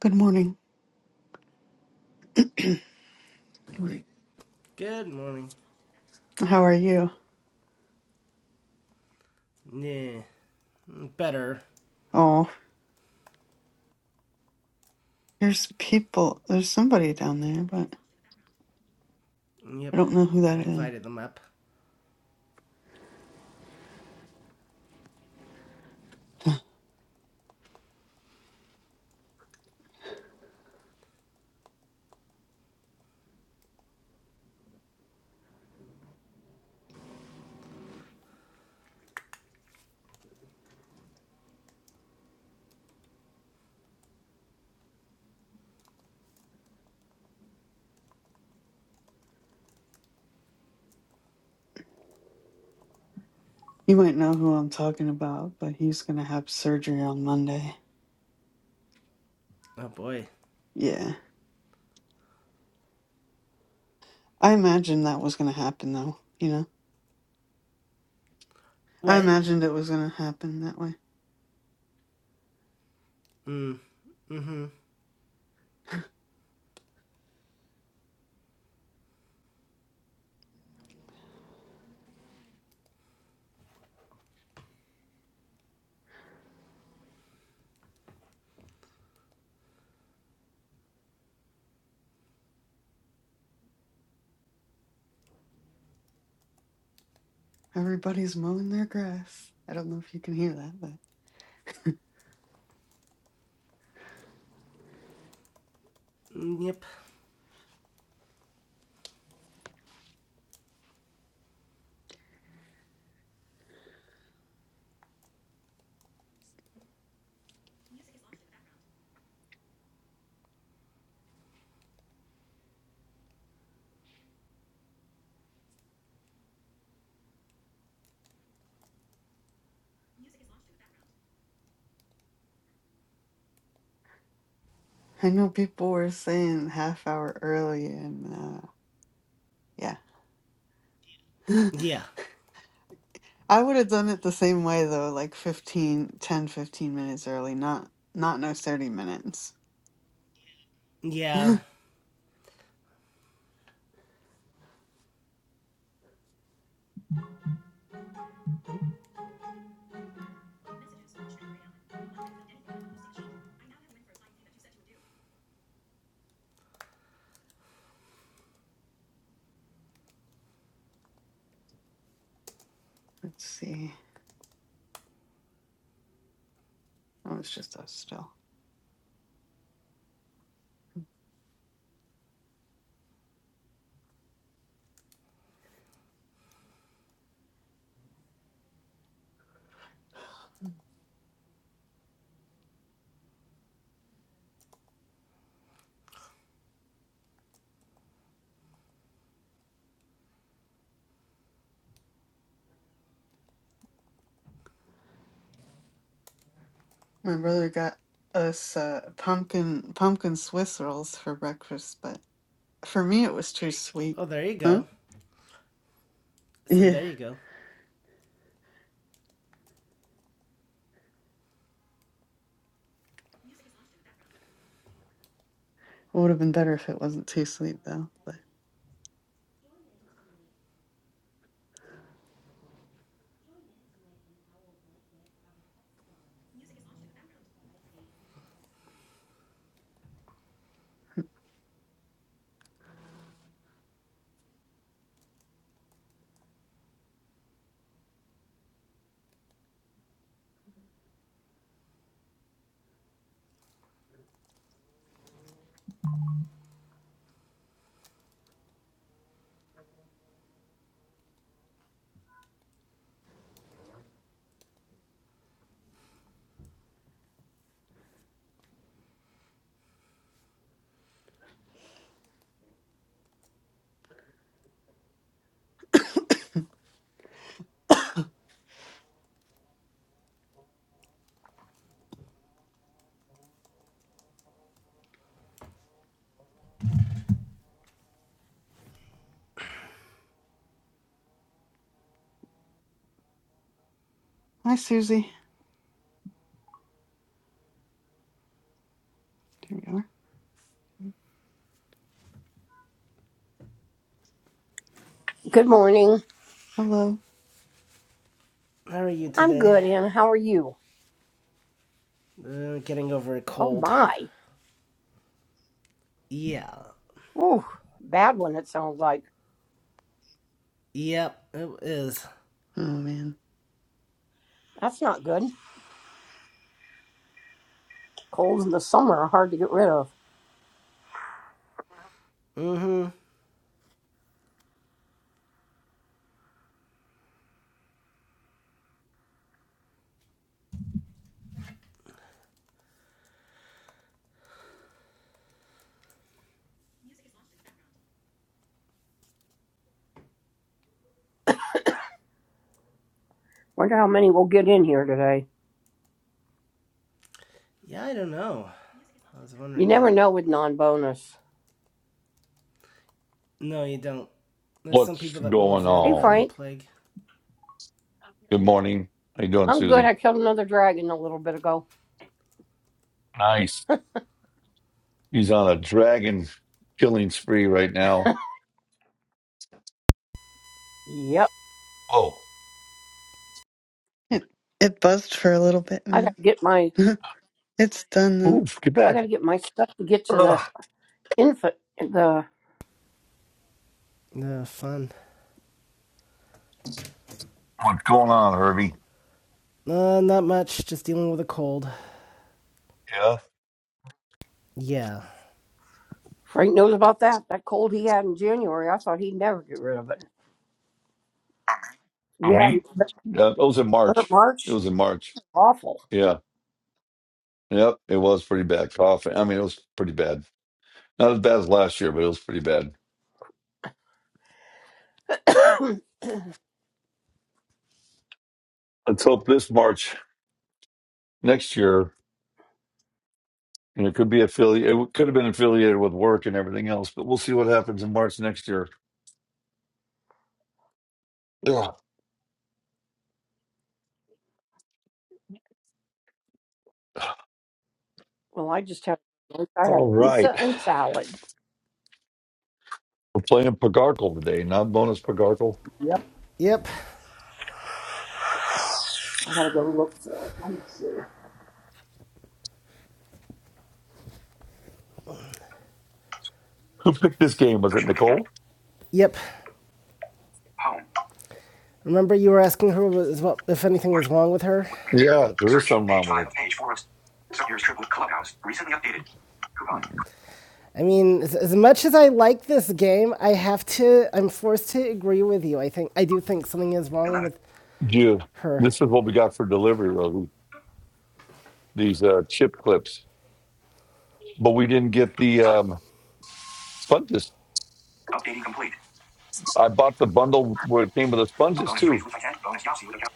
Good morning. morning. Good morning. How are you? Yeah, mm, better. Oh, there's people. There's somebody down there, but I Yep, don't know who I that is. invited them up. You might know who I'm talking about, but he's going to have surgery on Monday. Oh boy. Yeah. I imagined that was going to happen, though. You know, I What? imagined it was going to happen that way. Mm, mm-hmm. Everybody's mowing their grass. I don't know if you can hear that, but Mm, Yep. I know people were saying half hour early, and uh, yeah. Yeah. I would have done it the same way though, like 15, 10, 15 minutes early, not not no 30 minutes. Yeah. Let's see. Oh, it's just us still. My brother got us uh, pumpkin pumpkin Swiss rolls for breakfast, but for me it was too sweet. Oh, there you Huh? go. So Yeah. there you It go. would have been better if it wasn't too sweet though. But hi Susie. There we are. Good morning. Hello. How are you I'm today? good, and how are you? Uh, getting over a Oh cold. my. Yeah. Ooh, bad one it sounds like. Yep, it is. Oh man. That's not good. Colds in the summer are hard to get rid of. Mm-hmm. Wonder how many will get in here today. Yeah, I don't know. I was You wondering never that. know with non bonus. No, you don't. There's some What's people that will going avoid Hey it like the on? Frank, plague. Good morning. How you doing, I'm good. I Susie? killed another dragon a little bit ago. Nice. He's on a dragon killing spree right now. Yep. Oh, It it buzzed for a little bit, I man. gotta get my it's done though. Move, get I back. gotta get my stuff to get to the Ugh. infant the No, fun. What's going on, Herbie? Uh, not much. Just dealing with a cold. Yeah. Yeah. Frank knows about that. That cold he had in January, I thought he'd never get rid of it. Oh, Yeah, me? Yeah, it was in was it March. It March? was in March. Awful. Yeah. Yep. It was pretty bad. Coughing. I mean, it was pretty bad. Not as bad as last year, but it was pretty bad. Let's hope this March next year, and it could be affiliated. It could have been affiliated with work and everything else, but we'll see what happens in March next year. Ugh. Well, I just had lunch. I had All right. pizza and salad. We're playing Pagarkle today, not bonus Pagarkle. Yep. Yep. I gotta go look for it. Let me see. Who picked this game? Was it Notion again. Nicole? Yep. Home. Remember, you were asking her what, if anything Art. was wrong with her? Voice reader. Yeah, there is Search. something wrong Page with 5 of page 4 of. So here's triple clubhouse. Recently updated. Coupon. her. I mean, as, as much as I like this game, I have to, I'm forced to agree with you. I think, I do think something is wrong 11. with You. her. This is what we got for delivery, Rosie. These uh, chip clips. But we didn't get the Done. um, sponges. Updating complete. I bought the bundle where it came with the sponges Bonus trees too, with intent. Bonus Yahtzee with account.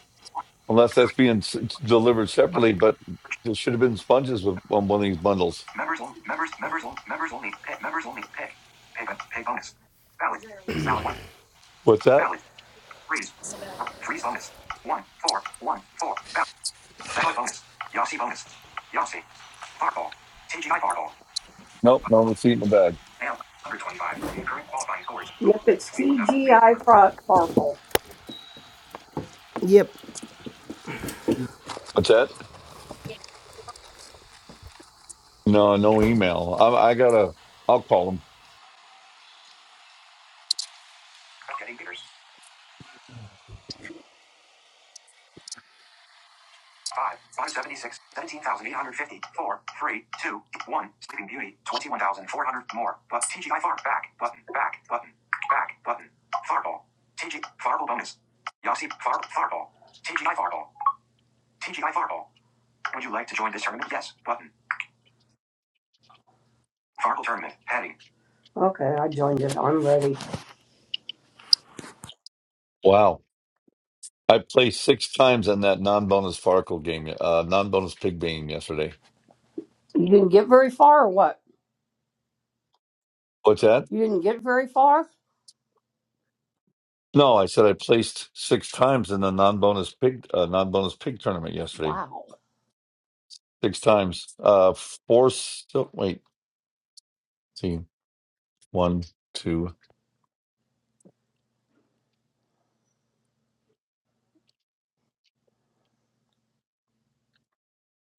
unless that's Thirty. being s- delivered Button. separately. But Search. there should have been sponges with on one of these bundles. Members only. Members. Members only. Members only. Pick. Members only. Pay. Pay, bon- pay bonus. Valid. Valid 1. What's that? Valid. Freeze. Freeze bonus. 1. 4. 1. 4. Valid bonus. Yossi bonus. Yossi. Farkle. TGI Farkle. Nope, no receipt in the bag. Now, 125. Current qualifying scores. Yep, it's TGI Fark- Yep. What's that? No, no email. I, I gotta. I'll call them. Getting bidders. 5, 576, 17,850, Sleeping Beauty, 21,400, more, but TGI Fark, back, button, back, button, back, button, Farkle, TG, Farkle bonus, Yossi, Far, Farkle, TGI Farkle, TGI Farkle, would you like to join this tournament? Yes, button, Farkle tournament, heading, Okay, I joined it. I'm ready. Wow. I placed six times on that non-bonus Farkle game, uh, non-bonus pig game yesterday. You didn't get very far or what? What's that? You didn't get very far? No, I said I placed six times in the non-bonus pig, uh, non-bonus pig tournament yesterday. Wow. Six times, uh, four. Sil- wait, see, one, two,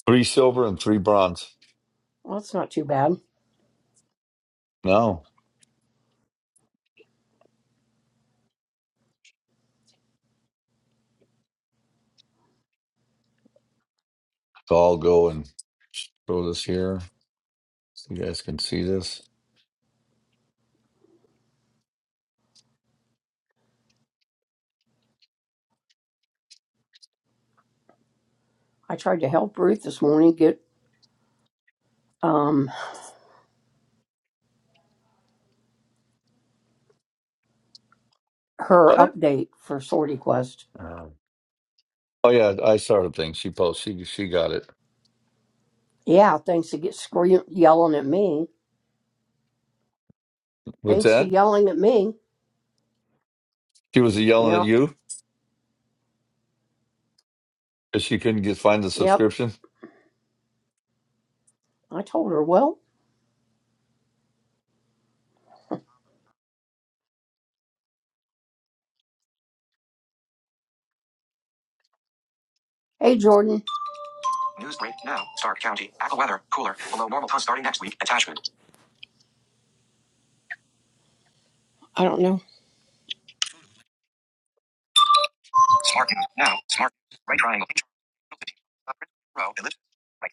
three silver and three bronze. Well, that's not too bad. Now, so I'll go and throw this here. So you guys can see this. I tried to help Ruth this morning get um her What? update for Sorty Quest. Um, oh yeah, I saw her thing. She posted. She she got it. Yeah, thanks to get scream yelling at me. What's Thanks to that? yelling at me. She was yelling at Yep. you because she couldn't get find the Yep. subscription. I told her, well, hey Jordan. News break now. Stark County. Apple weather. Cooler. Below normal temps starting next week. Attachment. I don't know. Smart Now. Smart. Right triangle. Picture. Row. Right.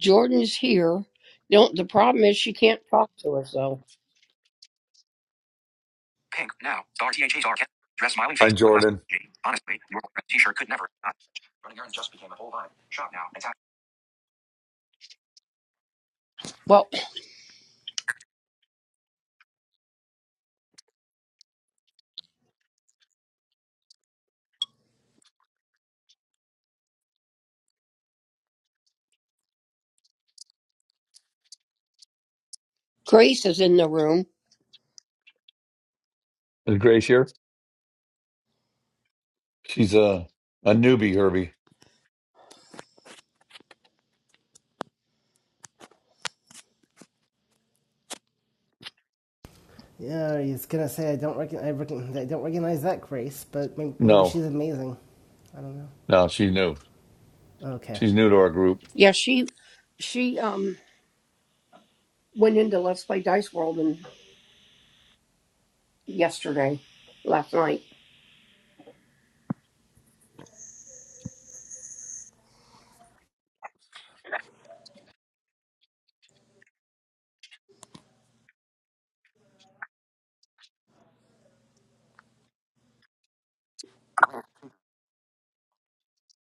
Jordan's here. Don't. The problem is she can't talk to us though. Pink. Now. Star T H H R. Dress smiling face. I'm Unless. Jordan. Honestly, your t-shirt could never. Not. Running errands just became a whole vibe. Shop now. And tap. Well, Grace is in the room. Is Grace here? She's a a newbie, Herbie. Yeah, he's gonna say I don't recognize, I, recogn I don't recognize that Grace, but may- maybe she's No, amazing. I don't know. no, she's new. Okay. She's new to our group. Yeah, she, she um went into Let's Play Dice World and yesterday, last night.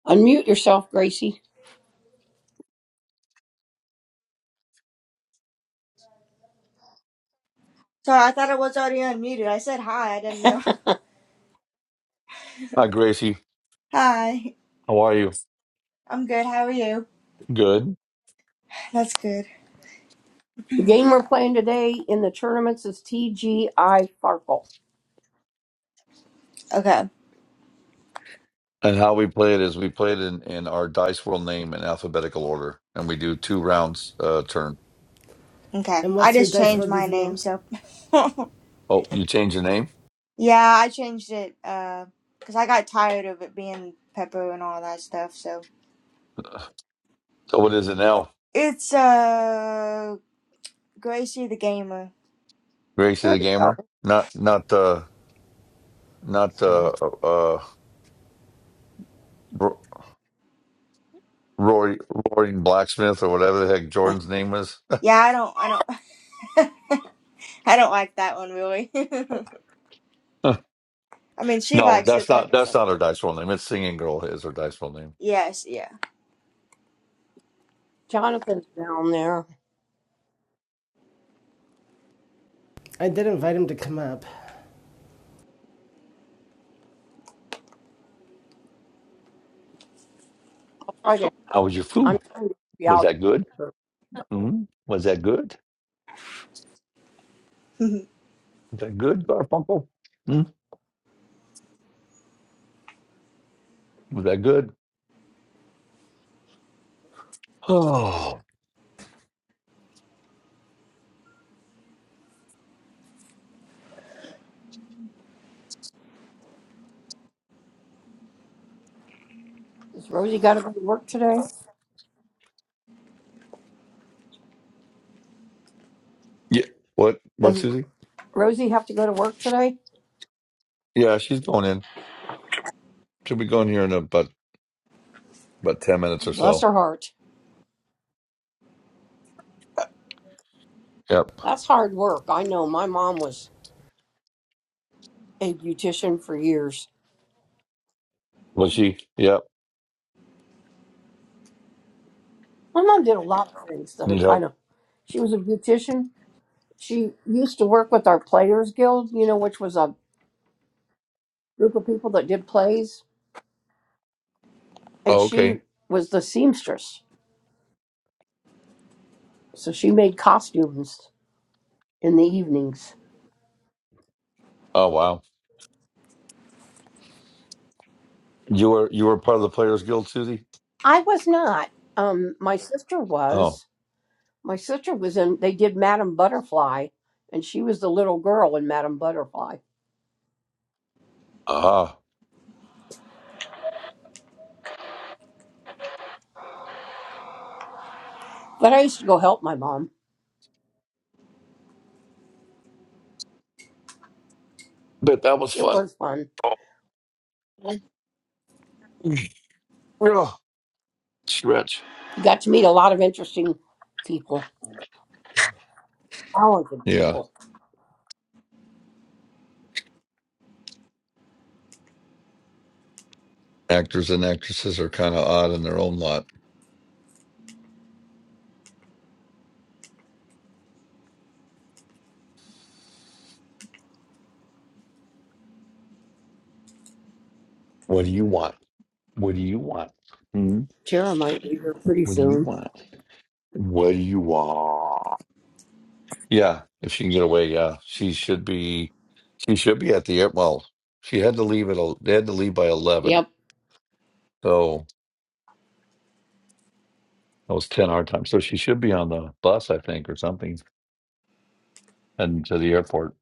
Unmute yourself, Gracie. Sorry, I thought I was already unmuted. I said hi. I didn't know. Hi, Gracie. Hi. How are you? I'm good. How are you? Good. That's good. The game we're playing today in the tournaments is TGI Farkle. Okay. And how we play it is we play it in, in our dice world name in alphabetical order, and we do two rounds uh, turn. Okay. And I what's your just Dice And, changed World my name, username? so oh, you changed the name. yeah, I changed it uh, because I got tired of it being Pepper and all that stuff. So So what is it now? it's uh Gracie the gamer. Gracie There the you go. gamer, not not uh, not uh, uh, uh, Ro- Rory Roaring Blacksmith or whatever the heck Jordan's name was. Yeah, I don't, I don't, I don't like that one really. I mean, she No, likes that's it. not Like I that's said. not her dice roll name. It's Singing Girl is her dice roll name. Yes. Yeah. Jonathan's down there. I did invite him to come up. Right there. How was your I'm food? trying to be Was out. that good? Mm? Was that good? Was that good, Garfunkel? Mm? Was that good? Oh, Does Rosie got to go to work today? yeah. What? What, Does Susie? Rosie have to go to work today? Yeah, she's going in. She'll be going here in about about ten minutes or Bless so. her heart. Yep. That's hard work. I know. My mom was a beautician for years. Was she? Yep. My mom did a lot of things that are Need kind help? of. She was a beautician. She used to work with our Players Guild, you know, which was a group of people that did plays, and Oh, she okay. was the seamstress So she made costumes in the evenings. Oh, wow. You were you were part of the Players Guild, Susie? I was not. Um, my sister Oh, was. My sister was in. They did Madame Butterfly, and she was the little girl in Madame Butterfly. ah. But I used to go help my mom. Bet that was It fun. was fun. Oh, Ugh. stretch. You got to meet a lot of interesting people, talented Yeah. people. Actors and actresses are kind of odd in their own lot. What do you want? What do you want? Hmm? Tara might be here pretty What do you soon. want? What do you want? Yeah, if she can get away, yeah, she should be. She should be at the air. Well, she had to leave at. el- They had to leave by eleven, Yep, so that was ten our time. So she should be on the bus, I think, or something, and to the airport.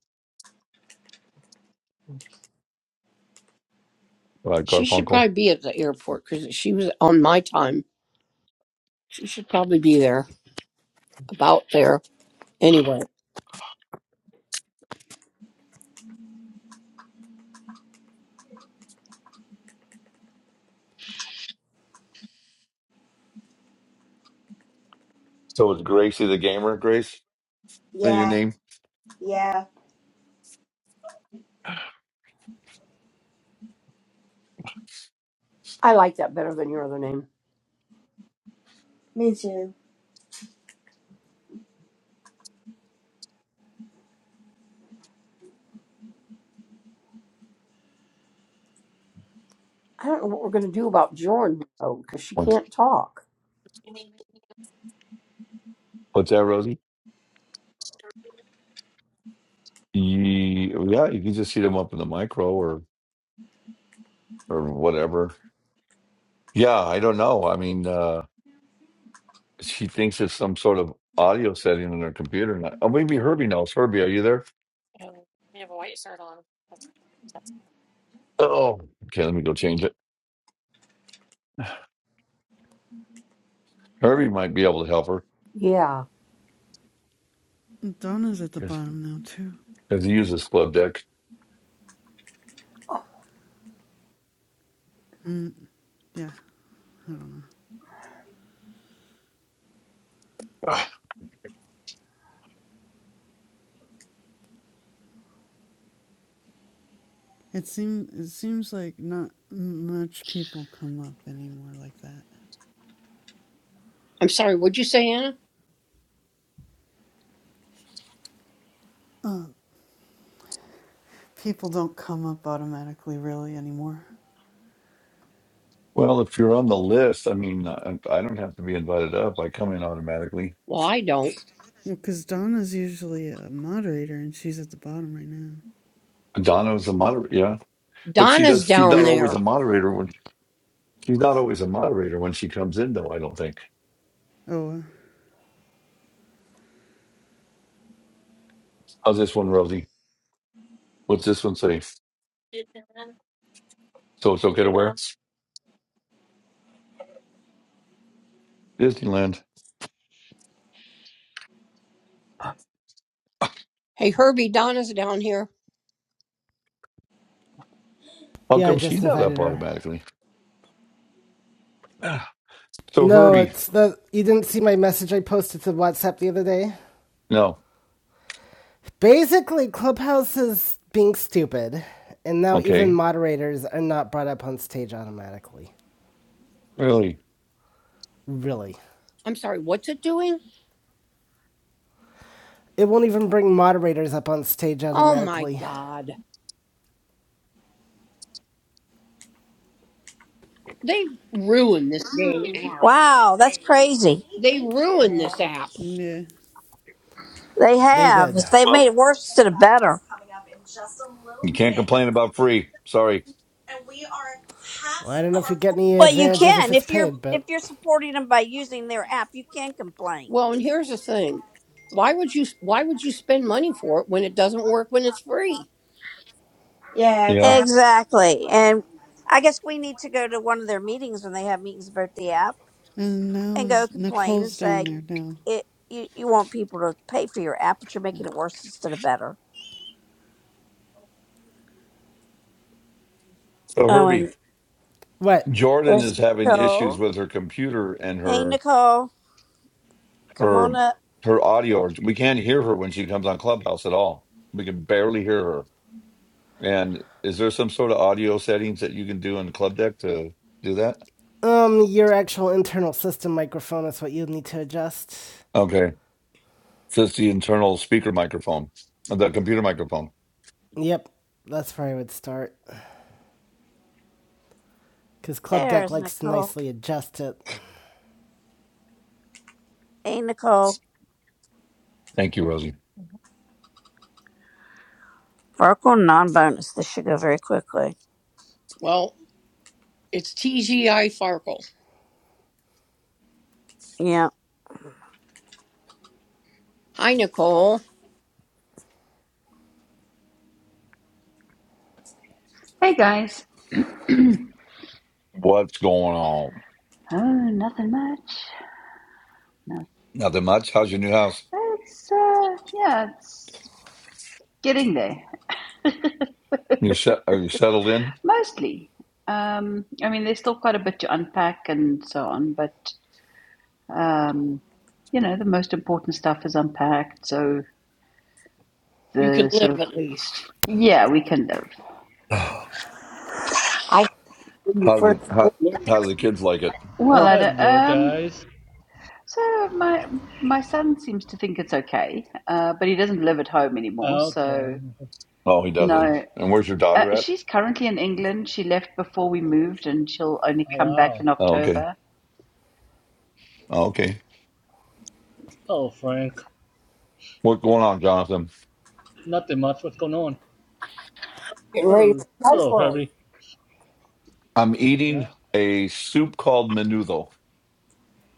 Uh, she should Garfunkel. probably be at the airport because she was on my time. She should probably be there about there anyway. So is Gracie the gamer, Grace? Is that your yeah. name? Yeah. I like that better than your other name. Me too. I don't know what we're going to do about Jordan though, because she What- can't talk. What's that, Rosie? Ye- Yeah, you can just heat them up in the micro, or. or whatever. Yeah, I don't know. I mean, uh, she thinks it's some sort of audio setting on her computer. And I, oh, maybe Herbie knows. Herbie, are you there? Oh, okay. Let me go change it. Herbie might be able to help her Yeah. Donna's at the because bottom now too. he uses Club Deck. Mm, yeah. I don't know. Ah, It seem it seems like not much people come up anymore like that. I'm sorry, what'd you say, Anna? Uh, people don't come up automatically really anymore. Well, if you're on the list, I mean, I, I don't have to be invited up. I come in automatically. Well, I don't. Well, because Donna's usually a moderator and she's at the bottom right now. Donna is a moderator, yeah, but she Donna's does. She's down not always there. a moderator when she's not always a moderator when she comes in, though. I don't think. Oh, uh, How's this one, Rosie? What's this one say? So it's okay to wear Disneyland. Hey, Herbie, Donna's down here. How Yeah, I come she's just not up invited her. automatically? Ah, So No, Herbie, it's the you didn't see my message I posted to WhatsApp the other day. no, Basically, Clubhouse is being stupid, and now even okay, moderators are not brought up on stage automatically. really. Really. I'm sorry, what's it doing? It won't even bring moderators up on stage Oh my automatically. God. They ruined this dang app. Wow, that's crazy. They ruined this app. yeah. They They have. did. They've made Well, it worse instead of better. you can't complain about free. Sorry. Well, I don't know if you get any Well, you advantages if can it's if you're paid, if but. you're supporting them by using their app, you can complain. Well, and here's the thing. Why would you why would you spend money for it when it doesn't work when it's free? Yeah. Yeah. Exactly. Exactly, and I guess we need to go to one of their meetings when they have meetings about the app And now and go is complain and Nicole's down say there now. it. You, you want people to pay for your app, but you're making Yeah. it worse instead of better. So Oh, Herbie, and What? Jordan there's is having issues Nicole. with her computer and Hey, her Nicole, come her on up. her audio. We can't hear her when she comes on Clubhouse at all. We can barely hear her. And is there some sort of audio settings that you can do in Club Deck to do that? Um, your actual internal system microphone is what you'd need to adjust. Okay, just the internal speaker microphone, the computer microphone. Yep, that's where I would start. Because Club Deck There's likes to Nicole. nicely adjust it. Hey, Nicole. Thank you, Rosie. Farkle non bonus. This should go very quickly. Well, it's TGI Farkle. Yeah. Hi, Nicole. Hey guys. What's going on? oh, nothing much. No, Nothing much. How's your new house? It's uh, yeah, it's getting there. You set? Are you settled in? Mostly. Um, I mean, there's still quite a bit to unpack and so on, but um, you know, the most important stuff is unpacked. So You can the sort live of at least. yeah, we can live. How I when you do the first how how do witnessed, the kids like it? Well, oh, I don't, Hello, um, guys. so my my son seems to think it's okay, uh, but he doesn't live at home anymore. Okay. So Oh, he doesn't. no, And where's your Uh, daughter at? she's currently in England. She left before we moved, and she'll only Oh, come back wow. in Oh, okay. October. Oh, okay. Hello, Frank. What's going on, Jonathan? Nothing much. What's going on? getting ready Hur- for Spice Hello, World. Herbie. I'm eating Yeah. a soup called menudo.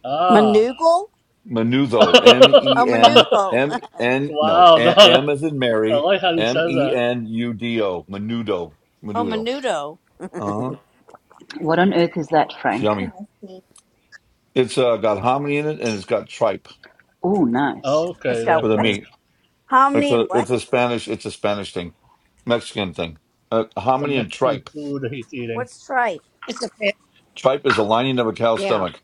Ah. Manugle? Menudo. M E Oh, N Manuvo. M oh, N. No, wow. No, A- no. M as in I Mary. like how he M says E that. N U D O. Menudo. Menudo. Menudo. Uh huh. What on earth is that, It's Frank? yummy. It's uh, got hominy in it, and it's got tripe Oh, nice. It's Okay, there, got for the Frank. meat. It's hominy a and what? it's a Spanish it's a Spanish thing, Mexican thing. Uh, It's a hominy and Mexican tripe. food he's eating. What's tripe? It's a fa- Tripe is the lining of a cow's Yeah, stomach.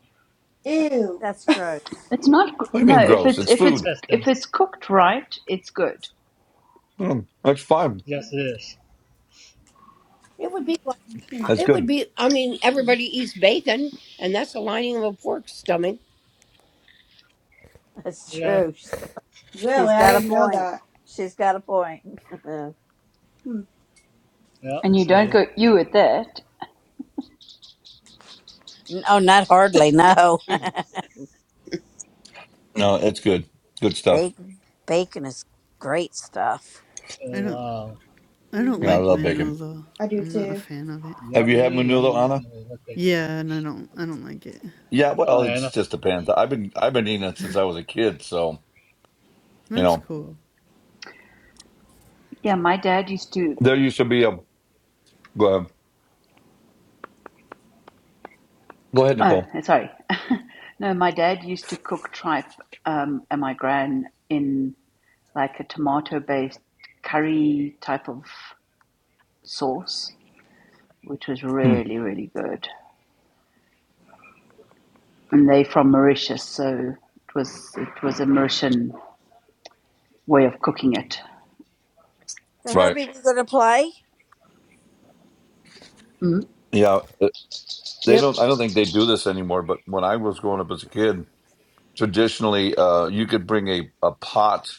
Ew. That's gross. It's not g- What do you no. mean If gross? it's The It's if it's food. if it's intestines. cooked right, it's good. Mm, that's fine. Yes, it is. it would be like Hmm. uh, That's it would good. be. I mean, everybody eats bacon, and that's the lining of a pork stomach. That's Yeah. true. She's she's Really? I got a didn't know point. that. She's got a point. Hmm. Yeah. And you don't So, go you at that. no, not hardly. No. Mm. No, it's good. Good stuff. Bacon, bacon is great stuff. I uh, don't wow. I don't Yeah, I hmm like love bacon. Menno though. I do I'm not a too. fan of it. Have you had Yummy, menudo, yummy, Anna? yummy. What bacon? Yeah, and I don't I don't like it. Yeah, Oh, well, it's Anna. just a pan. I've been I've been eating it since I was a kid. So you That's know, cool. Yeah, my dad used to. there used to be a go ahead, go ahead Oh, Nicole. sorry. no, my dad used to cook tripe um, and my gran in like a tomato-based curry type of sauce, which was Hmm. really really good. and they from Mauritius, so it was it was a Mauritian way of cooking it. So, Right. Herbie, we going to play? Mm. Yeah. uh, They don't. Yep. I don't think they do this anymore. But when I was growing up as a kid, traditionally uh, you could bring a, a pot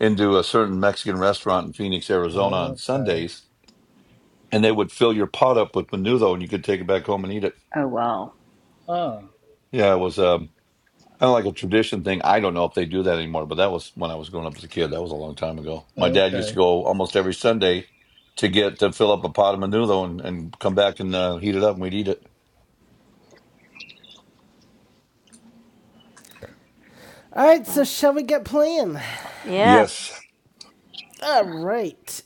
into a certain Mexican restaurant in Phoenix, Arizona on Okay. Sundays, and they would fill your pot up with menudo and you could take it back home and eat it. Oh well, Ah. Yeah, it was um, kind of like a tradition thing. I don't know if they do that anymore, but that was when I was growing up as a kid. That was a long time ago. My dad used Okay. to go almost every Sunday to get to fill up a pot of menudo and, and come back and uh, heat it up and we'd eat it. Alright, so Uh, shall we get playing? Yes. yes. Alright.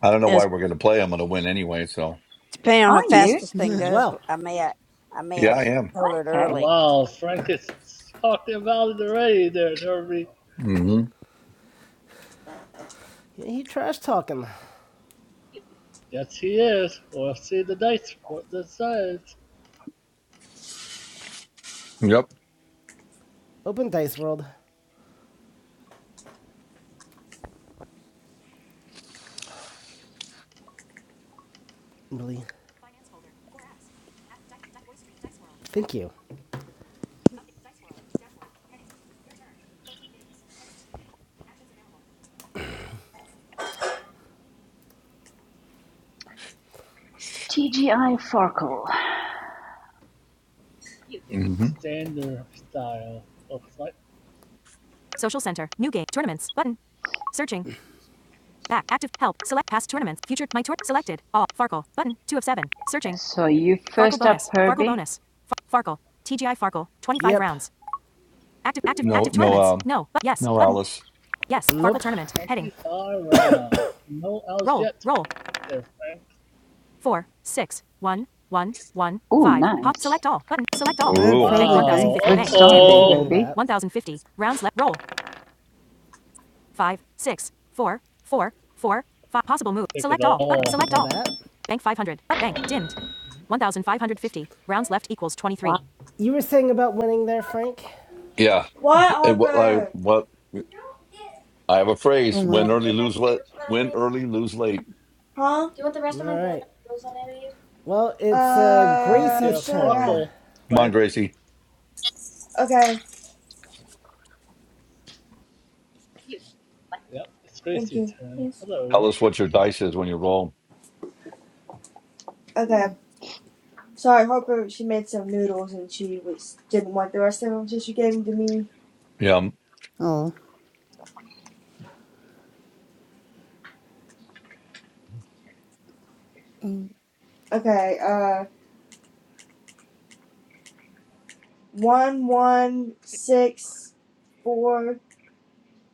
I don't know Yes. why we're going to play. I'm going to win anyway. So, Depending on how are fast you this thing goes, Well. I may I, I may yeah, have I to am. throw it okay? early. Wow, Frank is talking about it already there, Derby. hmm Yeah, he trash talking. Yes, he is. We'll see the dice, what this says. Yep. Open Dice World. Really. Finance folder. Four apps. App, di- di- voice stream, dice world. Thank you. dice world. Dashboard. Heading. Your turn. 14 games. Heading. Actions available. TGI Farkle. Yeah. hmm Standard style. Looks like Social center. New game. Tournaments. Button. Searching. Back. Active. Help. Select past tournaments. Future. My tour. Selected. All. Farkle. Button. Two of seven. Searching. So you Farkle first up, bonus. Farkle Herbie. bonus. Far- Farkle. TGI Farkle. 25 Yep. rounds. Active. Active. No, Active no. tournaments. Um, No. But yes. No, Button. Alice. Yes. Nope. Farkle Nope. tournament. Heading. 25 rounds. No outs Roll. yet Roll. there, Frank. four, six, one, one, one, Oh, five. Pop. nice. Select all. Button. Select all. I would Ooh, Bank probably Wow. bank 1050. Good Bank. that. I'm start Dimmed. I'm there, Yeah. Uh-oh. keeping that. Herbie. 1050. Rounds left. Roll. Five, six, four, four, four, five. Possible move. Take it Select all. Button. I'll all. Select all. that. Bank 500. Bank. Dimmed. 1550. Rounds left equals 23. You were saying about winning there, Frank? yeah. What, And what I Harper? what I have a Oh phrase: my. win early, lose late. Win early, lose late. Huh? All right. Well, it's uh, Don't get Uh, Gracie's a sure, turn. yeah. farkle, Come on, Frank. Gracie. Okay, Yep, it's thank Gracie's you. turn. Hello. Tell us what your dice is when you roll. Okay. Yeah. Sorry, Harper, she made some noodles and she was didn't want the rest of them, so she gave them to me. Yeah. um, Oh. Okay, uh, one, one, six, four,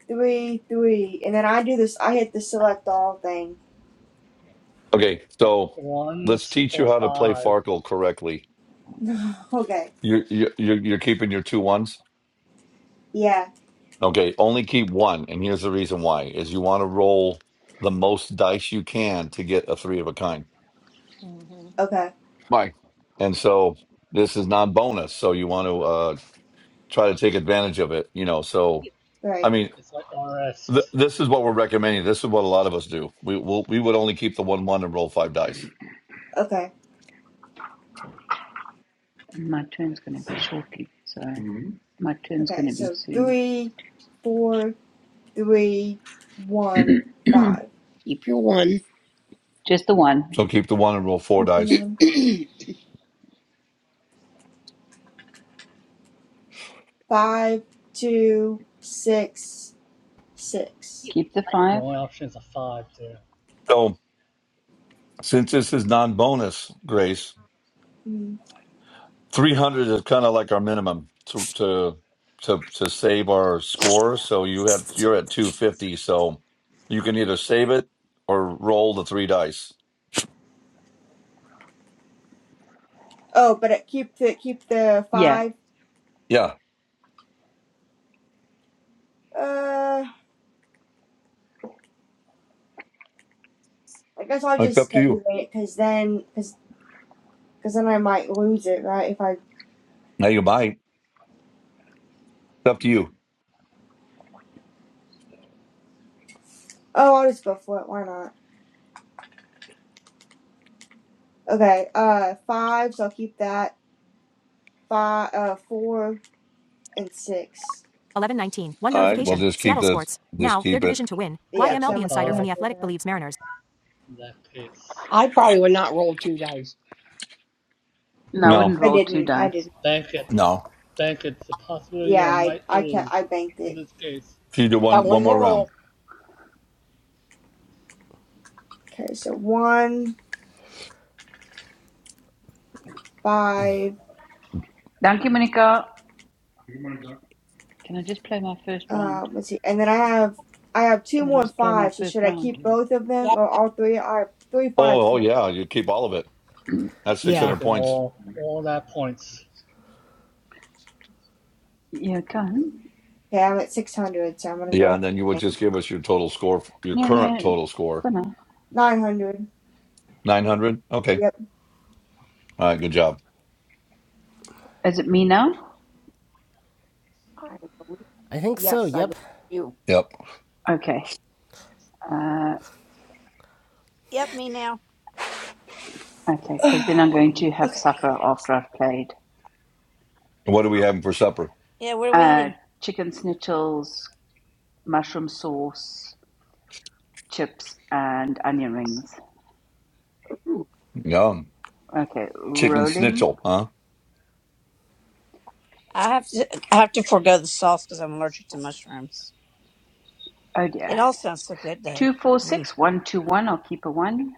three, three. And then I do this, I hit the select all thing. Okay. Got So let's ones teach or you how to play five. Farkle correctly. okay. You're you're you're you're keeping your two ones. Yeah. Okay. Only keep one, and here's the reason why: is you want to roll the most dice you can to get a three of a kind. Okay. Why? And so this is non-bonus, so you want to uh, try to take advantage of it. You know, so. Yeah. I Right. mean, It's like RS. Th- this is what we're recommending. This is what a lot of us do. We will we would only keep the one one and roll five dice. Okay. My turn's going to be shortly, so mm-hmm. my turn's going Okay. to be So soon. three, four. three, one, five. Keep your one. Just the one. So keep the one and roll four Keep the dice. one. Five, two, six, six. I Keep the Your five. only option is a five there. So since this is non bonus, Grace, Mm. three hundred is kind of like our minimum to to to to save our score. So you have you're at two fifty. So you can either save it or roll the three dice. Oh, but it, keep the keep the Yeah. five. Yeah, Uh, I guess I'll it's up just to save you. it because then because cause then I might lose it right if I. Now you buy. It's up to you. Oh, I'll just go for it. Why not? Okay. Uh, five. So I'll keep that five. Uh, four and six. 1119. One All right. Well, notification. just keep Seattle the Sports. just Now, their keep it. division to win. Why Yep. take So the MLB I'm at three insider from hundred five The Athletic now. believes Mariners. in that case. probably would not roll two dice. No, I wouldn't No, I roll Yep. two didn't. I dice. didn't. Bank it. no. Bank it. The possibility Yeah. you I might I can I lose banked in it. this case. If you do Got one one one more more round. roll. Okay. So one. five. Thank you, Monica. Can I just play my first round? Um, let's see, and then I have I have two Can I more just play my fives. So first should I round? keep both of Yeah, them or that's all three? I have three fives. Oh, oh total. yeah, you keep all of it. Yep. That's Yeah. 600 Taking points. all all that points. Yeah, can. Okay, I'm at six hundred, so I'm gonna go Yeah, ahead and then you would and think just give us your total score, your No, current no, total score. for nine hundred. 900? Okay. Yep. All right, good job. Is it me now? fine. I believe- I think so, Yes, I yep. believe you. Yep. Okay. Uh, Yep, me now. okay, because then I'm going to have supper after I've played. And what are we having for supper? Yeah, what are we Uh, eating? chicken schnitzels, mushroom sauce, chips, and onion rings. Ooh, Yum. Okay, Chicken rolling. schnitzel, huh? I have to I have to forego the sauce because I'm allergic to mushrooms. Oh dear. It all sounds so good though, Two four mm. six one two one. I'll keep a one.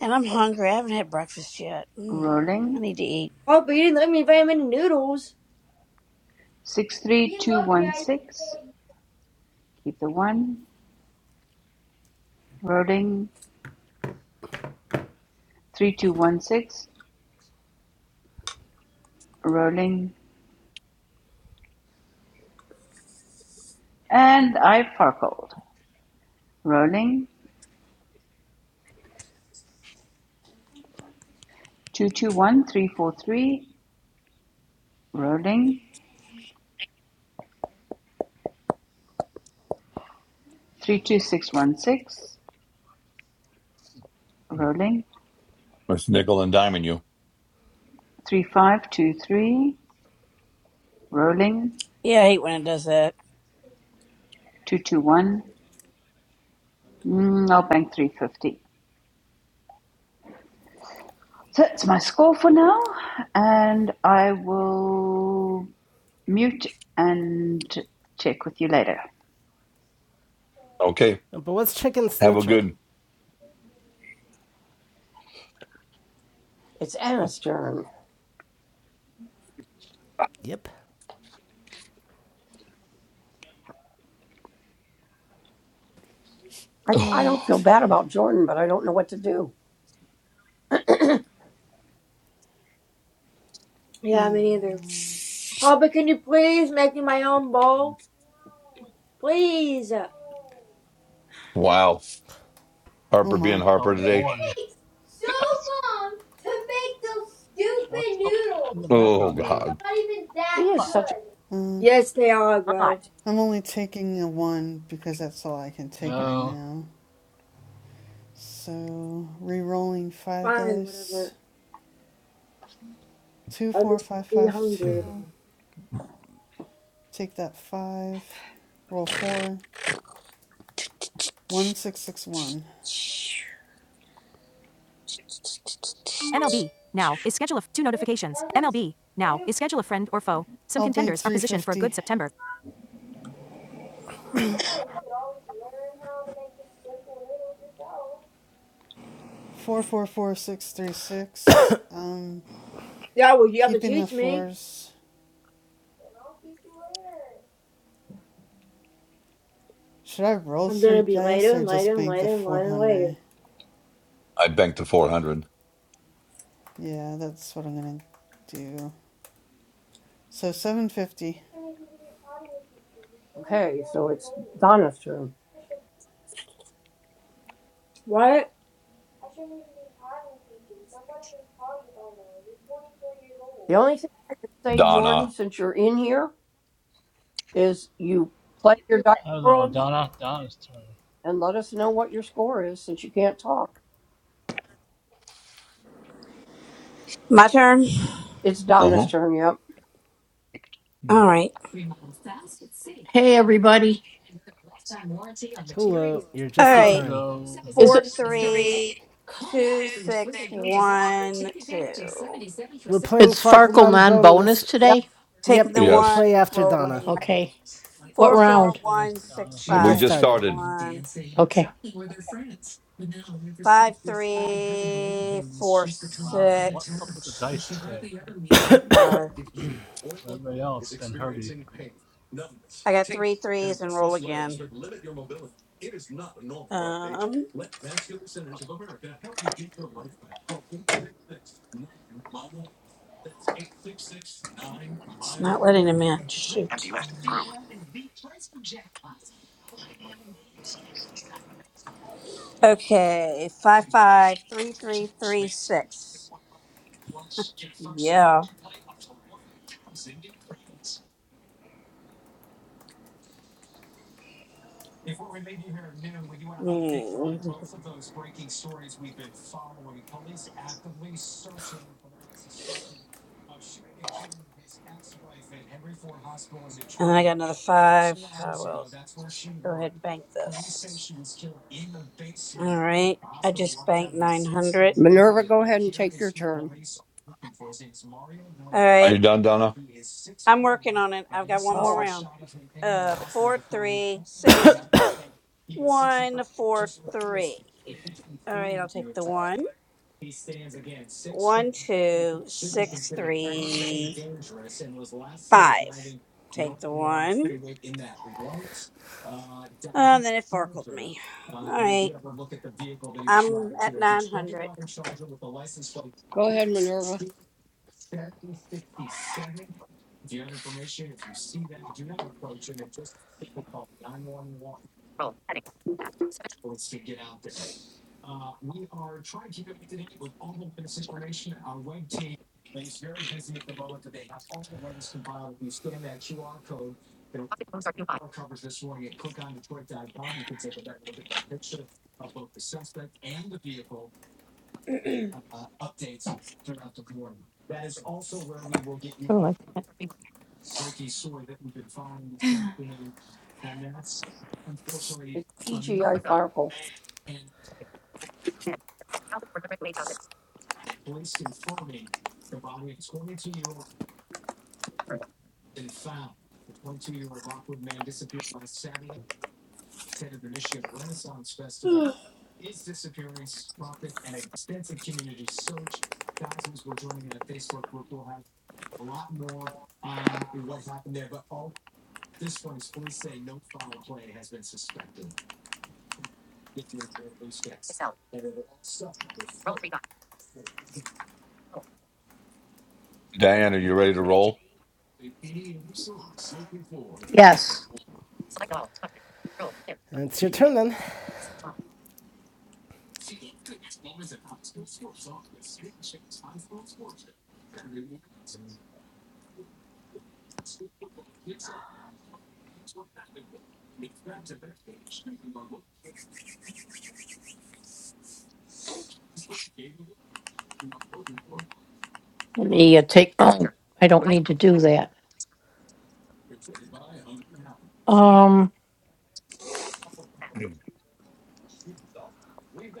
and I'm hungry. I haven't had breakfast yet. Mm. I Rolling. need to eat. Oh, but you didn't let me invite many noodles. Six three two one six. Keep the one. Rolling. Three two one six. Rolling. And I farkled. Rolling. Two-two-one-three-four-three, rolling. Three-two-six-one-six, rolling. That's nickel and diming you. Three-five-two-three, rolling. Yeah, I hate when it does that. Two-two-one. Mm, I'll bank 350. So that's my score for now, and I will mute and check with you later. Okay. But what's Chicken Have a Snitchel? good. It's Anna's turn. Yep. I, All I don't feel right. bad about Jordan, but I don't know what to do. Oh Can you please make me my own bowl? Please. Oh, wow. oh Harper being my. Oh Harper today. boy. What's up in the Oh, background there? God. he is such Wow. Uh, Yes, they are, bro. not. I'm only taking a one because that's all I can take right Oh, now. So re-rolling five Fine, dice. whatever. Two, I'll four, just five, be five, hungry two. then. Take that five. Roll four. One, six, six, one. MLB Now is schedule of two notifications. MLB Now is schedule of friend or foe. Some I'll bank contenders are three positioned for a good fifty. September. Four, four, four, six, three, six. Um, Yeah, well, you have to keeping the teach me. fours. Should I roll I'm three gonna be dice later or and later just and bank the later and four later and later. hundred? I banked the 400. Yeah, that's what I'm gonna do. So seven fifty. Okay, so it's Donna's turn. What? The only thing I can say, Jordan, Donna. since you're in here, is you play your dice hello, world Donna. Donna's turn. and let us know what your score is since you can't talk. My turn. It's Uh Donna's huh. turn, yep. All right. Hey, everybody. Hello, you're All just in right. time. Hello. Four, three, two, six, one, two. We're playing Farkle non bonus. Yep. Taking Yep, the and you'll Yes. play one, after Donna. rolling. Four, Yes, four, there's one, six, Donna. We're We just five. just Take started. the started. one. Five, three, four, Oh, wow. What's up with the dice six. today Take five. for everybody else than Herbie? I got three threes and roll again. Um, it's not letting him in. Shoot. Empty list. Group. Okay, five, five, three, three, three, six. Yeah. Mm. And then I got another five. I will just go ahead and bank this. All right. I just banked 900. Minerva, go ahead and take your turn. All Are you right. done, Donna? I'm working on it. I've got one Oh, more I- round. Uh, four, three, six. One, four, three. All right, I'll take the one. One, two, six, three, five. Take the one. Oh, then it forkled me. All right, I'm at 900. go ahead, Minerva. It's TGI Farkle. Diane, are you ready to roll? Yes. And it's your turn then. Let me uh, take. Oh, I don't need to do that. Um.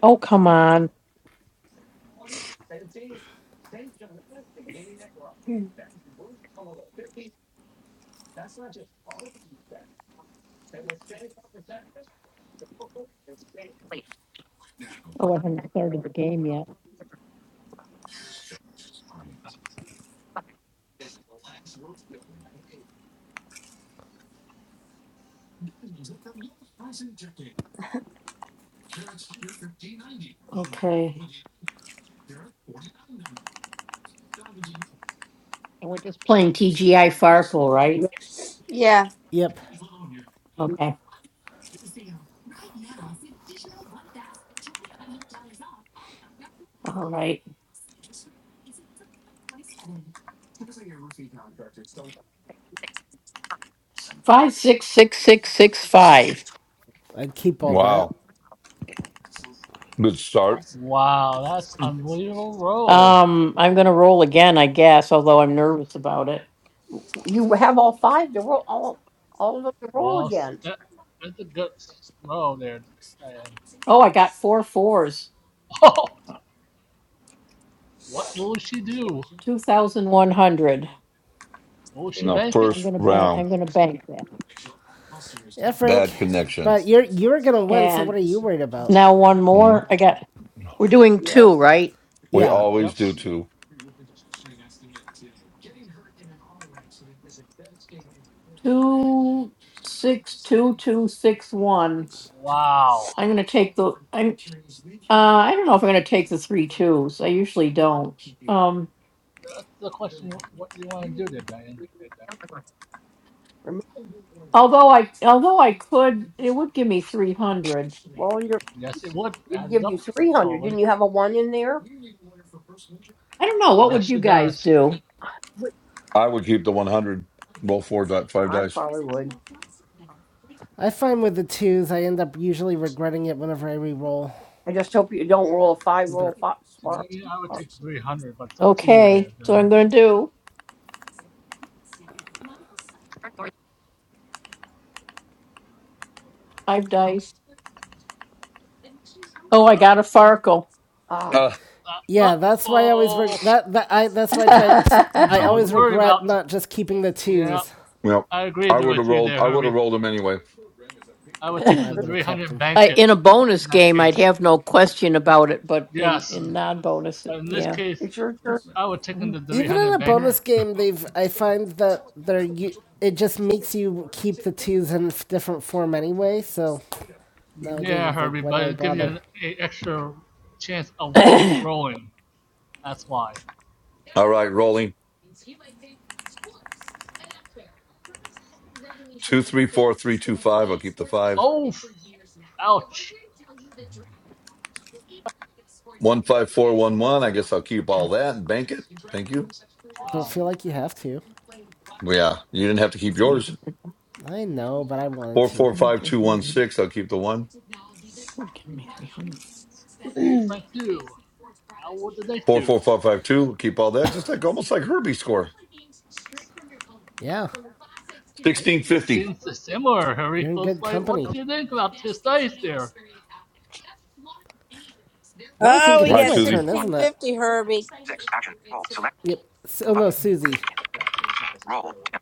Oh, come on. Oh, I haven't started the game yet. Okay. And we're just playing TGI Farkle, right? Yep. Yeah. Yep, Okay. All right. Five, six, six, six, six, five. I'd keep all that. Wow. Good start. Wow, that's an unbelievable roll. Um. I'm gonna roll again, I guess. Although I'm nervous about it. You have all five to roll, all, all of them to roll Well, again. that that's a good throw there, Diane. Oh, I got four fours. Oh, what will she do? Two thousand one hundred. Will in she the make it? first Bang. I'm round. bang that. Yeah, Frank. Bad connection. But you're you're gonna win, so what are you worried about? One more. Mhm. got We're doing two, Yes. right? We Yeah, always Yep. do too. two, six, two, two, six, one. Wow. I'm gonna take the. I'm Uh, I don't know if I'm going to take the three twos. I usually don't. Um, That's the question. What do you want to do there, Diane? Remember, although I, although I could, it would give me three hundred. rolling your Yes, it would it would add it give you up 300. totally. Didn't you have a one in there? I don't know. What Yes, would you she guys does. do? Wh- I would keep the 100, roll four, dot five I dice. probably would. I find with the twos, I end up usually regretting it whenever I re-roll. I just hope you don't roll a five, roll Better a five, To smart. me, I would Or, take 300, but it's up to you there, Okay, so I'm Diane. going to I, Uh, ah, Uh, uh, uh Yeah, that's why I always reg- oh, that that I that's why I try. that's I I was always worried regret about. not just keeping the Yeah, twos. yep. I agreed I would have with you rolled. there, I would have Herbie. rolled them anyway. I would take I the would have kept 300 and them. bank I it in a bonus in that game, I'd case. have no question about it. But in Yes, in non bonus, but in this yeah. case, it's your turn. I would take in the Even 300 in a and bank bonus it. game, they've I find that they're it just makes you keep the twos in different form anyway. So nowadays, Yeah, it's like, Herbie, why do but I it gives you bother? an a extra chance of rolling. That's why. All right, rolling two, three, four, three, two, five. I'll keep the five. Oh, ouch. One, five, four, one, one. I guess I'll keep all that and bank it. Thank you. Don't Wow. feel like you have to. Well, Yeah, you didn't have to keep yours. I know, but I wanted Four, to. four, five, two, one, six. I'll keep the one. What will Frank do? How will the dice Four, do? four, five, five, two. Keep all that. Just like almost like Herbie score. Yeah, It Sixteen fifty. seems similar, Herbie. you're in Looks good like what company. do you think about his dice there? Now I think Oh, it we All is right, got my Susie. turn, One, isn't it? 1650, Herbie. six, action, roll, select, Yep. So, oh no, button, Susie. roll, dim,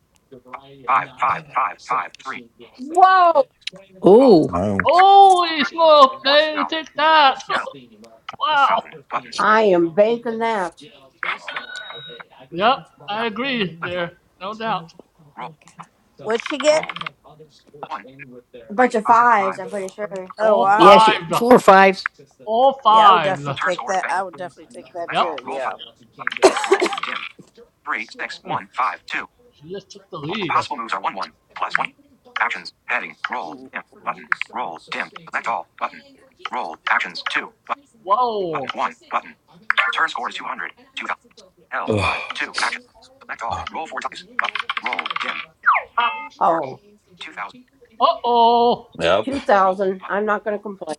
five, five, five, five, three, Whoa! all, button, six, Holy smoke, four, they thousand, take that. hell, wow. thousand, button, I am banking that. dim, Yep, I thousand, button, agree left equal, there. No doubt. roll, What'd she get? roll, one, two, A bunch three, of five, fives, five, I'm pretty sure. Oh, All wow. fives. All Yeah, I would fives. definitely turn take score, that. bank, I would definitely take that select Yep. all, too. roll five, Yeah. button, roll, dim, three, six, one, five, two. She just took the lead. Possible moves are 1 1 plus 1. Actions. Heading. Roll. Mm. Dim. Button. Roll. Dim. Select all. Button. Roll. Actions. 2. But, button. Whoa. 1. Button. Turn score is two hundred two thousand. 2000. Ugh. 5. 2. Action. Select all. Roll 4 dice. Button. Roll. Dim. Oh. 2000. Uh-oh. Yep. 2000. I'm not going to complain.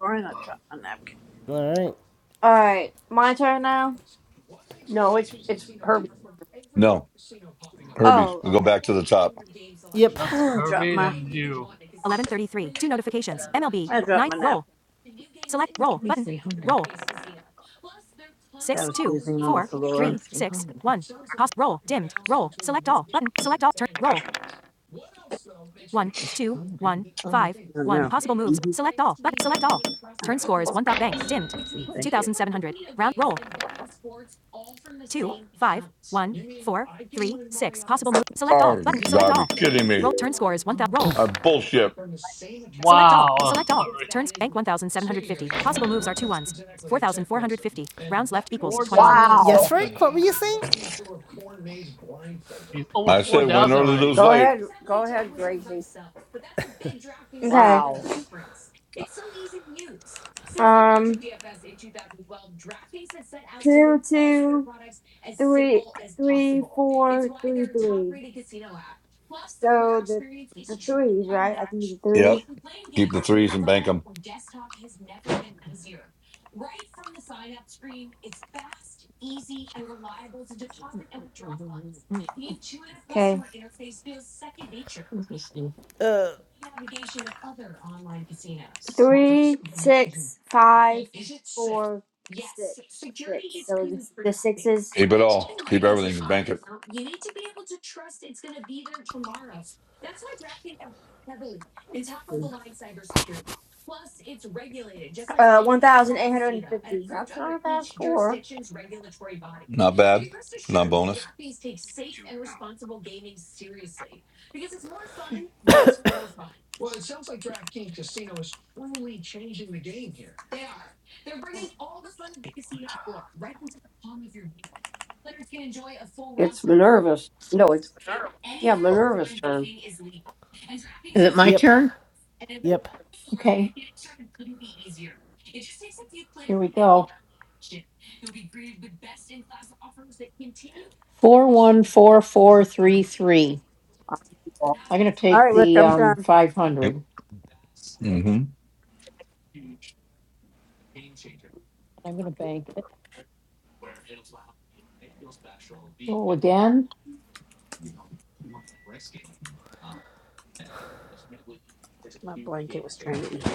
Sorry, I dropped my napkin. All right. Alright, my turn now? No, it's it's Herbie. No, Herbie, Oh, we go okay. back to the top. Yep. Against I dropped Herbie my, and you. 11:33. Two notifications. MLB. I dropped Night. my Roll. napkin. Select roll button. Roll. I Six was two using on the four floor. three six one. Pause. Roll. Dimmed. Roll. Select all button. Select all. Turn. Roll. Attachment. One two one five No, one. no. Possible moves. Mhm. Select all button. Select all. Turn score is one dot bank. Dimmed. Thank you. 2,700. Round. Roll. Two five one four three six. Possible move. Select Oh, all button. Select God, we all. kidding me? Roll. Turn score is one thousand. Roll. I bullshit. Select all. Wow. Select all. Turns bank 1750. Possible moves are two ones. 4450. Rounds left equals 21. 4,000 Yes, Wow. something. Frank? What were you saying? He's over I said win 4,000 early, already. lose Go late. ahead. Go ahead, Gracie. Okay. Wow. Um two two three three four three three. So the the threes, right? I can do the threes. Yep. Keep the threes and bank them. Okay. Three, six, five, four, six, six. So the the sixes. Keep it all. Keep everything and bank it. All Uh one thousand eight hundred and fifty. That's not a bad score. Not bad for non-bonus. YouTube now. It's Minerva's. No, it's. Yeah, Minerva's turn. Yep. Turn Yep. okay. four one four four three I, well, right, Rick, the I'm um done. five Yep. hundred. Mm-hmm. I'm going to bank it. My blanket was trying to eat.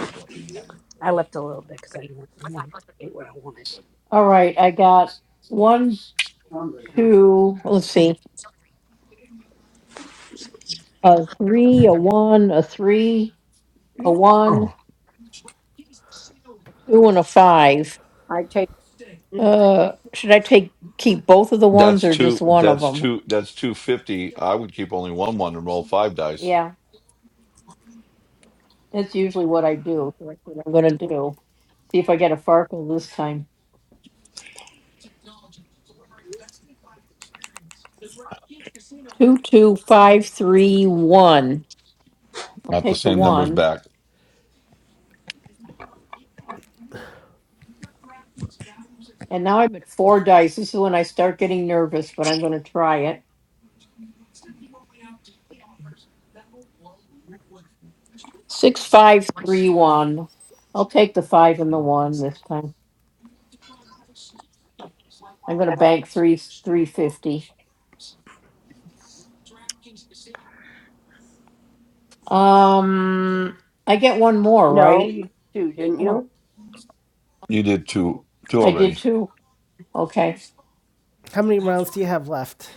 I left a little bit because I didn't want, I wanted to eat what I wanted. All right, I got one Hungry, huh? two. Let's see. a three, a one, a three, a one, Oh. two, and a five. I take. Uh, should I take keep both of the ones That's or two. just one of That's them? two. That's two fifty. I would keep only one one and roll five dice. Yeah, that's usually what I do. so That's what I'm gonna do. See if I get a Farkle this time. Two, two, five, three, one. I'll Not the take the same numbers one. back. And now I'm at four dice. This is when I start getting nervous, but I'm gonna try it. Six, five, one. I'll take the five and the one. I'm gonna bank three, three fifty. Um, I get one more, right? No, you do, didn't I don't. you? You did two. Two I did already. two. Okay. How many rounds do you have left?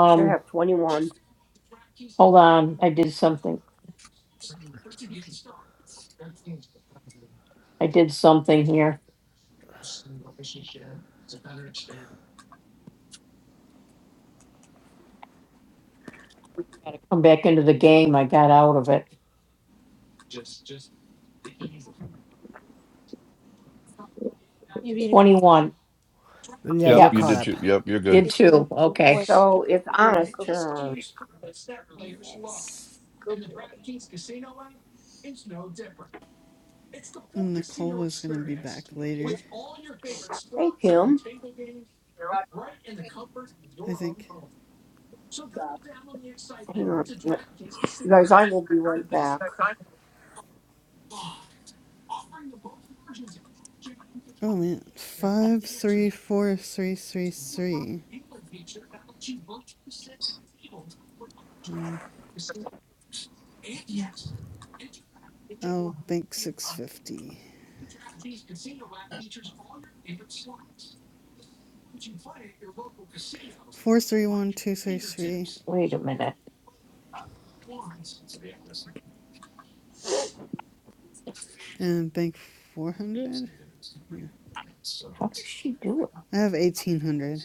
You should have 21. hold on. I did something. I did something here. Gotta come back into the game. I got out of it. You're being a good One, Then yeah, Yep. you're You caught did up. two. Yep. You're good. you're being two. a good Okay. boy. So it's You're being a Anna's good turn. boy. Yes. Good Nicole was going to be back later, Hey, Kim. I think. Hang on a minute. You guys, I will be right back. Oh man, five three four three three three. Mm, I'll bank six fifty. Four three one two three three, Wait a minute. What's and bank four hundred. Yeah, She do it. I have eighteen hundred.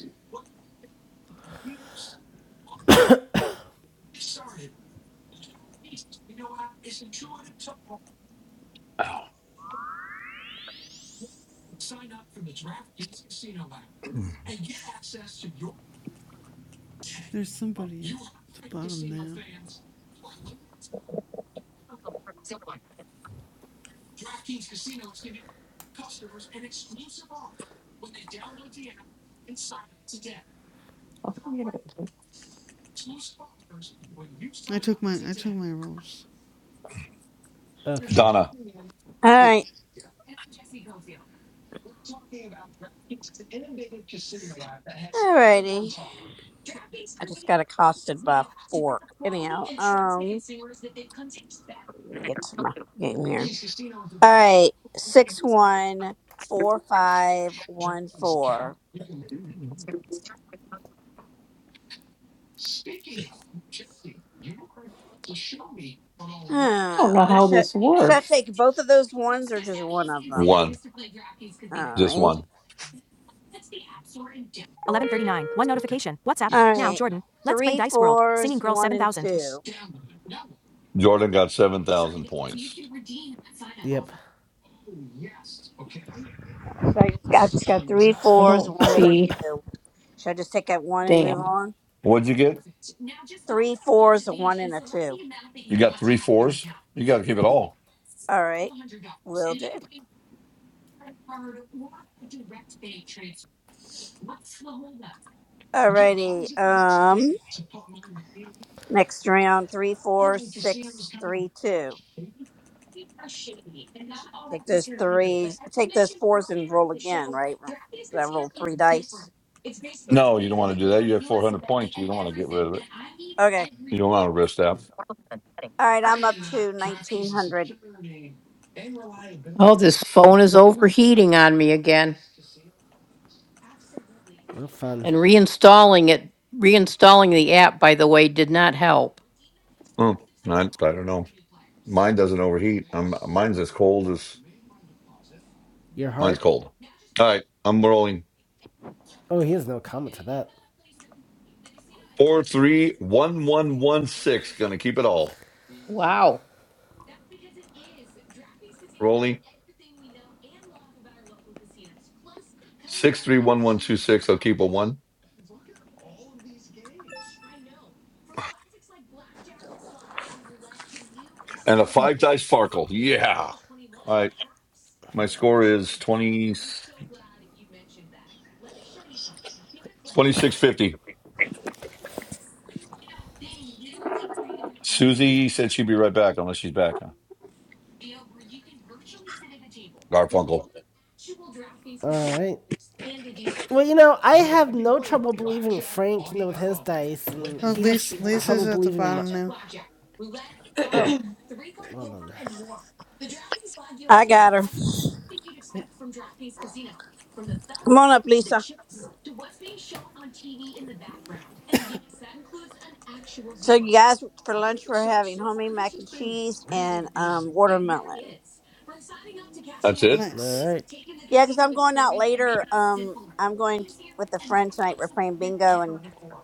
There's somebody at the bottom now. I I took my I took my rolls. Okay. Donna. All Yep. right, all righty. I just got accosted by a fork. Anyhow, um, let me get to my game here. All right, six one four five one four. Huh? don't know how Should this. should I take both of those ones or just one of them? One, All just right, one. 1139. One notification. WhatsApp. all Now, right. Jordan. Let's play Three Dice World. fours, Singing Girl one and 7000. two. Jordan got 7,000 points. Yep. So I just got, I just got three fours, Don't. one and a two. Should I just take that one and move Damn. on? What'd you get? Three fours, a one and a two. You got three fours? You got to keep it all. All right, will do. All righty. Um, next round, three, four, six, three, two. Take those threes, take those fours, and roll again. Right? Should I roll three dice? No, you don't want to do that. You have 400 points. You don't want to get rid of it. Okay. You don't want to risk that. All right, I'm up to nineteen hundred. Cheating on No fun. reinstalling the app. By the way, did not help. Hmm. I, I don't know. Mine doesn't overheat. Um mine's as cold as Your mine's heart? cold. All right. I'm rolling. Oh, he has no comment to that. Four, three, one, one, one, six. Gonna keep it all. Wow. Rolling. Six, three, one, one, two, six. I'll keep a one. And a five dice sparkle. Yeah. All right. My score is 20. 2650. Susie said she'd be right back unless she's back. Huh? Garfunkel. All right. Well, you know, I have no trouble believing Frank, you know, with his dice, and Oh, he has Lisa, Lisa's trouble at the believing my, bottom now. Oh, well then, I got let's her. fix. Yep. Come on up, Lisa. So you guys, for lunch, we're having homemade mac and cheese and um, watermelon. That's it? All Nice. right. Yeah, because I'm going out later. Um, I'm going t- with a friend tonight. We're playing bingo and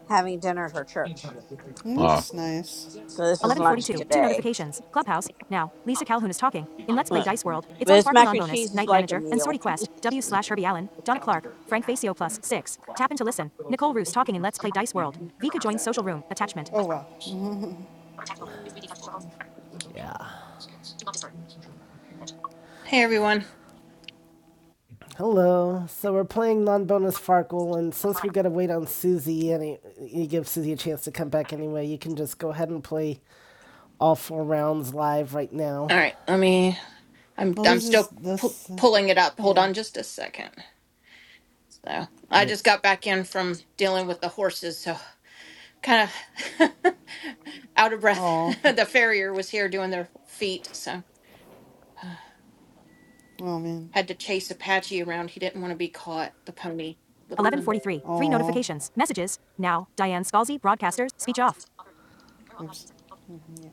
having dinner at her church. Ah, That's nice. So this is lunch 11:42. Two today. notifications. Clubhouse. Now, Lisa Calhoun is talking. In Let's Play But Dice World, it's on this Farkle mac and Non-Bonus, cheese is Night like a Manager, and Sortie meal. Quest. W slash Herbie Allen, Donna Clark, Frank Facio plus six. Tap in to listen. Nicole Roos talking in Let's Play Dice World. Vika joins Social Room. Attachment. Oh wow. Yeah. Hey everyone. Hello. So we're playing non-bonus Farkle, and since we gotta wait on Susie, and y- you give Susie a chance to come back anyway, you can just go ahead and play all four rounds live right now. All right, let me. I'm Well, I'm this is still pu- this. pulling it up. Hold Yeah. on, just a second. So I Yep. just got back in from dealing with the horses, so kind of out of breath. Oh. the farrier was here doing their feet, so uh, Oh man. had to chase Apache around. He didn't want to be caught. The pony, little pony. 11:43. Three Oh. notifications. Messages. Now. Diane Scalzi, broadcasters. Speech off. Oops. Mhm, Yeah.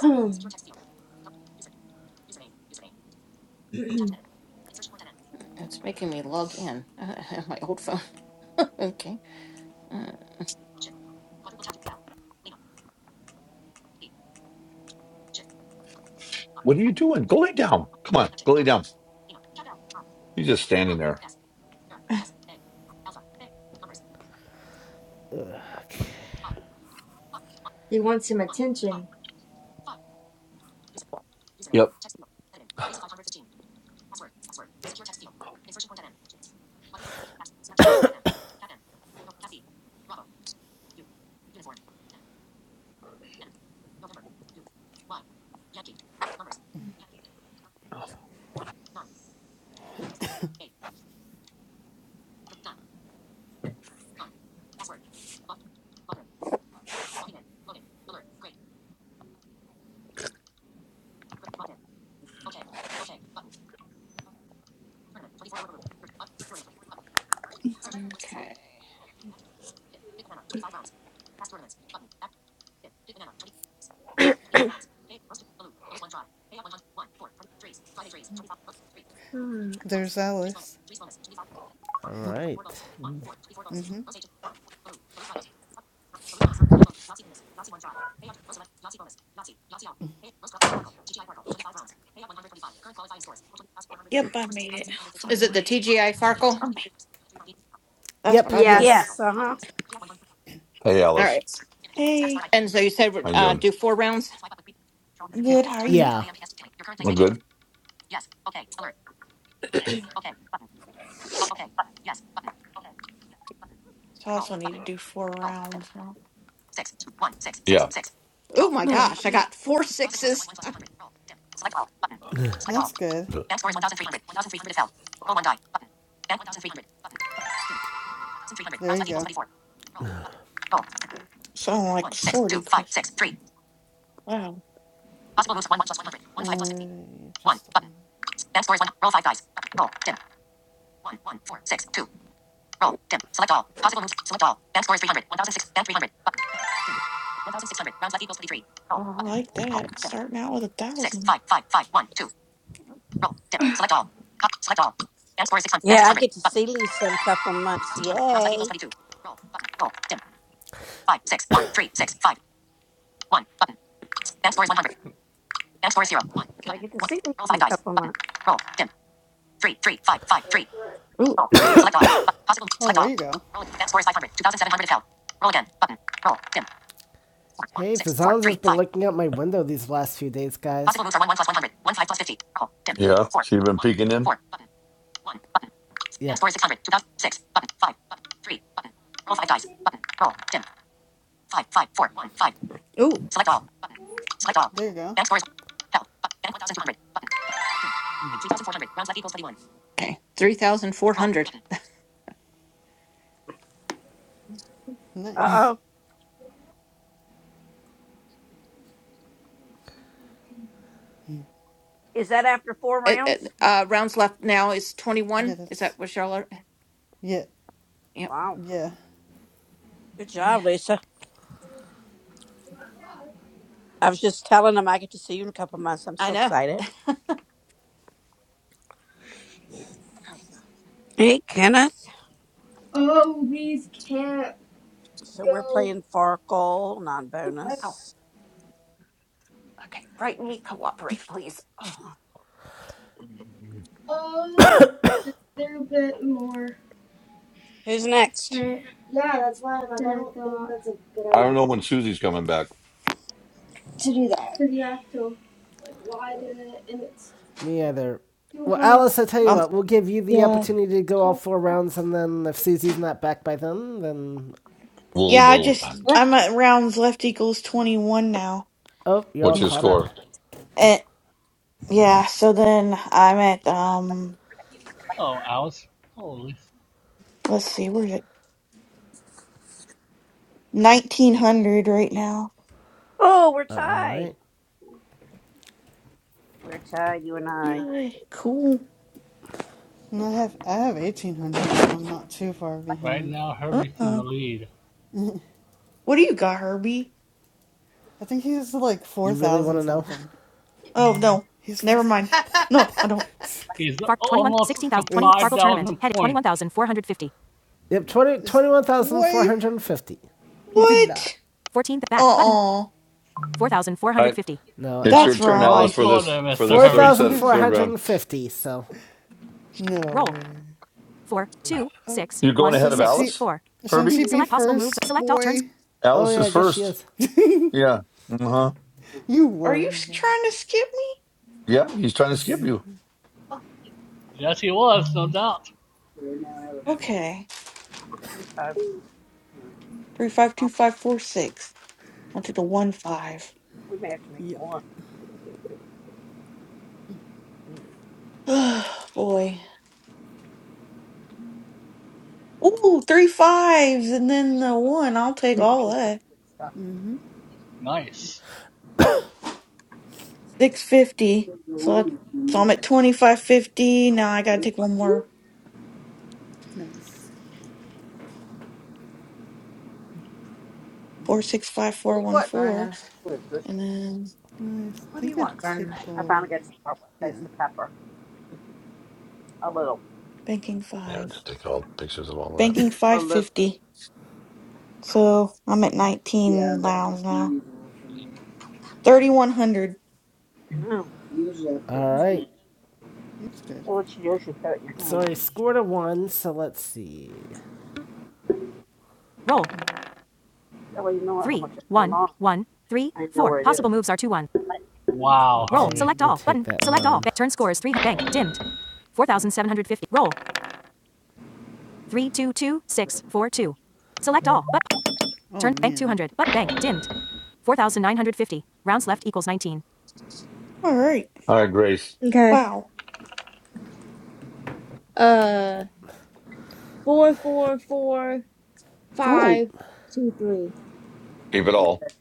boy. It's making me log in. my old phone. okay. Uh, what are you doing? Go lay down. Come on. Go lay down. You're just standing there. he wants some attention. Yep. okay. Hmm. There's Alice. All right. Yep, I made it Is it the finally. TGI Farkle? I made it. That's Yep. what I Yeah. thought. Yes. Yes. Uh huh. Hey, All Alice. right. Hey, And so you said How you uh, doing? do four rounds? I'm Okay. good. How are you? Yeah. I'm good. So I also need to do four rounds. Huh? Yeah. Oh my No, gosh, you I need- got four sixes. That's good. There you go. sound like sortie quest. Wow, Uh, just the one. I like that. Starting out with a thousand. Yeah, I get to see Lisa in a couple of months. Yay! So I get to see Lisa in a couple of months. Oh, there you go. Hey, Fazanz has been looking out my window these last few days, guys. Yeah. So you've been peeking in? Yeah. Oh, There you go. okay. three thousand four Roll. 3,400. Uh Nice. oh. Is that after four Uh, uh, rounds? uh, rounds left now is Yeah, 21. Is that's that what y'all are? yeah, Yep. Wow. yeah. Good Yeah. job, Lisa. I was just telling them I get to see you in a couple of months. I'm I so know. excited. Hey, Kenneth. So we're playing Farkle, non I- bonus. Who's next? Yeah, that's why I'm like, I don't think that's a good I don't idea know when Susie's coming back. to do that. Me either. Well, Alice, I tell you Um, what, we'll give you the Yeah. opportunity to go all four rounds, and then if Susie's not back by then, then. Well, yeah, I well just done. Yeah. I'm at rounds left equals twenty one now. Oh, you're all What's N- your caught up. score? eh, yeah, so then I'm at um, Oh, ouch. Holy. let's see, where's it? Nineteen hundred right now. Oh, we're All right. tied. We're tied, you and I. Yay, cool. And I have I have eighteen hundred, so I'm not too far Right behind. now, Uh Herbie's in uh the lead. What do you got, Herbie? I think he's like four You really want thousand to know? something. Oh no, He's. never mind. No, I don't. He's Fark twenty-one almost sixteen thousand to twenty 16,000 Farkle Oops. tournament. 5,000 Head points. 21,450. Yep, 20 twenty-one thousand four Boy, hundred fifty. you did not. What? 14 back button. Uh uh All right. 4,450. No, It's That's your That's where the turn, I wrong Alice, like for score it. this there, for Mr. this third Herbie. set third round. 4,450, so. No Roll. man. Four, two, Oh, six, You're going one, ahead of shouldn't six, she? Alice? four. Shouldn't she Herbie? be Select possible moves. first, Select all turns. boy? Oh, Alice yeah, is I guess she first. is. Yeah. Uh-huh. You Are you were. s- trying to skip me? Yeah, he's trying to skip you. Yes, he was, no doubt. Okay. Uh, Three five um, two five four six. I'll do the one five. we may have to make Yep. more. Oh Boy. Ooh, three fives and then the one. I'll take all that. Mm-hmm. Nice. Six fifty. So that, so I'm at twenty five fifty. Now I gotta take one more. Nice. Four six five four one four. And then I think a I finally tickle. got to start with Taste Yeah, the Pepper. A little. banking Yeah, five. take all pictures of all that. Banking A five little. fifty. So I'm at Yeah, 19 that was rounds now. unusual for me. 3,100. I know. Usually I All put two, right. that's good. Well, what you do is you put it in your Sorry, hand. scored a 1, so let's see. Roll. That way you know how Three, much is going one, on. one, three, I know four. where it is. Possible moves are 2, 1. Wow, Let's Roll. Herbie. Hmm. Select all. Button. Select all. one. Ba- Turn score is 3. Bank. Dimmed. 4,750. Roll. 3, 2, 2, 6, 4, 2. Select all. But Oh Turn bank man. 200. But bank dimmed. 4,950. Rounds left equals 19. All right. All right, Grace. Okay. Wow. Uh, four, four, four, Ooh. five, two, three. Keep it like all. that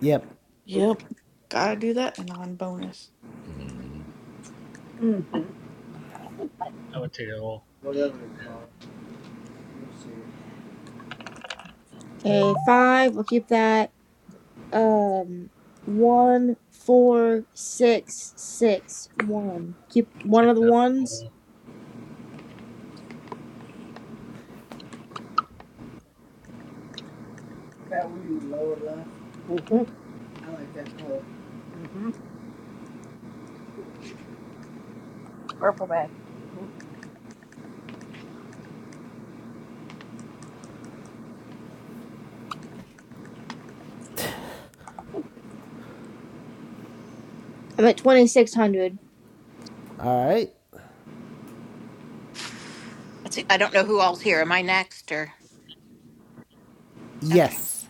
Yep. cookie, Yep. Gotta do that and on bonus. Mm. I would take it all. whatever Yeah, they call it. You'll see. Okay, five. We'll keep that. Um, one, four, six, six, one. Keep one of take the that ones. goal. That one in the lower left, I like that color. Mm-hmm. Purple bag. I'm at twenty six hundred. All right. Let's see. I don't know who all's here. Am I next or? Okay, Yes.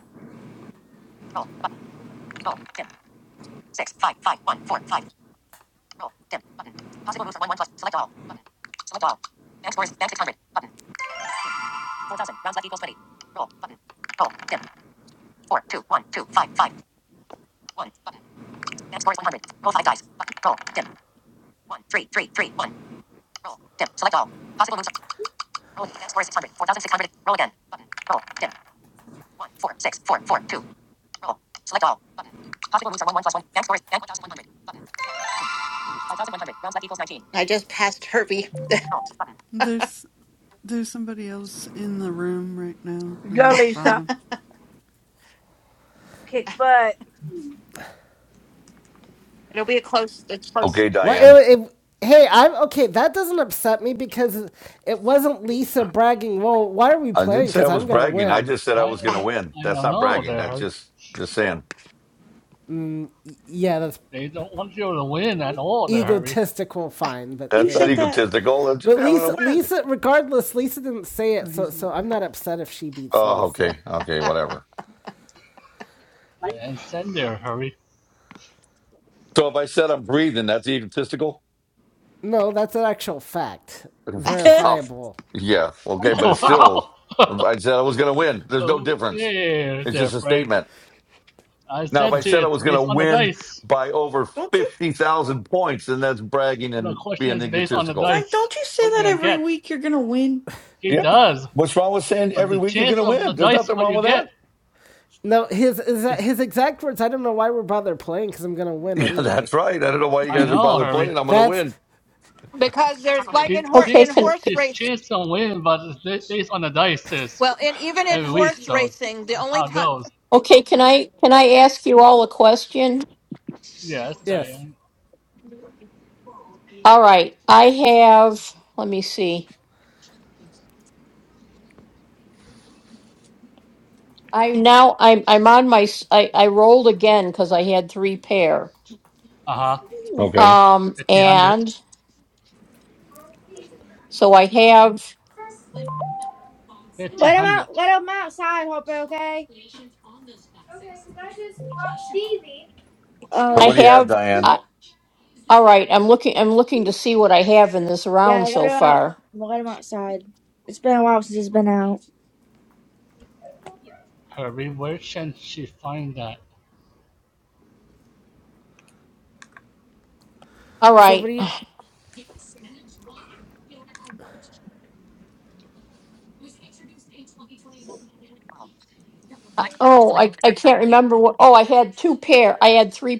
I just passed Herbie. There's there's somebody else in the room right now in Go, the Lisa. bottom. Kick butt. It'll be a close. It's close Okay, What? Diane. It, it, hey, I'm okay. That doesn't upset me because it wasn't Lisa bragging. Well, why are we I didn't playing? say I Because was I'm gonna bragging. I win. just said I I was don't going to win. I That's don't not know bragging. there, That's Herbie. just just saying. Yeah, that's They don't want you to win at all, the hurry. egotistical. Fine, but You That's you not said know. that. egotistical. That's just But having a Lisa, win. Lisa, regardless, Lisa didn't say it, Oh, so he's not. so I'm not upset if she beats me. Oh, So okay. Okay, whatever. And send their hurry. So if I said I'm breathing, that's egotistical? no, that's an actual fact, Wow. verifiable. Yeah. Okay, don't but Oh, it's still, wow. I said I was going to win. There's no difference. okay, It's there, just a Frank. statement. I Now, if said I to you, said I it's was going based to on the win dice. by over you, 50,000 points, then that's bragging The and question being is based on the egotistical. Frank, dice. don't you say What you that gonna every get? week you're gonna win? He Yeah. does, What's wrong with saying but every the week you're going chance to of win? the There's dice nothing what wrong you with get that. No, his is. his exact words. I don't know why we're bothered playing because I'm gonna win Yeah, that's anyway. right. I don't know why you I guys are know, bothered hurry. playing. I'm going to That's win. because there's like in He horse Okay. in Can. thinks horse his race. chance to win, but it's based on the dice is Well, and even in every week, horse so racing, the that's only how it time. goes. Okay. Can I? Can I ask you all a question? Yes, yes. Diane. All right. I have. Let me see. i now I'm I'm on my s- I I rolled again because I had three pair. Uh huh. Ooh, Okay. Um Fifteen hundred. and so I have Fifteen Let him hundred. out. Let him outside, Harper. Okay. So I what do Oh, you have, have Diane? okay, I'm looking to see what was around. yeah. Let him out. Let him outside. It's been a while since he's been out. Perry, where can she find that? All right, Somebody, three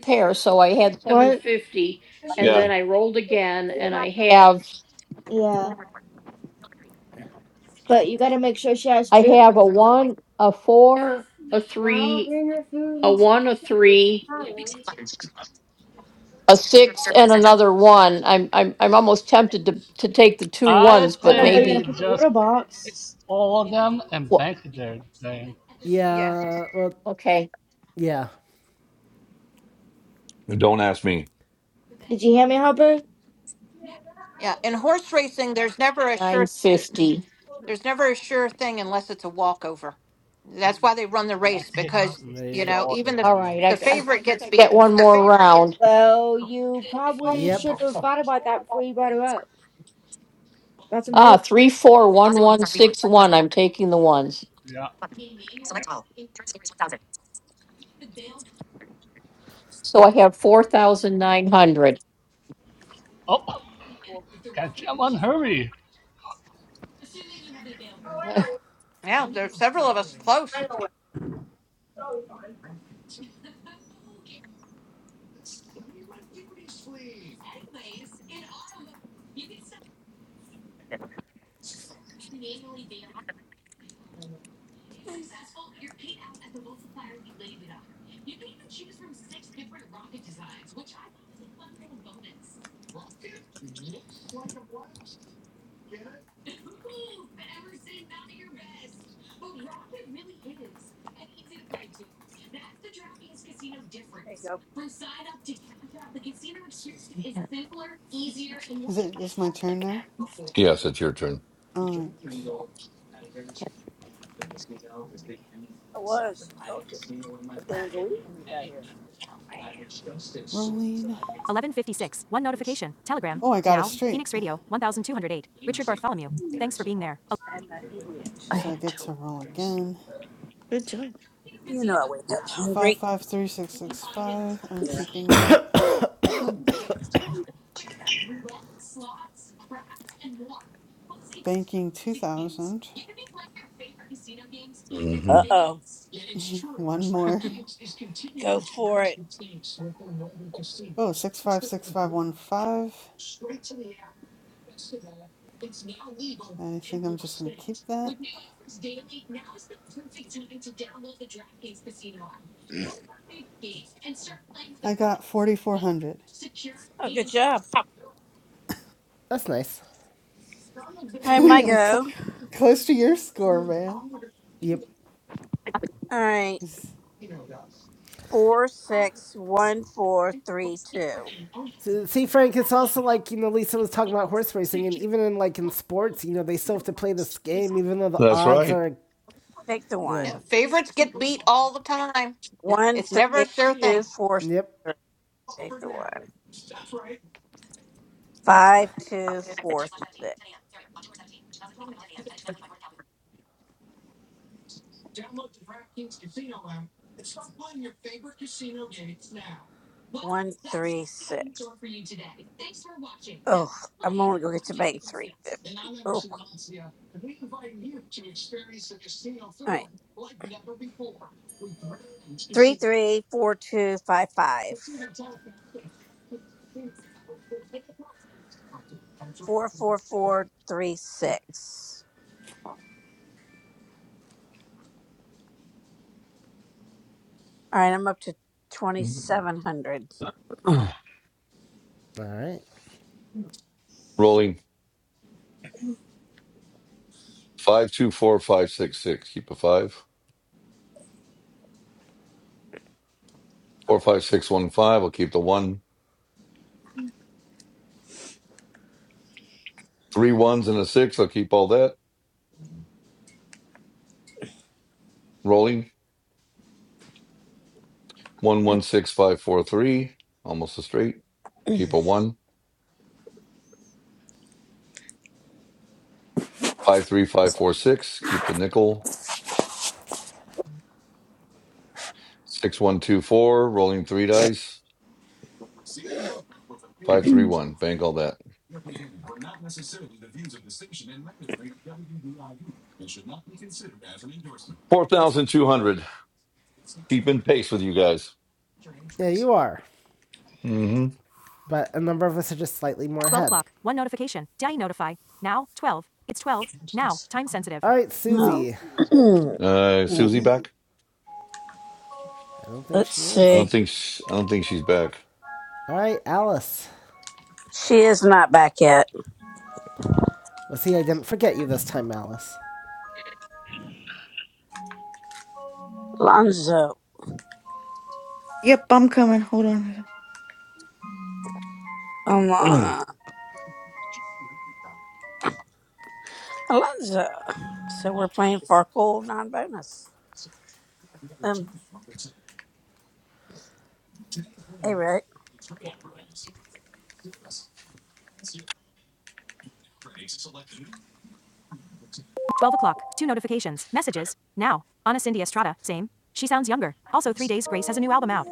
pair. So I had seven What? fifty, and Yeah. then I rolled again, and I have Yeah. But you gotta make sure she has have food. a four, Now bring her food. and s- three, a six, and another one. I'm I'm I'm almost tempted to to take the two. I'd I don't know where you're gonna say put the just litter pick box. all of them and bank there, Diane. Yeah, yeah. Well, Okay, yeah. Don't ask me. Did you hear me, Hopper? yeah. In horse racing, there's never a nine sure. There, fifty. there's never a sure thing unless it's a walkover. That's why they run the In race that case, I'll because just There you take you it go. know all even there, the All Diane. right, the I I, I favorite think gets I get beat. one more round. Well, you probably Yep. should have thought about that before you brought her up. That's Ah, important. three, four, one, one, six, one. I'm taking the ones. Yeah. So I have four thousand nine hundred. Oh, Well, catch up on Hurry. Yeah, there's several of us close. there you go. Is it? Is my turn now? Yes, it's your turn. All right. I was. I told you. I was going to go eat when you got here. Rolling. 1156. One notification. Telegram. Oh, I got a Now, straight, Phoenix Radio, 1208. Richard Bartholomew. Thanks for being there. I have not eaten yet today. so I get to roll again. good job. You know I wake up Five hungry. five three six six five. I'm Yeah. keeping that. Banking two thousand. hmm Uh oh. One more. Go for it. Oh, 656515. I think I'm just going to keep that. I got 4,400. Oh, good job. That's nice. Hi, my I'm co- go. close to your score, man. Yep. All right. Four, six, one, four, three, two. So, see, Frank, it's also like you know Lisa was talking about horse racing, and even in like in sports, you know they still have to play this game, even though the That's odds right. are, Take the you know. Yeah, one. favorites get beat all the time. One, It's never a three, sure two, thing. four, six, Yep. three. Take the one. Five, two, four, six. One, three, six. Oh, I'm only going to get to bank 350. Oh. all right. Three three four two five five four four four three six. All right, I'm up to twenty seven hundred. All right. Rolling five two four five six six. Keep a five. Four five six one five. I'll keep the one. Three ones and a six. I'll keep all that. Rolling one one six five four three. Almost a straight. Keep a one. Five three five four six. Keep the nickel. Six one two four, rolling three dice. Five three one. Bank all that. Four thousand two hundred. Keeping pace with you guys. Yeah, you are. hmm but a number of us are just slightly more 12 o'clock. One notification. Daddy notify. Now, 12. It's 12. Now, time sensitive. All right, Oh. Susie. Uh, Susie back? I don't think Let's she I is. don't see. think sh- I don't think she's back. All right, Alice. She is not back yet. Well, see, I didn't forget you this time, Alice. Alonzo. Yep, I'm coming. Hold on. okay. Alon- Alonzo. So we're playing for a cool non bonus. Um, hey Rick. 12 o'clock. Two notifications. Messages. Now. Anna Cindy Estrada. Same. She sounds younger. Also, three days Grace has a new album out.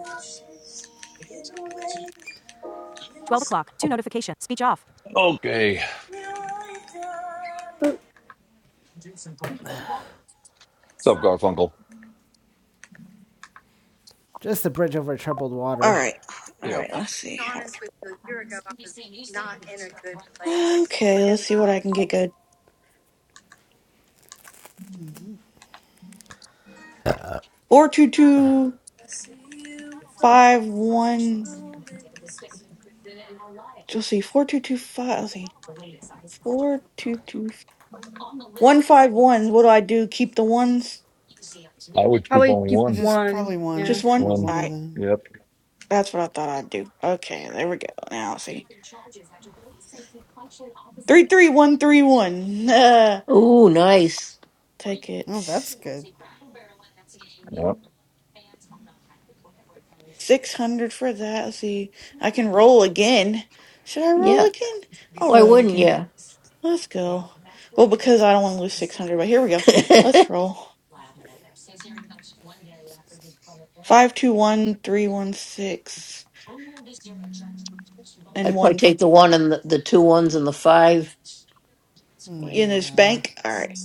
12 o'clock. Two notifications. Speech off. What's Oh, up, Garfunkel? Just a bridge over troubled All water. right. All Yep. right. Let's see. Okay. Let's see what I can get good. Four two two five one. One. Let's see. 4225. Let's see. Four two two. One five one. What do I do? Keep the ones? Probably keep I just one. probably won Yeah. Just one? uh, one of Alright. them. That's what I thought I'd do. Okay, there we go. Now see. Three three one three one. Uh, Ooh, nice. take it. Oh, that's good. Yep. Six hundred for that. Let's see. I can roll again. Should I roll Yeah. again? I'll roll again. Let's go. Well, because I don't want to lose six hundred, but here we go. Let's roll. Five two one three one six and If I one f- take the one and the, the two ones and the five. in this Nah. bank. Alright.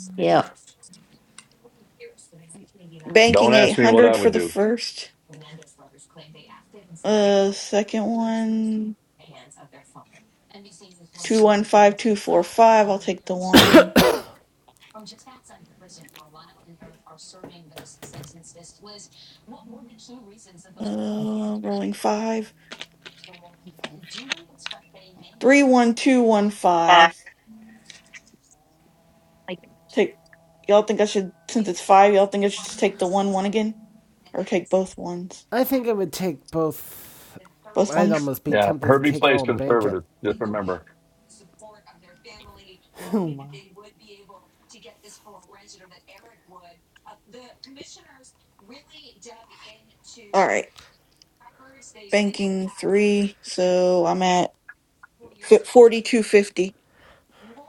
Banking Don't eight ask me what I hundred for would the do. first. Uh, second one, two one five two four five. I'll take the one. Uh, rolling five, three one two one five. Take. Y'all think I should, since it's five, y'all think I should just take the one one again, or take both ones? I think I would take both. Both I'd ones. almost be Yeah. tempted to Herbie take it plays all and bank it. conservative. Just remember. Oh, my. All right. Banking three, so I'm at forty two fifty.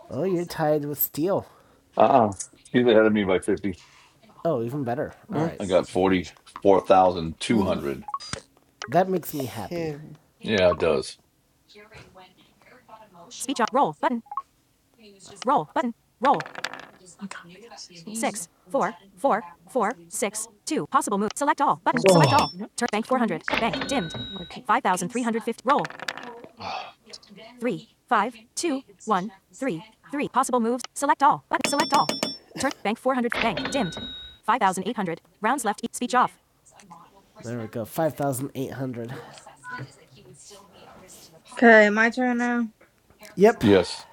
Oh, you're tied with steel. Uh uh He's ahead of me by fifty. Oh, even better. All right. I got forty four thousand two hundred. That makes me happy. Kid. Yeah, it does. Speech on. Roll button. Roll button. Roll. Six. Four. Four. Four. Six. Two. Possible move. Select all. Button. Select all. Turn bank 400. Bank dimmed. 5,350. Roll. Oh. three, five, two, one, three, three. Possible moves. Select all. Button. Select all. Turn. Bank 400. Bank. Dimmed. 5,800. Rounds left. E- speech off. There we go. 5,800. Okay, my turn now. Yep. Yes.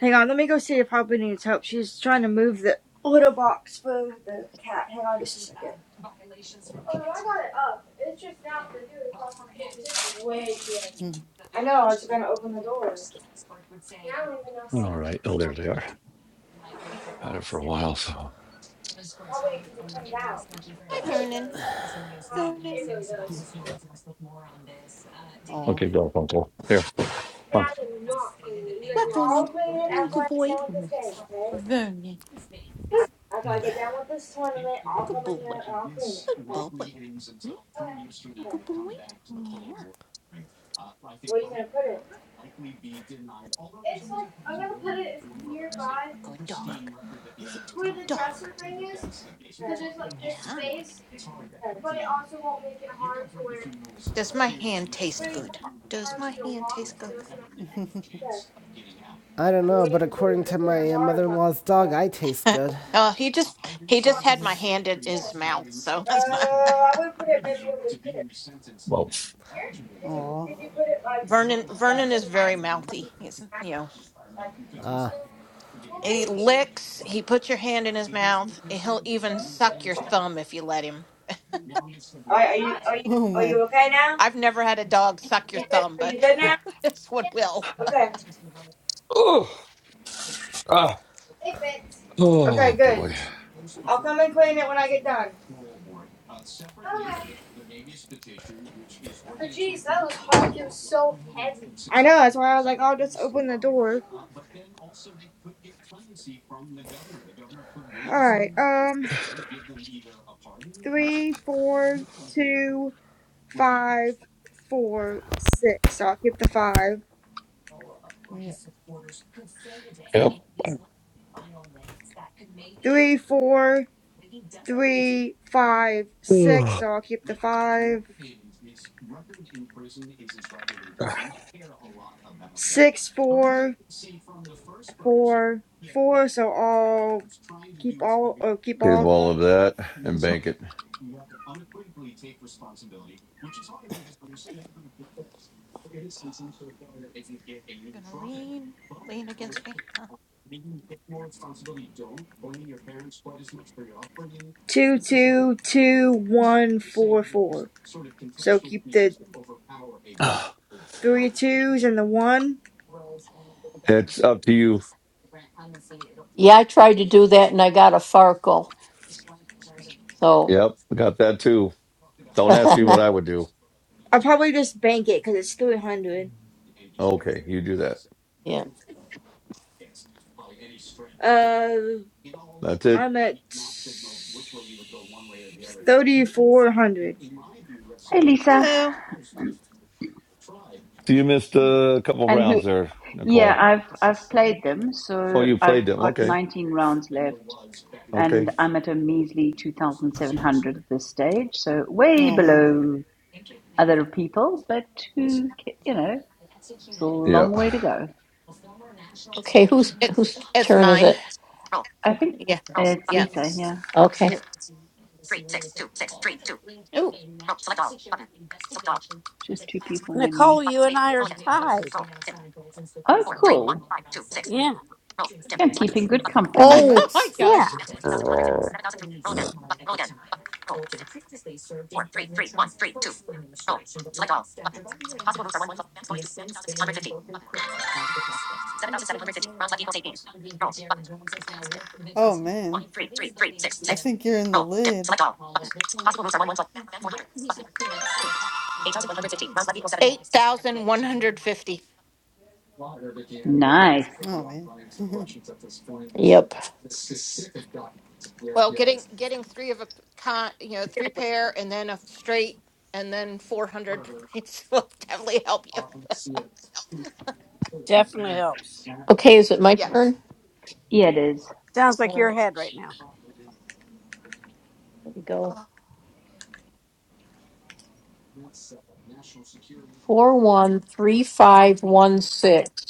Hang on, let me go see if Hopper needs help. She's trying to move the litter box for the cat. Hang on just a second. I know, I was gonna open the door. All right. Oh, there they are. Had it for a while, so. Hi, Vernon. Vernon. Oh. Okay, Garfunkel. Here. Huh. Yeah. Does my hand taste good? Does my hand taste good? I don't know, but according to my uh, mother in law's dog, I taste good. oh, he just he just had my Just. hand in his mouth. So Well. Oh. Vernon Vernon is very mouthy. He's you know he licks. He puts your hand in his mouth. And he'll even suck your thumb if you let him. Alright, are you are you Oh, are my. you okay now? I've never had a dog suck your You good? thumb, Are but you good now? this one will. Okay. Oh, ah, Okay, Oh good. boy. I'll come and clean it when I get done. I know, that's why I was like, I'll just open the door. Alright, Mm, um, three, four, two, five, four, six. So I'll keep the five. Yeah. yep. Three, four, three, five, six. Ugh. So I'll keep the five. Ah, Six, four, four, four. So I'll keep all, or keep Give all of the- all that. of that and bank it. Two, two, two, one, four, four. So keep the Ah, three twos and the one. It's up to you. well, So, Yep, got that too. Don't ask me what I would do. I'll probably just bank it because it's 300. Okay, you do that. yeah. Uh, That's it. I'm at 3,400. Hey, Lisa. Hello. So you missed a couple And who? rounds there, Yeah, Nicole. I've I've played them, Oh, so you I've played them. got Okay. 19 rounds left. Okay. and I'm at a measly 2,700 at this stage, so way Oh, man. below other people, but who, you know, still a long Yep. way to go. It, it's When is mine. it? I think Yeah. uh, it's Yeah. Lisa, yeah, Oh, Yeah. Ooh. just two people and then me. Nicole, you and I are tied. Oh, cool. Yeah. Yeah, I'm keeping good Oh, oh company. oh, my nice. Yeah. gosh. Oh, man. I think you're in the lid. Eight thousand one hundred fifty. Rounds left equals seven. eight thousand one hundred fifty. Nice. Oh, man. Well, getting getting three of a p- con, you know, three pair and then a straight and then 400 points will definitely help you. Definitely helps. okay. Is it my Yeah. turn? Yeah, it is. Sounds All like your right. head right now. Here we go. Oh, Four, one, three, five, one, six.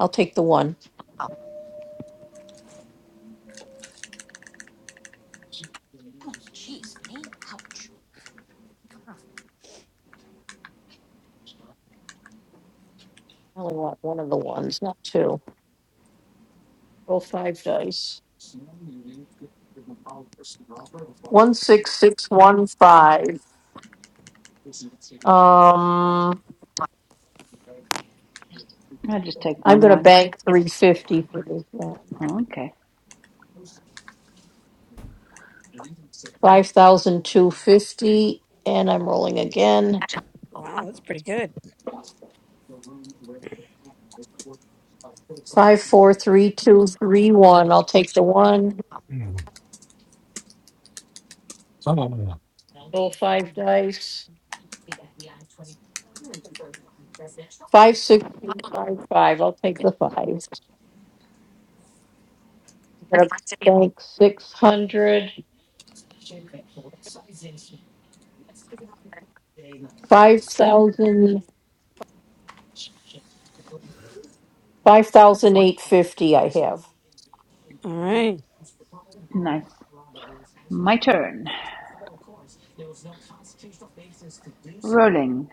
I'll take the one. I only want one of the ones, not two. Roll five dice. One, six, six, one, five. Um. I'll just take I'm one gonna one. bank three fifty for this one. Oh, Okay, Five thousand two fifty, and I'm rolling again. Wow, that's pretty good. Five, four, three, two, three, one. I'll take the one. Roll five dice. Five, six, two, five, five. I'll take the five. I'm gonna bank six hundred. Five thousand. Five thousand eight fifty. All right. nice. My turn. Rolling.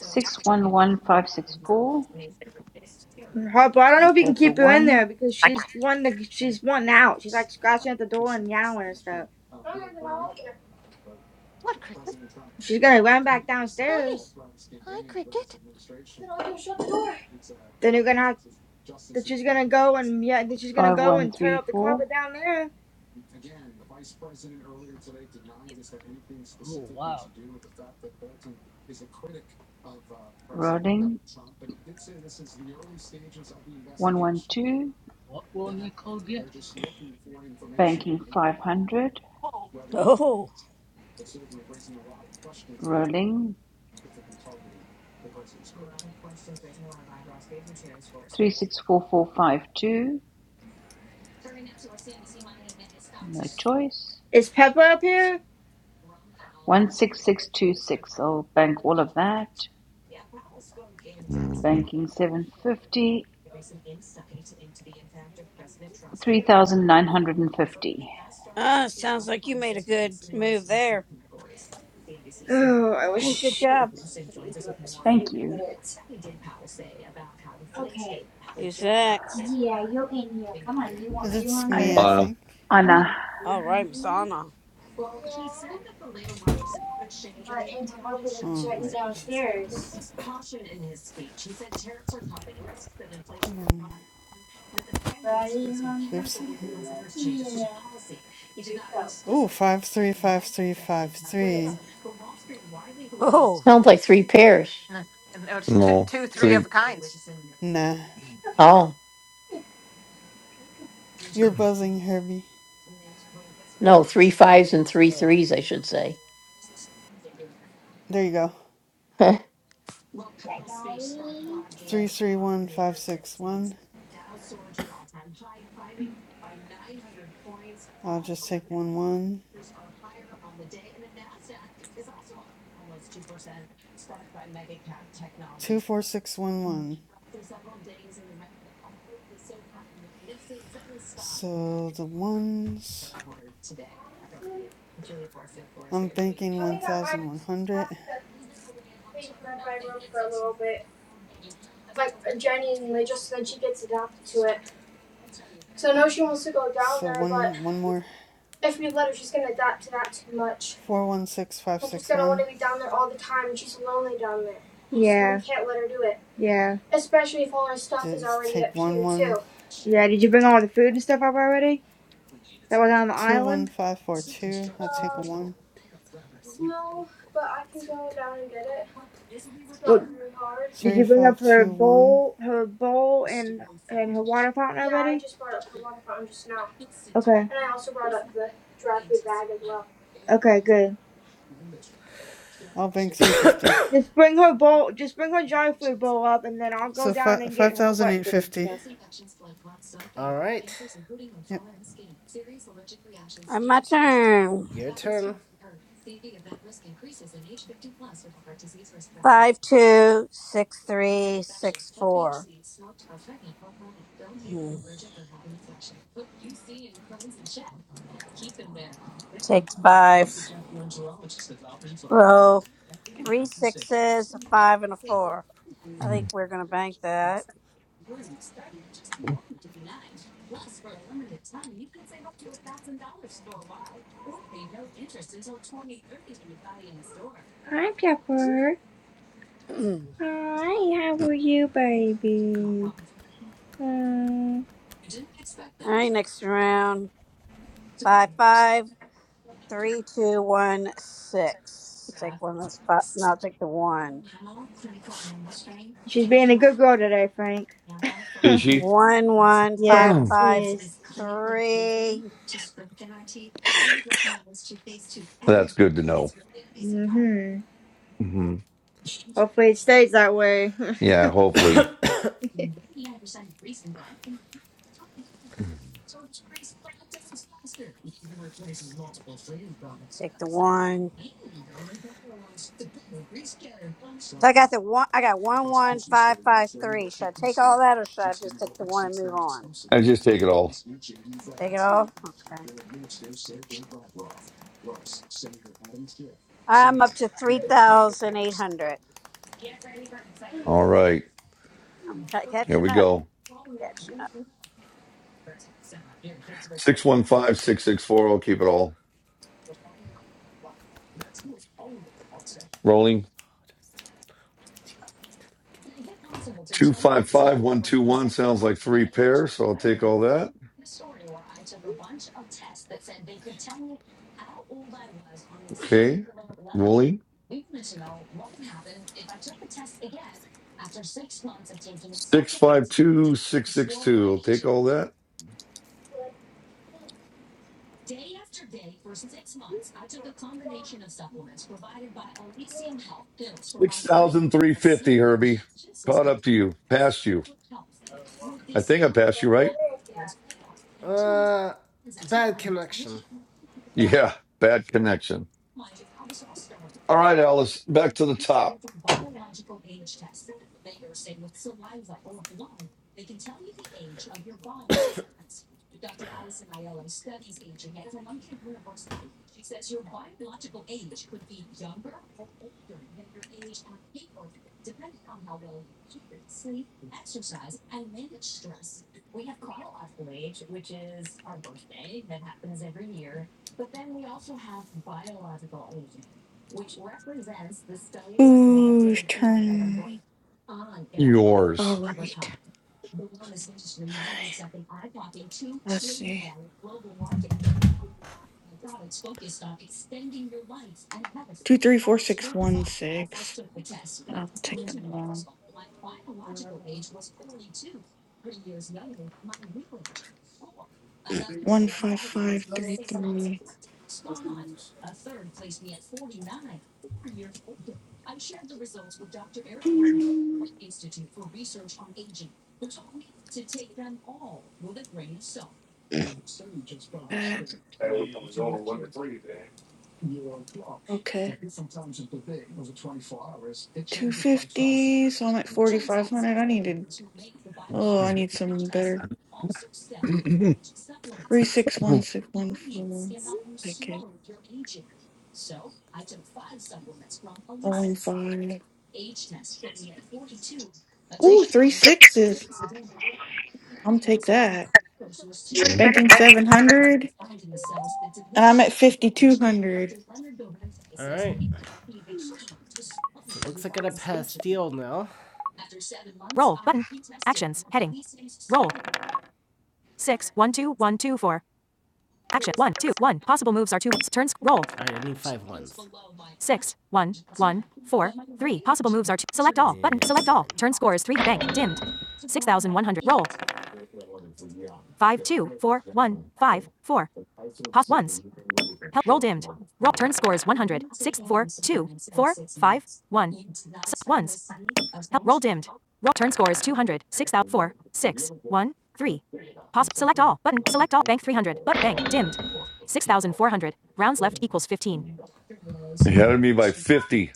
611564. Harper, I don't I'll know if you can take a keep her in there 1. because she's one. The, she's one out. She's like scratching at the door and yowling and stuff. She's gonna run back downstairs. Then you're gonna have. Then she's gonna go and yeah. Then she's gonna go and tear up the 5134. carpet down there. Oh, wow. Rolling. one one two, What will Nicole get? banking five hundred, Oh. rolling three six four four five two, no choice. Is Pepper up here? One six six two six. I'll bank all of that. hmm Banking seven fifty three thousand nine hundred and fifty Ah, sounds like you made a good move there. Oh, I wish. good She was. job. Thank you. Who's next? It's I me, I Uh, think. Anna. All right, Masana. All right. Come on. Oops. Oh, five three five three five three. Oh, no, no, it's two, no. two three of Three. a kinds. Nah. Oh. You're buzzing, Herbie. Wait. Oh. There you go. Three three one five six one. I'll just take one one two four six one one. So the ones I'm banking one thousand one hundred. So one one more. Four one six five six one. Yeah. Can't let her do it. Yeah. Just take one one Yeah. Did you bring all the food and stuff up already? That was on the two one island. five four two. I'll take a one. Well, did Three you bring up five her two one. bowl, her bowl, and and her water fountain already? Okay. Okay. Good. I'll bank three fifty. Just bring her bowl. Just bring her dry food bowl up, and then I'll go So down fi- and get her wet food and 5,850. stuff. All right. Yep. i my turn. Your turn. Five two six three six four. Mhm. Take the five. Roll three sixes, a five, and a four. I think we're gonna bank that. Hi, Pepper. All Hi. How are you, baby? Mm. right, next round. Five five three two one six. Take one of those five. No, take the one. She's being a good girl today, Frank. Is she? One, one, yep. five, She five, is. three. That's good to know. Mhm. hmm Hopefully, it stays that way. Yeah, Hmm, hopefully. Take the one. So I got the one. I got one, one, five, five, three. Should I take all that, or should I just take the one and move on? I just take it all. Take it all. Okay. I'm up to three thousand eight hundred. All right. I'm ca- Here catching we up. go. Catching up. Six one five, six six four. I'll keep it all. Rolling. Do you wait till I get the 255 121 sounds like three pairs, so I'll take all that. cue Okay. Rolling. Six five two, six six two. I'll take all that. 6,350, Herbie. Caught up to you. Passed you. I think I passed you, right? Uh, bad connection. Yeah. Bad connection. All right, Alice. Back to the top. Whose turn? All Yours. right. Let's see. Two three four six one six. I'll take the one. One five five three three. That Okay. Two fifty. So I'm at forty five hundred. I need to. Oh, I need some better. you Three six one six one four. Take it. Rolling five. Ooh, three sixes. I'm take that. Banking seven hundred. And I'm at fifty two hundred. All right. So it looks like I got a pastille now. Roll. Button. Actions. Heading. Roll. six, one, two, one, two, four. Action, one, two, one. Possible moves are two, turns, roll, right, I need five ones. six, one, one, four, three. Possible moves are two, select all, Yeah. button, select all. Turn score is three, bank, dimmed. 6,100, roll, five, two, four, one, five, four. Pos, once, help, roll dimmed. Roll, turn score is 100, six, four, two, four, five, one. S- ones, Help. Roll dimmed. Roll. Turn score is 200. 6 out. 4. six, one, three. Pause. Select all. Button. Select all. Bank 300. But bank. Dimmed. 6,400. Rounds left equals 15. had me by 50.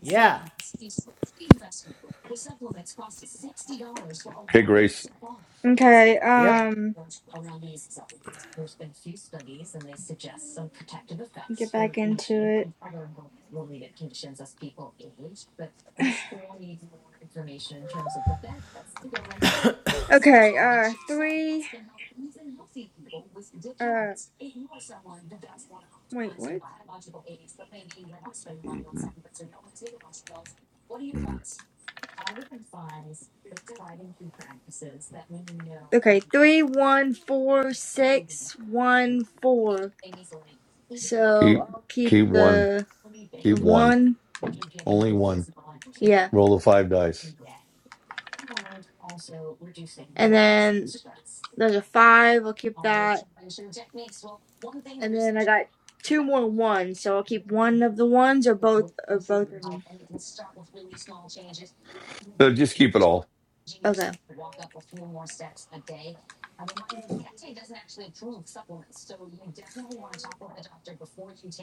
Yeah. Hey, Grace. okay. Yep. Um. Get back into it. Okay, uh, three, uh, wait, what? Mhm, mhm. Okay, three, one, four, six, one, four. Keep So I'll keep keep one. the Keep the one. one, Only one. yeah, Roll the five dice. and then there's a five. I'll keep that, and then I got two more ones, so I'll keep one of the ones or both or both of them. No, just keep it all. Okay,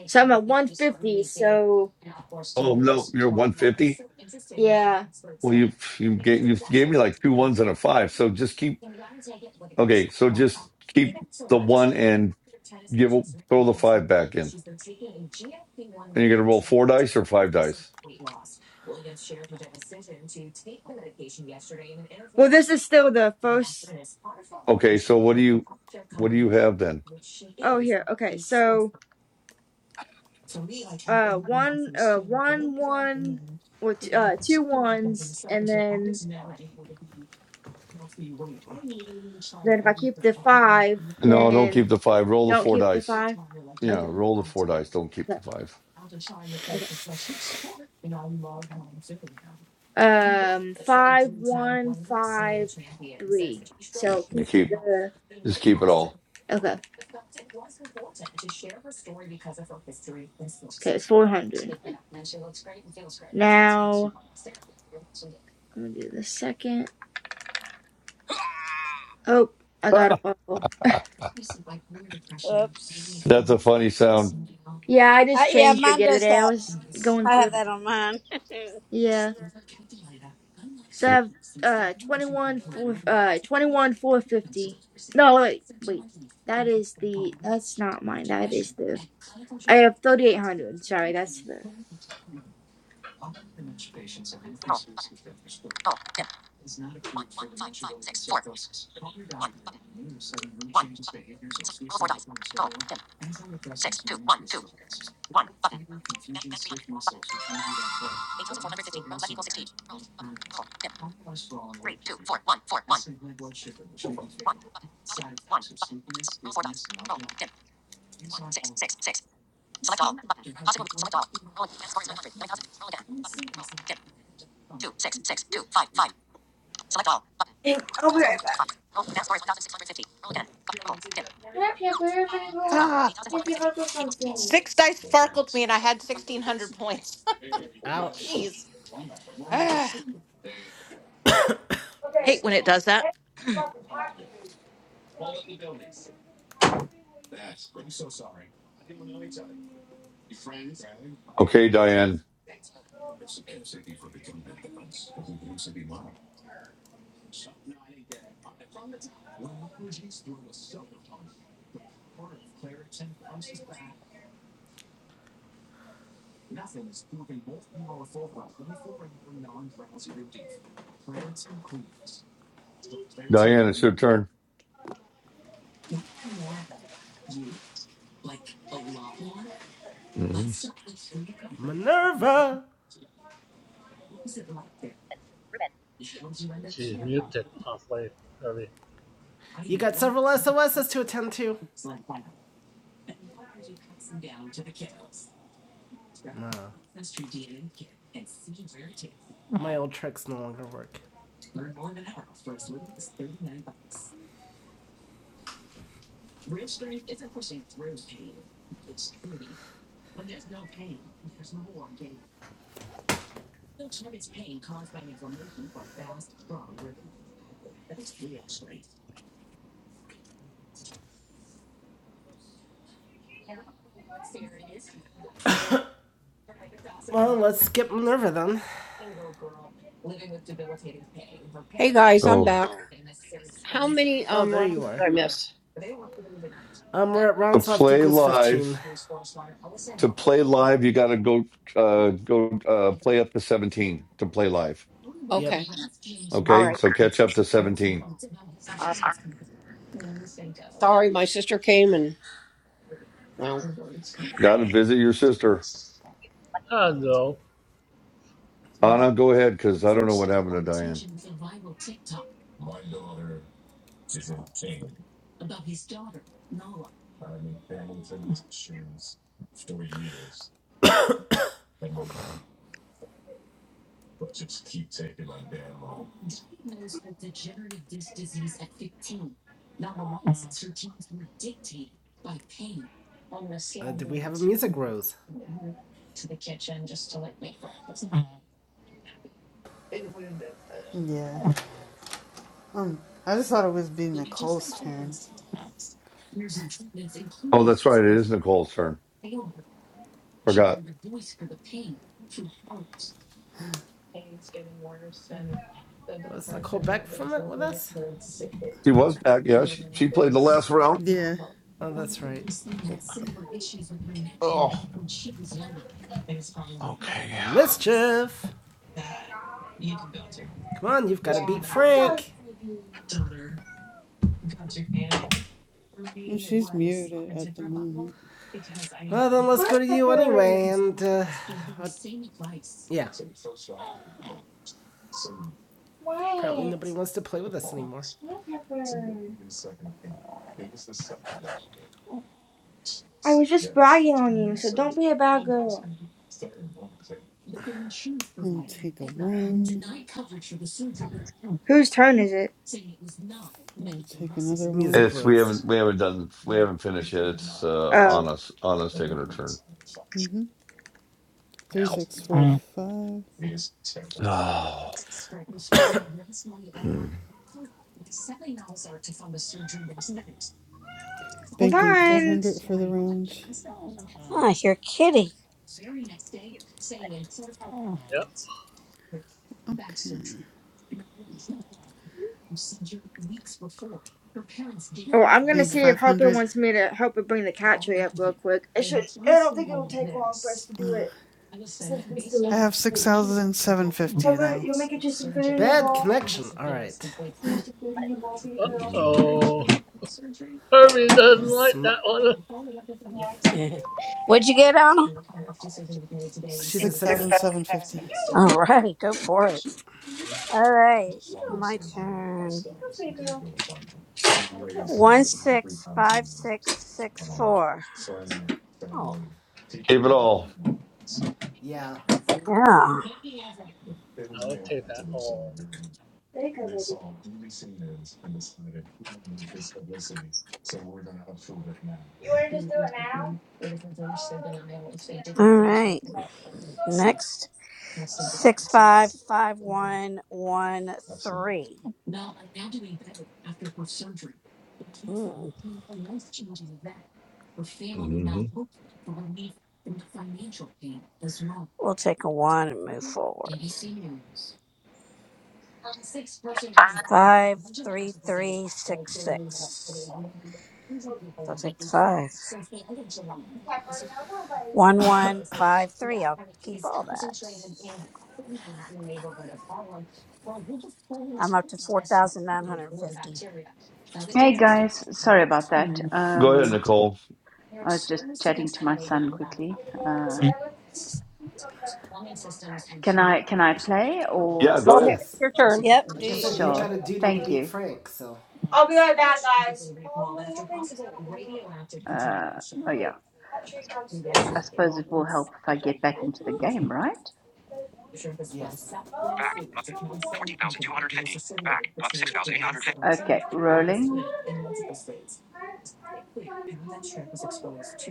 so I'm at one fifty. So Oh no, you're one fifty. yeah, Well, you you gave you gave me like two ones and a five. So just keep. Okay, so just keep the one and give throw the five back in. And you're gonna roll four dice or five dice. well, this is still the first. Okay, so what do you what do you have then? Oh, here. Okay, so uh one uh one one or t- uh two ones and then then if I keep the five No, don't then keep the five. Roll the don't four keep the dice. five. Yeah, Okay. roll the four dice. Don't keep Okay. the five. Okay. Um five one five three. So You keep keep the just keep it all. okay. Okay, four hundred. Now I'm gonna do the second. Oh, I got a fumble. Oops. That's a funny sound. Yeah, I Uh, just yeah, changed it mine the other does day. I that. was going I through have it. that on mine. Yeah. So I have uh 21 for uh 21 450. No, wait, wait. That is the that's not mine. That is the I have 3800. Sorry, that's the Hey, over. Ah, six dice sparkled me and I had 1600 points. Ouch. Jeez. Ah, hate when it does that. Okay, Diane. Diane, it's your turn. hmm Minerva. She's muted halfway. Hurry. You got several SOSs to attend to. Nah. No, my old tricks no longer work. Well, let's skip Minerva then. Hey, guys, I'm Oh, back. How many Oh, um there you rounds did are. I miss? Um, we're at to rounds left play equals 15. live. To play live, you got to go uh, go uh, play up to seventeen to play live. Yep. Okay. All Okay, right. so catch up to seventeen. All right. Sorry, my sister came and well. Got to visit your sister, Hello. Anna. Go ahead, because I don't know what happened to Diane. Uh, did we have a music rose? Yeah. Um, I just thought it was be Nicole's turn. Oh, that's right. It is Nicole's turn. Forgot. Was Nicole back from it with us? She was back. Yeah, she, she played the last round. Yeah. Oh, that's right. But Oh, okay. Well, mischief! Come on, you've got to beat Frank! well, she's muted at the moment. Well, then let's go to you anyway, and, uh, uh, yeah. Apparently nobody wants to play with us anymore. I was just bragging on you, so don't be a bad girl. I'll take a one. Whose turn is it? I'll take another one. Music It's we Rose. haven't we haven't done we haven't finished yet. It's uh, Oh, Anna's Anna's taking her turn. Mm-hmm. Three, six, four, five. Oh, Mm. hold Banking on. 400 for the round. oh, you're kidding. Yep. Okay. Oh, I'm gonna Bank see if Harper 500. wants me to help her bring the cat tree up real quick. It should. I don't think it will take long for us to do it since we're I still have waiting. 6,750 Pepper, now. you will make it just some food in your Bad bowl. connection, alright. Who wants the food in your bowl, for a girl? mm. Uh-oh. Hurry doesn't like Sm- that one. What'd you get, Anna? She's a six. 6,750. All right, go for it. All right, my turn. One six five six six four. Oh, gave it all. Yeah, yeah. I'll take that all. All right. Next six five five one one three. Mm. Mhm. We'll take a one and move forward. Five three three six six. So I'll take the five. One one five three. I'll keep all that. I'm up to four thousand nine hundred fifty. Hey guys, sorry about that. Go ahead, Um Nicole. I was just chatting to my son quickly. Uh can I can I play or Yeah, Go go ahead. ahead. It's yes. your turn. Yep. Do Like I you, said, you've yep. sure. got a duty to Thank beat you. Frank, so, Uh oh yeah. I suppose it will help if I get back into the game, right? yes. Back button. 14,250. Back up 6,850. Okay, rolling.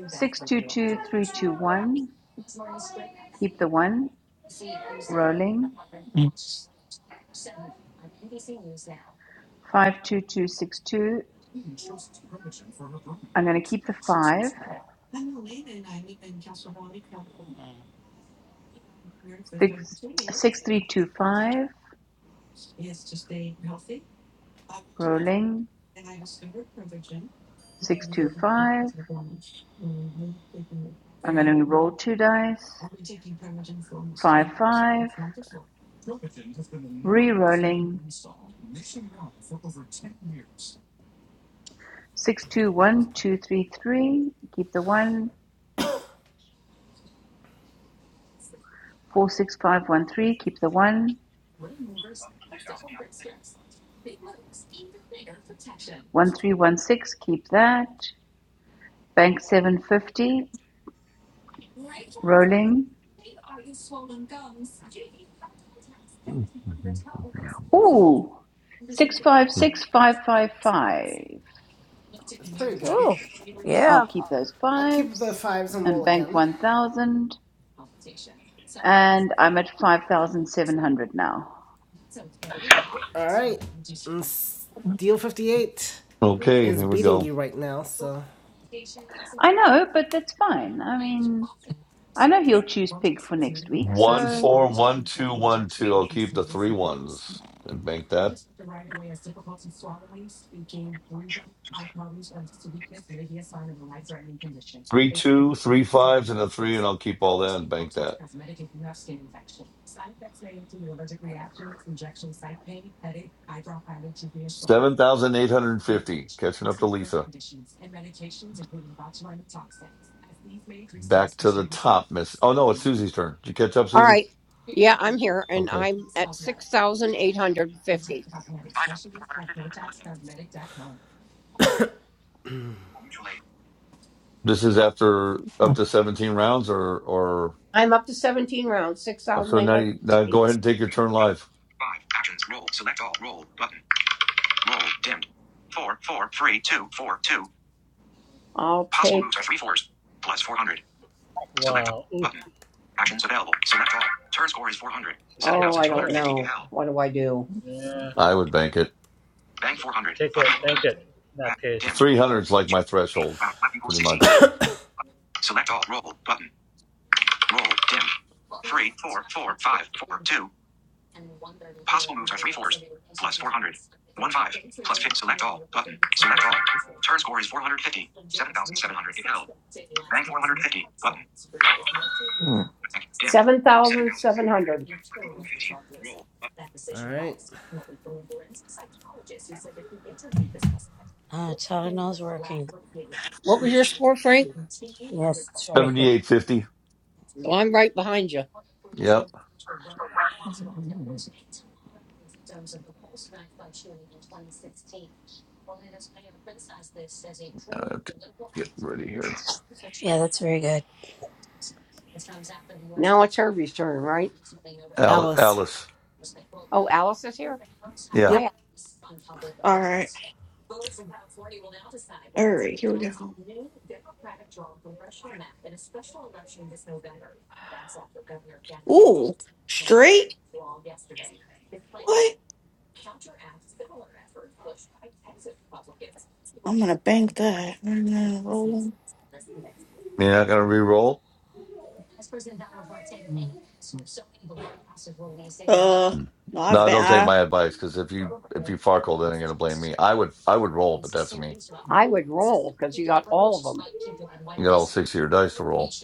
Six two two three two one. Keep the one. Rolling. Five two two six two. I'm going to keep the five. Six six three two five. Rolling. Six two five. I'm going to roll two dice. Five five. Re-rolling. Six two one two three three. Keep the one. Four six five one three. Keep the one. one three one six, keep that. Bank seven fifty, rolling. Ooh, six five six five five five. It's pretty good. Oh, I'll yeah. keep those I keep the fives fives and and roll bank again. one thousand. And I'm at five thousand seven hundred now. Alright, and Steel 58 Okay, is here we beating go. you right now, so. I know, but that's fine. I mean, I know he'll choose pig for next week. One So, four one two one two. I'll keep the three ones and bank that. Three two, three fives, and a three, and I'll keep all that and bank that. Seven thousand eight hundred fifty. Catching up to Lisa. Back to the top, Miss. Oh no, it's Susie's turn. Did you catch up, All Susie? right. Yeah, I'm here and Okay. I'm at 6,850. This is after up to seventeen rounds, or or I'm up to 17 rounds, Oh, So now you now 6,850. go ahead and take your turn live. Five actions. Roll. Select all. Roll button. Roll dimmed. Four four three, two, four, two. All Possible take moves are three fours. Plus four hundred. Select Wow. all. Ooh, button. Actions available. Select all. Turn score is four hundred. she Oh, took I it don't hundred all. know. PL. What do I do? Yeah. I would bank it. Bank four hundred. Take Button. it. Bank it. In Back. that case. Dimmed. Three hundred is like Eight, my threshold, Back equals pretty sixteen. much. Select all. Roll button. Roll. Dim. Three, four, four, five, four, two. Possible moves are three fours. Plus 400. One five. plus fifty. Select all. Button. Select all. Turn score is 450. 7,700 if held. Bank 450. Button. Bank. Dim. 7,700. Roll. Alright. Uh, Tylenol's working. What was your score, Frank? Yes, it's very Seventy good. eight fifty. So I'm right behind you. Yep. I have to get ready here. Yeah, that's very good. Now it's Herbie's turn, right? Al- Alice. Alice. Oh, Alice is here? Yeah. I Yep. All right. All right. Here we go. Ooh, straight. What? I'm gonna bank that. And then rolling. You're not gonna re-roll. Uh, Hmm. no, I No, don't take bank. my advice because if you if you farkle, then you're gonna blame me. I would I would roll, but that's me. I would roll because you got all of them. You got all six of your dice to roll.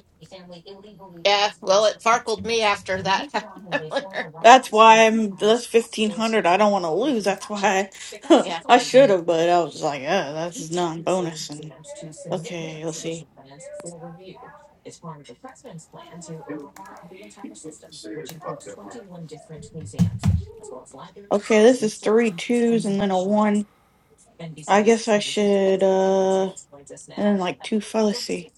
Yeah. Well, it farkled me after that. That's why I'm that's fifteen hundred. I don't want to lose. That's why I, yeah. I should have, but I was like, uh, that's non bonus. And okay, let's see. Okay, this is three twos and then a one. I guess I should uh, and then like two. fi- Let's see.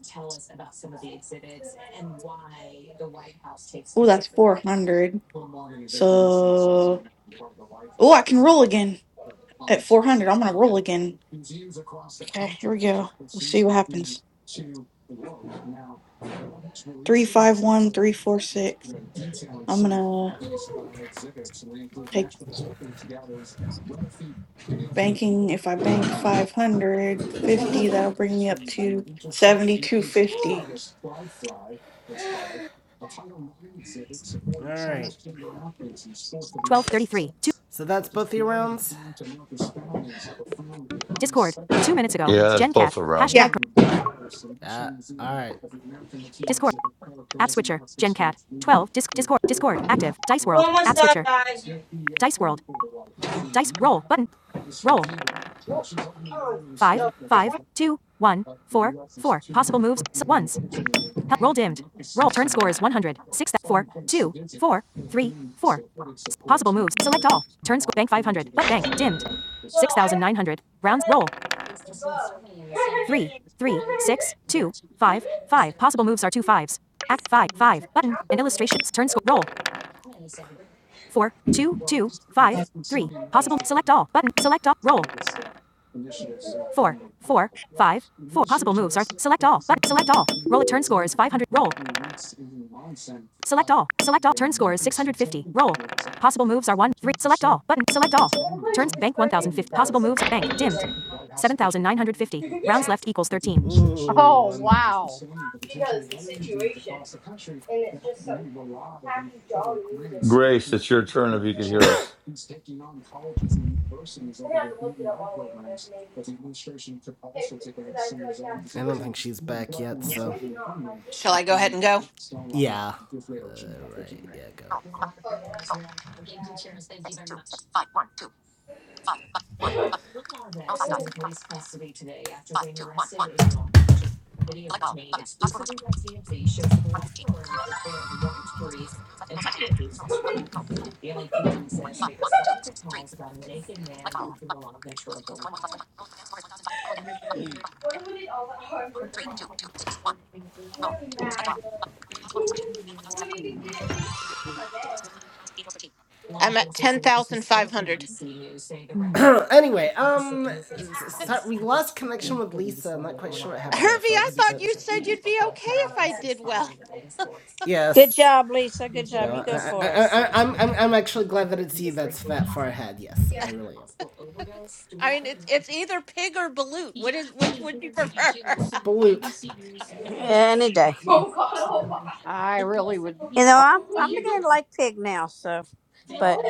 Oh, that's four hundred. So oh, I can roll again at four hundred. I'm gonna roll again. Okay, here we go. We'll see what happens. Three five one three four six. I'm gonna take. banking if i bank 550 that'll bring me up to 7250 All right. 1233. Two. So that's both your rounds. Discord. Two minutes ago. Yeah, that's GenCat. both around. yeah Hashtag. Uh, all right. Discord. App switcher. GenCat. 12. Disc, Discord. Discord. Active. Dice World. App switcher. Dice World. Dice. Roll. Button. Roll. 5. 5. 2. 1. 4. 4. Possible moves. ones. roll dimmed. Roll. Turn score is 100. 6. 4. 2. 4. 3. 4. Possible moves. Select all. Turn score. Bank 500. But bank. Dimmed. 6,900. Rounds. Roll. 3, 3, 6, 2, 5, 5. Possible moves are two fives. Act 5, 5. Button. And illustrations. Turn score. Roll. 4, 2, 2, 5, 3. Possible. Select all. Button. Select all. Roll. 4, 4, 5, 4. Possible moves are. Th- Select all. Button. Select all. Roll. Turn score is 500. Roll. Select all. Select all. Turn score is 650. Roll. Possible moves are 1, 3. Select all. Button. Select all. Turns. Bank 1050. Possible moves. Bank. Dimmed. 7,950. Rounds left equals 13. Oh, Ooh, I'm. wow. Grace, it's your turn if you could hear us. I don't think she's back yet. So, Shall I go ahead and go? yeah. Uh, Right. Yeah, go. I'm at 10,500. Anyway, um, Hervey, sorry, we lost connection with Lisa. I'm not quite sure what happened there, I folks. thought But you said you'd be okay if I did well. Good yes. job, Lisa. Good job. No, You go I, I, for I, it. I, I'm, I'm, I'm actually glad that it's you that's that far ahead. Yes, I really am. I mean, it's it's either pig or balut. What is which would you prefer? Balut. Any day. I really would. You know, I'm I'm beginning to like pig now, so but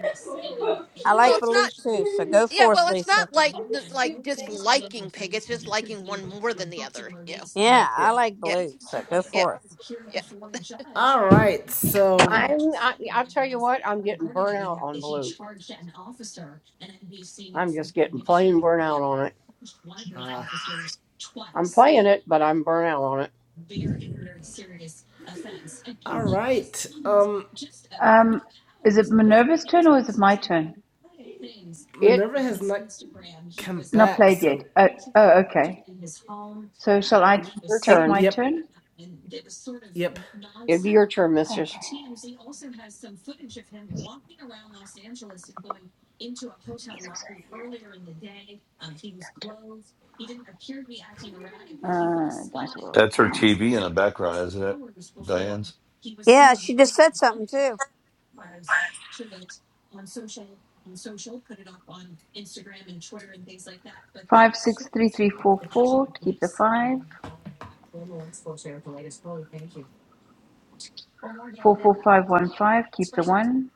I well, like it's blue not. too, so go Yeah, forth, well, it's not Lisa. like the- like disliking pig. It's just liking one more than the other. You know. So Yeah, I Yeah. like yeah, blue, so go yeah, forth. yeah. All right. So, I'm. I, I tell you what, I'm getting burnt out on Blue. I'm just getting plain burnt out on it. I'm playing it, but I'm burnt out on it. all right. Um, um, is it Minerva's turn or is it my turn? It. Minerva has not come Not back. played yet. So, Oh, oh okay. So shall will I be your take turn. my yep, turn? yep. It'll be your turn, Mistress. Okay. He's also Okay. Uh, dice roll. That's her TV in the background, isn't it? Diane's. Yeah, she just said something too. Five six three three four four. Keep the five. Four four five one five. Keep the one.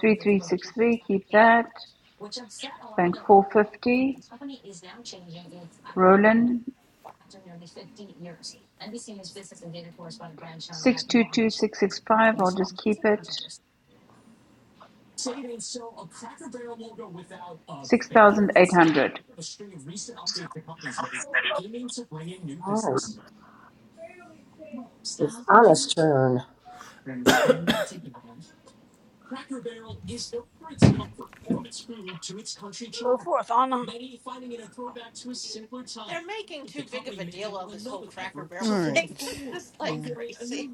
Three three six three. Keep that. Bank four fifty. Roland six two two six six five. I'll just keep it. Six thousand eight hundred. Oh, it's Anna's turn. Go forth, Anna. They're making too big of a deal of this whole Cracker Barrel All thing. right. It's like crazy.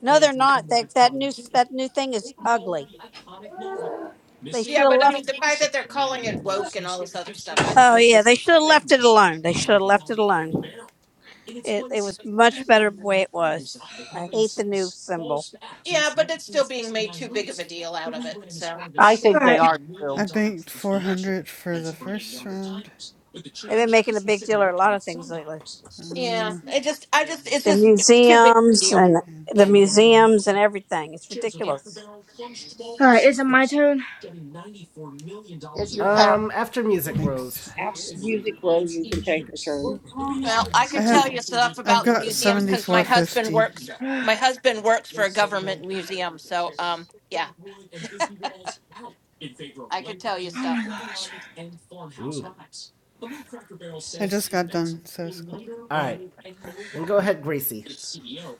No, they're not. That that new that new thing is ugly. They should Yeah, have but I mean, left. the fact that they're calling it woke and all this other stuff, I Oh that's yeah, just. they should have left it alone. They should have left it alone. It it was much better the way it was. I hate the new symbol. Yeah, but it's still being made too big of a deal out of it. So I think they Alright. are too. I banked 400 for the first round They've been making a big deal of a lot of things lately. yeah, it just, I just, it's The just too big of a museums deal. and and the Yeah. two museums and everything. It's ridiculous. Alright, is it my turn? If your power Um, after music, Rose. banks after music rose, you can take your turn. Well, I I could tell have, you stuff I've about the got museums seventy because my four husband fifty. works. oh My husband works for a government museum, so um, yeah, I could tell you stuff. my gosh. Ooh. So, I just got done, so it's cool. All right. Then go ahead, Gracie.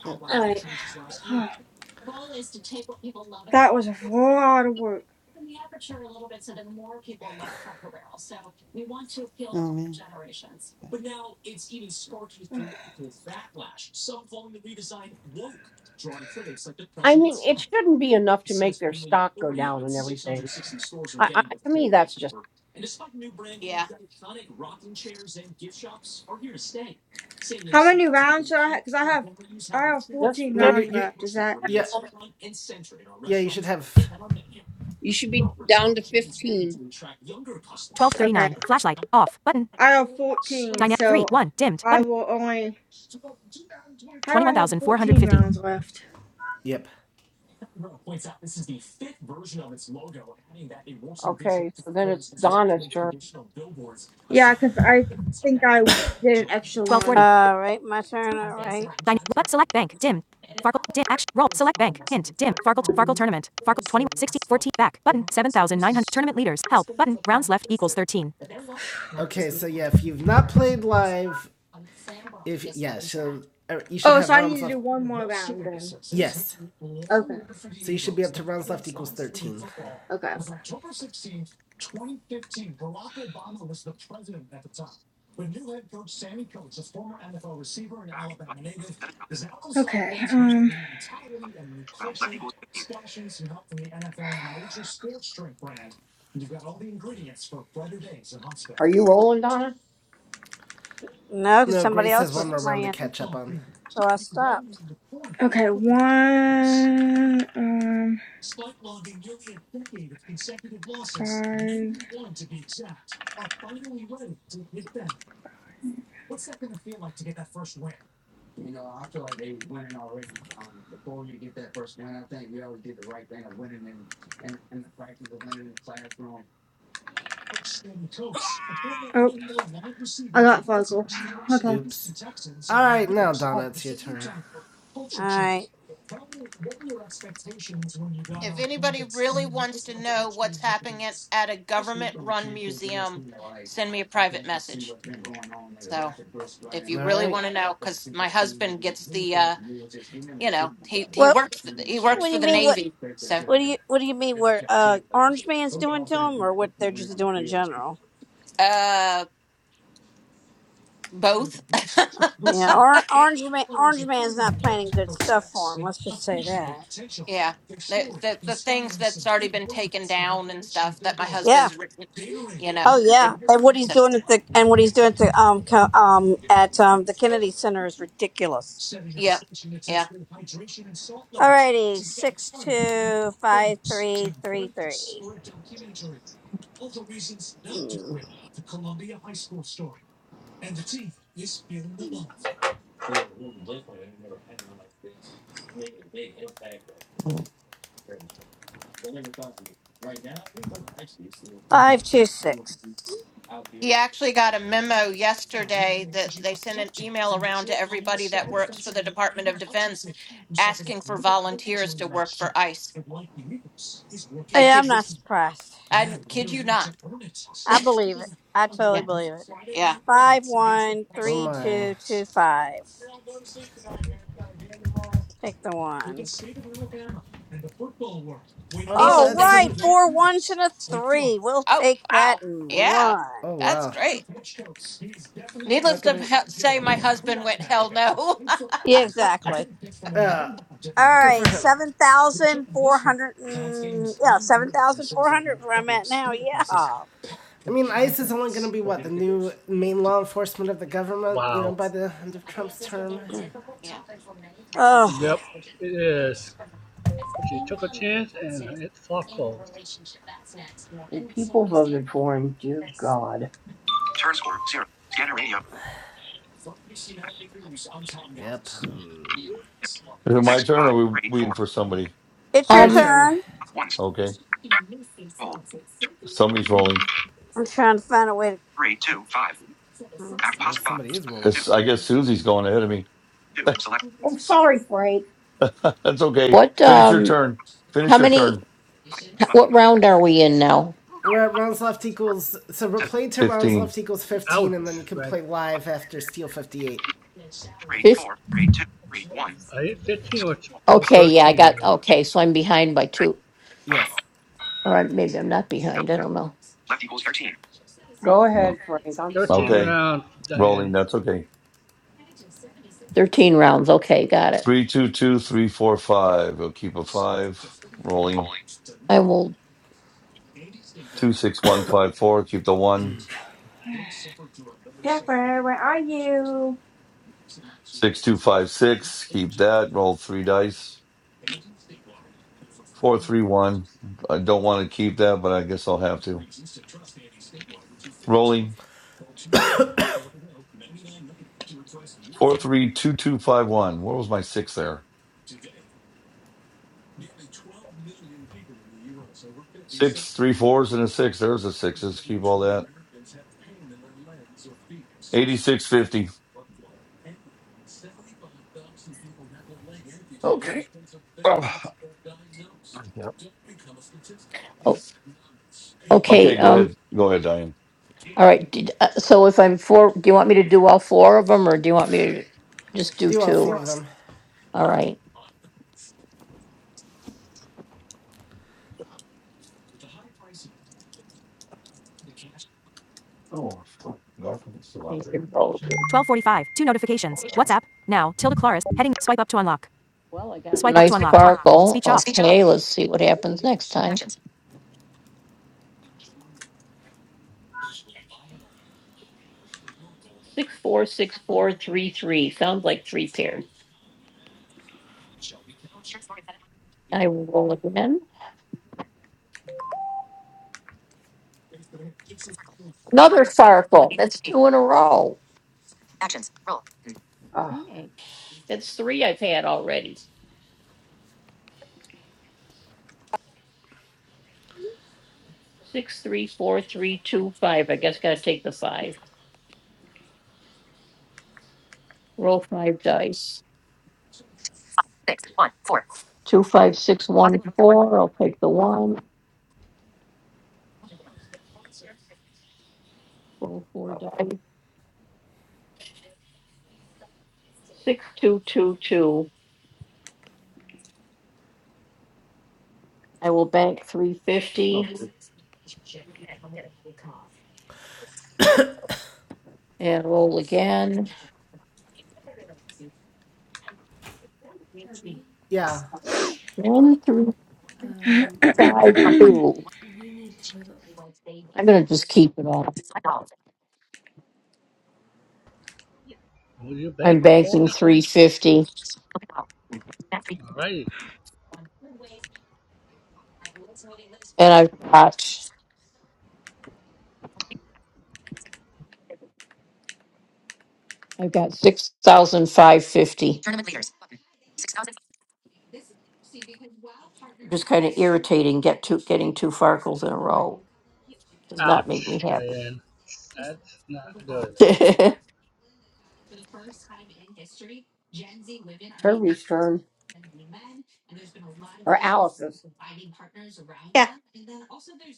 Yep. Alright. that was a lot of work. Oh man. I mean, it shouldn't be enough to make their stock go down and everything. I, I to me, that's just Yeah, How many rounds should I have? Because I have, I have that's 14 No, just you, rounds you, left. Is that, yeah, yeah. You should have. you should be down to fifteen. 1239. okay. Flashlight. Off. Button. I have 14, Dyna- 3. so 1. Dimmed. I Button. will only, how do I have 14 21,450. rounds left? Yep. Okay, so then it's Donna's turn. Yeah, because I think I did an extra one. 1240. All right, my turn. All right. Dyn- but select bank. Dim. Farkle. Dim. Action. Roll. Select bank. Hint. Dim. Farkle. Farkle tournament. Farkle. 20 60 14 Back. Button. 7,900. Tournament leaders. Help. Button. Rounds left equals 13. Okay, so yeah, if you've not played live, if yeah, so er, you should Oh, have so I rounds need to left. do one more round then. Yes, Okay. so you should be up to rounds left equals thirteen. Okay. Back. Button. Senate House. Okay. Um. Button. Rounds left equals 15. Are you rolling, Donna? No, because No, somebody Grace has else one was more round to playing, catch up on. so I stopped. Okay. One. Um. Five. Oh, I got Farkle. Okay. Oops. All right, now Donna, it's your turn. All right. if anybody really wants to know what's happening at, at a government-run museum, send me a private message. So if All you really right. want to know, because my husband gets the, uh, you know, he he Well, works he works what do for you the mean? What Navy, so What do you What do you mean? Where uh, Orange Man's doing to them, or what they're just doing in general? uh, both. Yeah, or, Orange Man, Orange Man's not planning good stuff for him. Let's just say that. Yeah. The, the the things that's already been taken down and stuff that my Yeah, husband's written, you know. Oh It, yeah, and what he's so, doing at the and what he's doing at the um co- um at um the Kennedy Center is ridiculous. yeah. Yeah. Alrighty, six two five three three three Hmm. five two six. He actually got a memo yesterday that they sent an email around to everybody that works for the Department of Defense asking for volunteers to work for ICE. I Yeah, kid I'm you, not surprised. I kid you not. I believe it. I totally Yeah. believe it. Yeah. Five one Oh three my. two two five. Take the one. Well, All Needless to that's s- right, an. four ones and a three. We'll Oh, take wow. that and Yeah. run. Oh That's wow. great. Needless Not to gonna. he- say my husband went hell no. Yeah, exactly. All Good for right, him. seven thousand four hundred. Yeah, seven thousand four hundred. Where I'm at now. Yeah. I mean, ICE is only going to be what the new main law enforcement of the government. You know, Wow. by the end of Trump's term. Oh, Yep, it is. She took a chance and it foreclosed. And people voted for him. Dear God. Turn score zero. Scanner radio. Yep. Is it my Six turn or five are we three waiting four for somebody? it's your Your Um, turn. turn. ones. Okay. Hold. Turn Somebody's rolling. I'm trying to find a way. three two five. to... Act Yeah, pause five. somebody is Select rolling. two It's, I guess Susie's going ahead of me. two. Select Oh, sorry, Frank. That's okay. what, Finish your um, turn. how Finish your many, turn. five button. what round are we in now? We're at rounds left Four, equals. So we are seven play to rounds Fifteen. left equals fifteen, and then Ouch, you can Red. play button. live after Steel fifty eight. Three Fifth, four three two three one. I hit 15 Select or, all. or Pause. okay, yeah, I 13 got, there. okay, so I'm behind by Back. two. Button. Yes. Left equals thirteen. Go Yeah. ahead, Frank. I'm 13 sorry. Okay. rounds, Rolling. Diane. That's okay. Thirteen rounds, okay, got it. Three two two three four five. We'll keep a five. Rolling. I will, Two six one five four. Keep the one. Pepper, where are you? Six two five six. Keep that. Roll three dice. Four three one. I don't want to keep that, but I guess I'll have to. Rolling. Four three two two five one. Where was my six there? Six, three fours, and a six. There's a six. Let's keep all that. 8650. Okay. Oh, yeah. okay, Okay, go um, ahead. Go ahead, Diane. all right, did, uh, so if I'm four, do you want me to do all four of them, or do you want me to just do Do all two? four of them. All right. Oh, fuck. Garfield's Still out Thank there. you both. Shit. 1245. Two notifications. WhatsApp. Now. Tilda Claris. Heading. Swipe up to unlock. Well, I got. a Swipe up to Nice unlock. sparkle, Speech off. okay, let's see what happens next time. Six, four, six, four, three, three, sounds like three pairs. I will roll again. Another sparkle, that's two in a row. Oh, Dang, That's three I've had already. Six, three, four, three, two, five. I guess gotta take the five. Roll five dice. Two five six one four, I'll take the one. Roll four dice. Six two two two. I will bank three fifty and roll again. Yeah. One three five two. I'm gonna just keep it all. Will you bet I'm or banking not? three fifty Alrighty. and I've got I've got six thousand five fifty. Ouch, Diane. That's not good. it's her turn. Or Alice's. yeah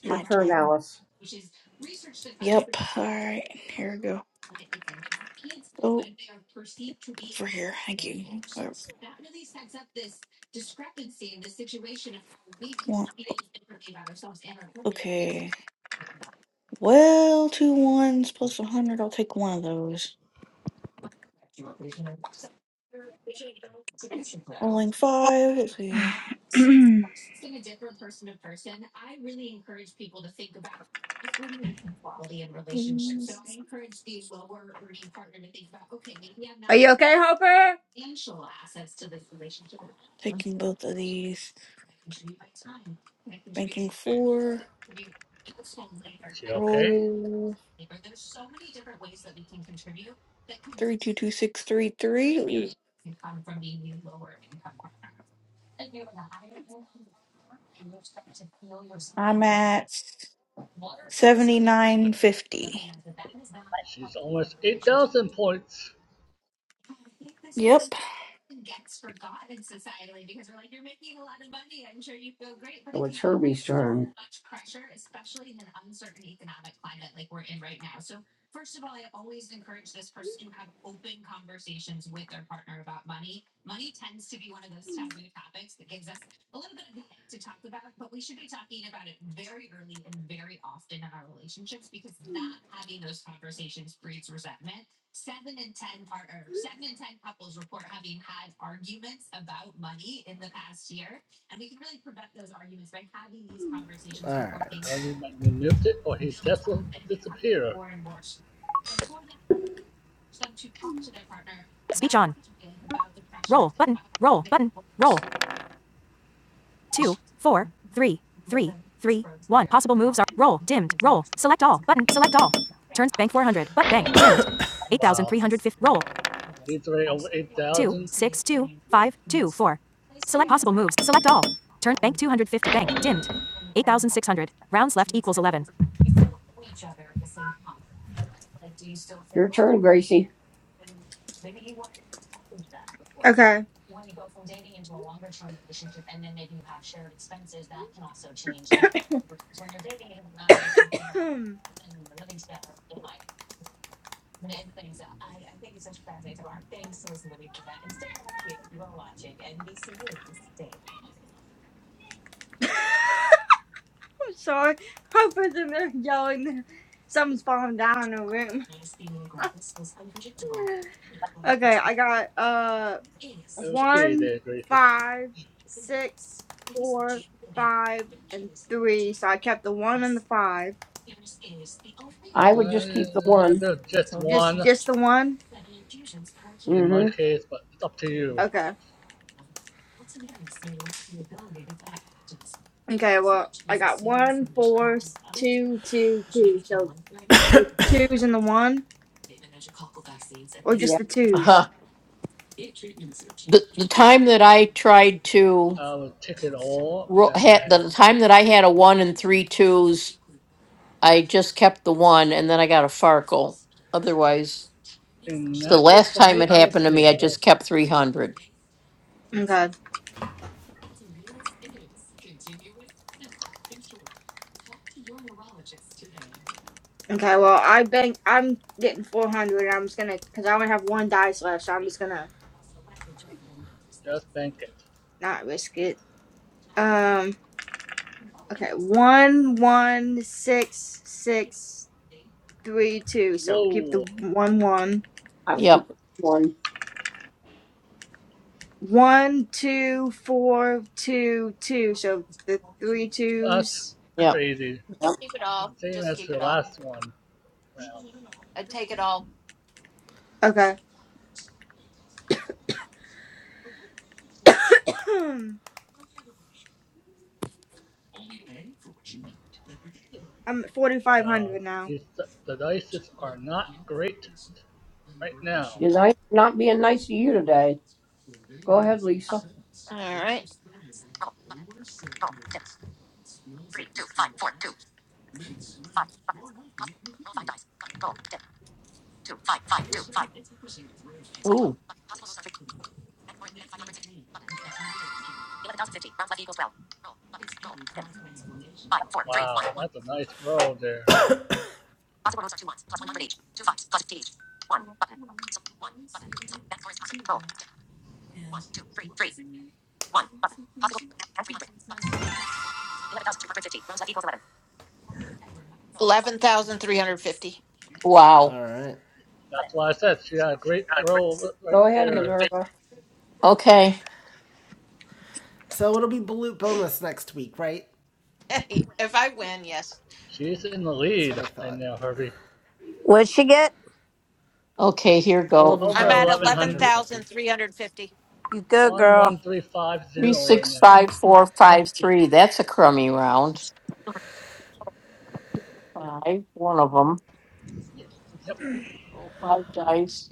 It's your my turn, turn Sure. Alice. yep all right here we go oh over here thank you Whatever I okay well two ones plus 100 i'll take one of those rolling five let's see Mm, are you okay, Hopper? taking both of these banking four Is she okay? roll three two two six three three i'm at Seventy-nine fifty. She's almost 8,000 points. Yep. So it's Herbie's turn. All right. Harvey might be muted or he just will disappear. Speech on. Roll. Button. Roll. Button. Roll. two, four, three, three, three, one. Possible moves are roll, dimmed, roll, select all, button, select all. Turns bank 400, but bank, dimmed. Wow. 8,350, roll, He's already over two, 8,000. six, two, five, two, four. Select possible moves, select all. Turn bank 250, bank, dimmed. 8,600, rounds left equals 11. Your turn, Gracie. Okay. I'm sorry. Hopper's in there yelling. Something's falling down in the room. Okay, I got uh Okay one, there, Gracie. five, six, four, five, and three. So I kept the one and the five. I would just keep the Uh, one. there's just Just one just the one? in my Mm-hmm. case, but it's up to you. Okay. Okay, well I got one, four, s- two, two, two. So The twos and the one, or Yeah, just the twos? I will take it all and bank. In that case, for me, I would take it all. Okay. Okay. Well, I bank. I'm getting four hundred. I'm just gonna, cause I only have one dice left, so I'm just gonna Just bank it. not risk it. Um. Okay. One, one, six, six, three, two. So keep the Whoa, one one I would keep the one. one two four two two. So the three that's twos. Yep. crazy. Yeah, Yep. keep it all. Same Just as keep it your all. last one round. I'd take it all. Okay. I'm at forty five Wow, hundred now. these, the dices are not great right now. You're nice, not being nice to you today. Go ahead, Lisa. All right. Wow, that's a nice roll there. 11,350. Wow. All right. That's why I said she had a great roll right Go ahead, there. Minerva. Okay. So it'll be balut bonus next week, right? if I win, yes. She's in the That's lead what I right thought. now, Herbie. What'd she get? Okay, here goes. Over I'm at 1100 11,350. 11,350. You go, one girl. one three five Three zero six right five four five three. That's a crummy round. Five, one of them. now. Yep, Roll five dice.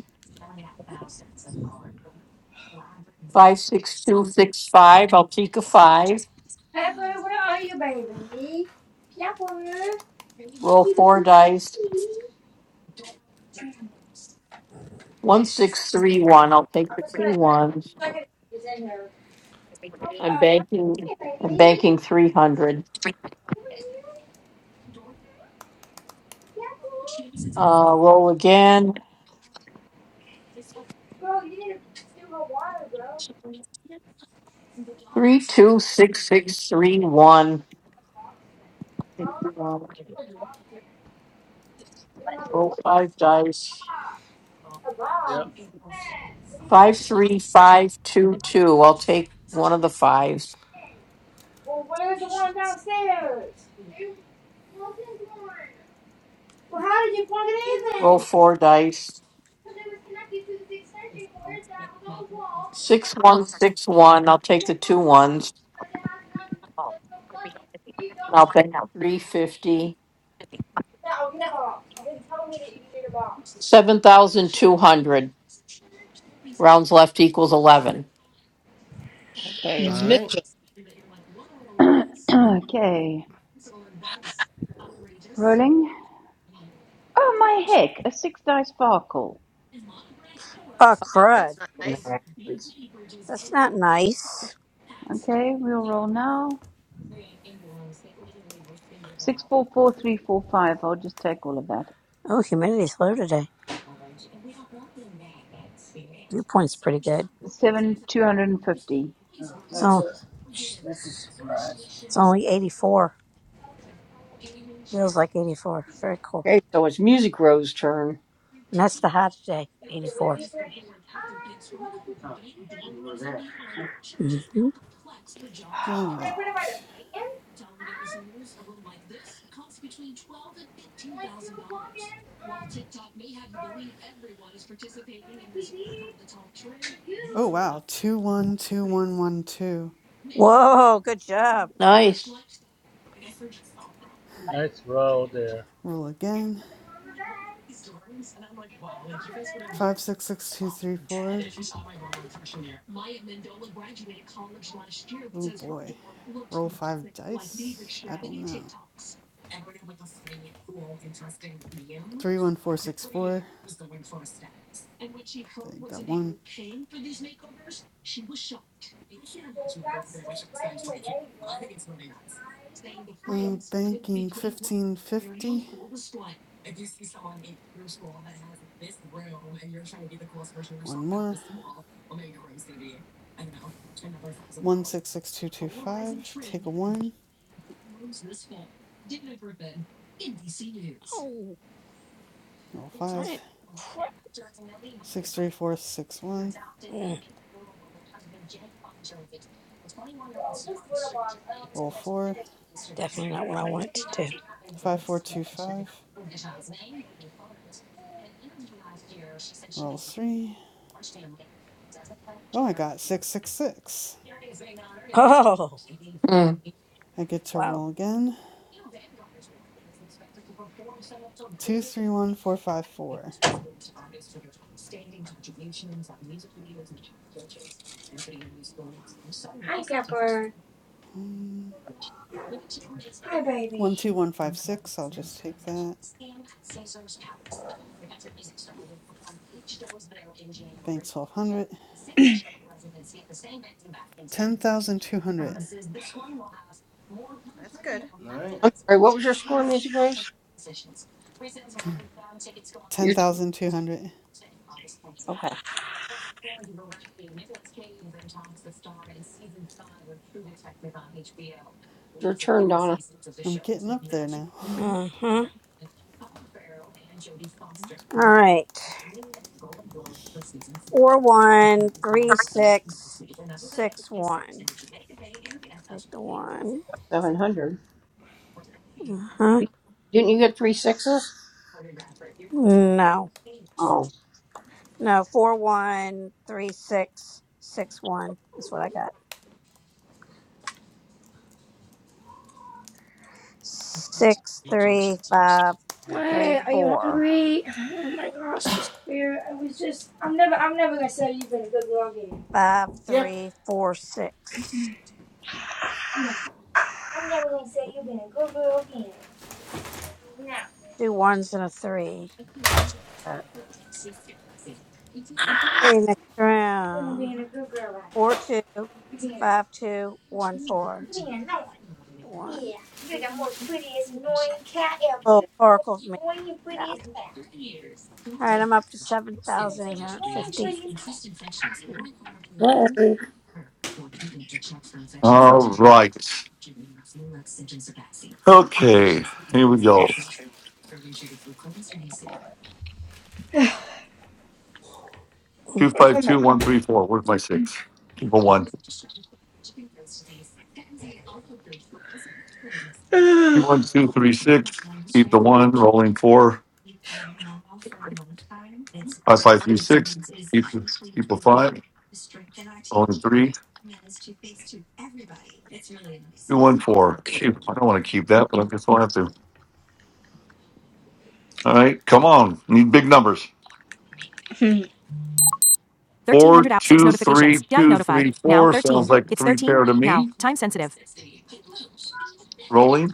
Five, six, two, six, five. I'll take a five. Roll four dice. One, six, three, one. I'll take the two ones. I'm banking. I'm banking three hundred. Uh, roll again. Three, two, six, six, three, one. Uh, Roll five dice. Yep, Five, three, five, two, two. I'll take one of the fives. Roll four dice. Six, six, one. I'll take the two ones. I'll bank three fifty. 7,200. One's left equals 11. Okay, All it's Nice. right. mischief. okay. Rolling. Oh my heck! A six dice sparkle. Oh, No, crud. that's not When nice. that happens. That's not nice. Okay, we'll roll now. Six four four three four five. I'll just take all of that. Oh, humidity's low today. Dew point's pretty good. Seven two hundred and fifty. so it's only 84. Feels like 84. Very cool. Okay, so it's Music Row's turn. And that's the high today. 84. hmm All right. Oh wow. Two one two one one two. Whoa, good job. nice roll there. Roll again. Five six six two three four. Oh boy. Roll five dice. I don't know. Three one four six four. Take that one. Uh, banking fifteen fifty. One more. One six six two two five. Take a one. Oh, Roll darn five. it. Crap. Six three four six one. Mm, Roll four. definitely not what I wanted to do. 5425. Roll three. Oh, I got 666. Oh, I get to wow. roll again. 231454. 12156. I'll just take that. Bank 1200. 10,200. That's good. All right. I'm sorry, what was your score, Music Rose? Your t- 10,200. okay, your turn, Donna. I'm getting up there now. Uh-huh. That's All good. right. Four one three six six one. Take the one. Seven hundred. Uh-huh. Didn't you get three sixes? No. Oh, No, four one three six six one. That's what I got. Six three five three Are You hungry? four. Five Yep. three four six. Two ones and a three. I'll take that. Okay, next round. Four two five two one four one. Oh, Oracle me crap. All right, I'm up to seven thousand eight hundred fifty. sorry. Three, All right. Okay, here we go. Oh 252134. Where's my six? Keep a one. my 21236. Keep the one. Rolling four. 5536. Keep, keep a five. Rolling three. 214. Keep, I don't want to keep that, but I guess I'll have to. All right, come on. Need big numbers. god. Four, 1300 out. 6 two, three, notifications. DI two, notify. three, Now four. Sounds 13. like It's three 13. pair to Now. me. Time sensitive. Rolling.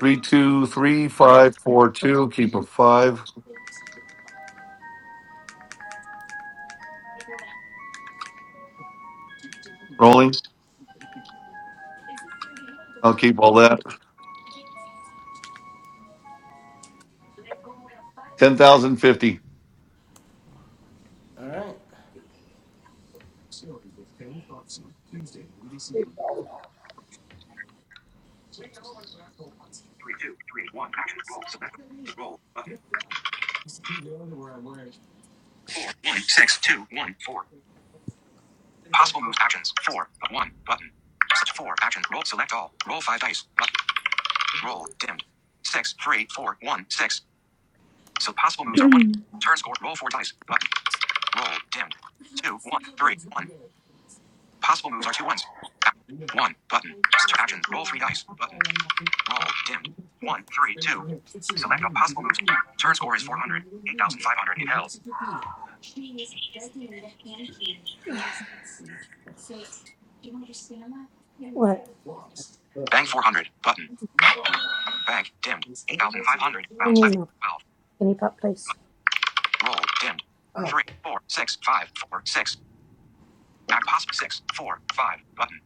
Three, two, three, five, four, two. Keep a five. Rolling. I'll keep all that. 10,050. All right. two, three, one. Actions. Roll. Select. Roll. Button. Four, one, six, two, one, four. Possible moves. Actions. Four, but one. Button. Select Four. Actions. Roll. Select all. Roll five dice. But roll. Dimmed. Six, three, four, one, six. So possible moves are one. Turn score. Roll four dice. Button. Roll. Dimmed. Two, one, three, one. Possible moves are two ones. One button. action. Roll three dice. Button. Roll dimmed. One three two. Select all possible moves. Turn score is 400. 8,500. Hit held. What? I Bank 400. Button. Bank. dimmed. 8,500. Rounds need left. my skinny pop, please. 12. Roll dimmed. Oh. Three four six five four six. Act possible six four five button.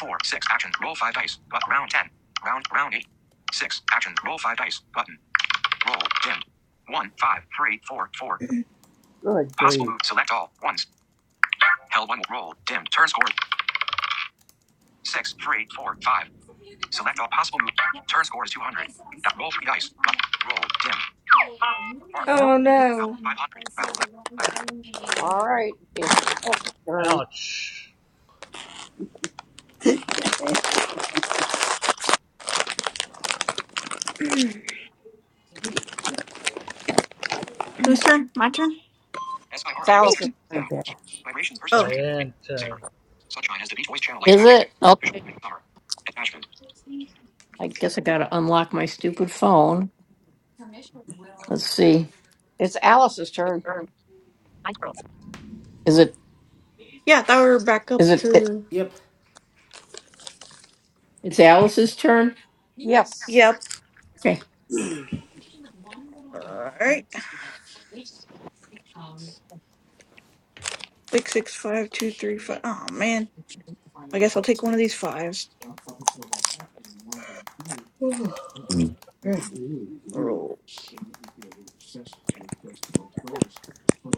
Four six action. Roll five dice. But round ten. Round round eight. Six action. Roll five dice. Button. Roll dimmed. One five three four four. Good Possible move. Select all ones. Held one. Roll. Dimmed. Turn score. Six, three, four, five. Select all possible move. Turn score is 200. Roll three dice. Roll. Dim. Fargo. Well, Oh no. 500. Round left. all right. It's Alice's turn. Ouch. Whose turn? My turn? S I R Now. Keep. Vibrations. Person Oh, surfing. Diane Saber. turn. Sunshine as the beach voice channel lights Is back. it? Okay. Summer. Attachment. I guess I got to unlock my stupid phone. Let's see. It's Alice's turn. Is it, yeah, that we we're back up is it, it- to Yep. it's Alice's turn? Yes. Yep. All right. six, six, five, two, three, five. Oh, man. I guess I'll take one of these fives. Ooh, Mm, great. Roll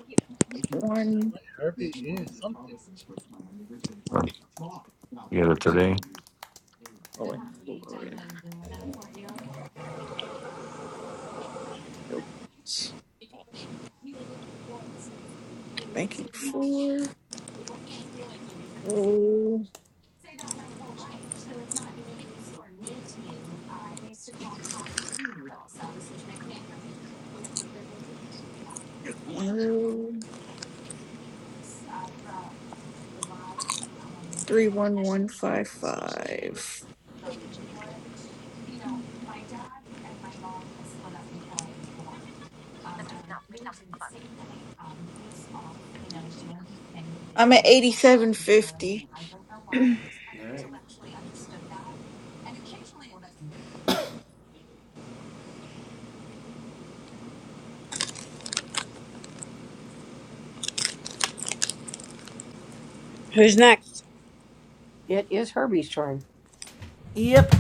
Yep. I one. might Herbie eating something. I'll Get it today. Roll it. Roll Roll ones. Banking four. Roll. One. Roll. Three, one, one, five, five. I'm at eighty-seven fifty. All right. Who's next? It is Herbie's turn. Yep.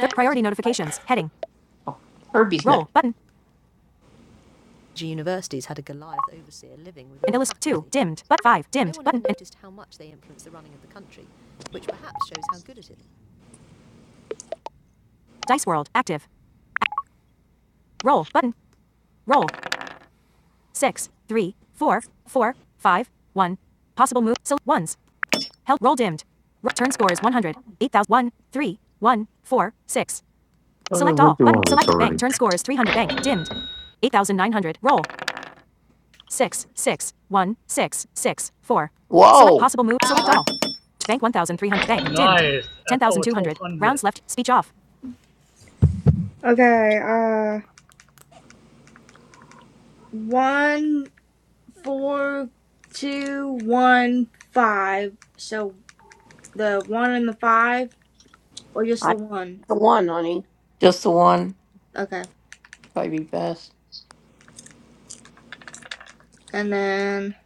Thir- priority notifications. Heading. Roll. Button. Dimmed. But 5. Dim. Dice World. Active. Roll. Button. Roll. 6. 3. 4. 4. 5. 1. Possible move. So ones. Held. Roll dimmed. Ro- turn score is 100. 8000. 1. 3. 1. 4. 6. Oh, I Select went all. through Button. all this Select bank. already. Turn score is 300. Bank. Dimmed. 8900. Roll. six six one six six four. Select Whoa. possible move. Select Wow. Oh, all. Bank one thousand three hundred. Bank dimmed. Nice. Ten That's thousand over two twelve hundred. hundred. Rounds left. Speech off. Okay, uh one four two one five. So the one and the five or just I the take one? the one, honey. Just the one. Okay. Probably be best. And then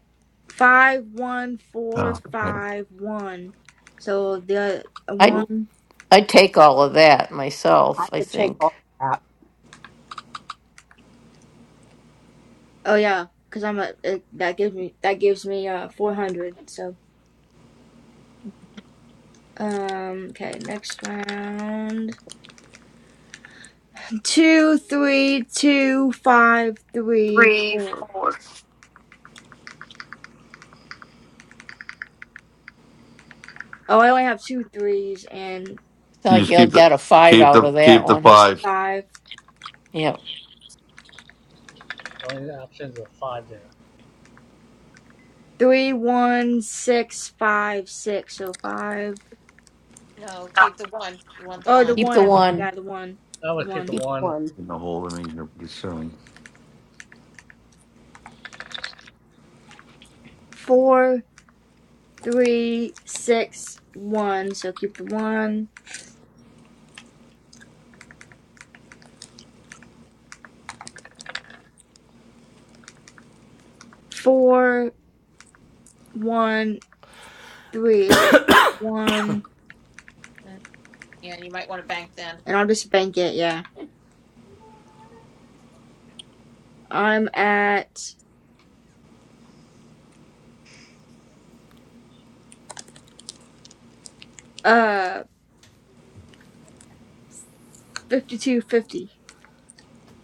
five one Oh, four okay. five one. So the uh, I, Ooh, one i take all of that I myself, I could take think. all of that. oh yeah, because I'm a it, that gives me that gives me uh four hundred. So um okay next round two three two five three four. Oh, I only have two threes and It's not You like just you'll keep the get a five keep out the of that keep the one. just a five. five. Yeah. The only options are five there. Three, one, six, five, six. So five. No, keep the one. You want the Oh, the one. Keep one the I mean. In one. Yeah, the one. That The would keep the one. Keep one. one. the hole. I mean, you're silly. Four, three, six, one. So keep the one. Four, one, three. So keep one. Mm, Yeah, you might want to bank then. And I'll just bank it. Yeah. I'm at uh fifty-two fifty.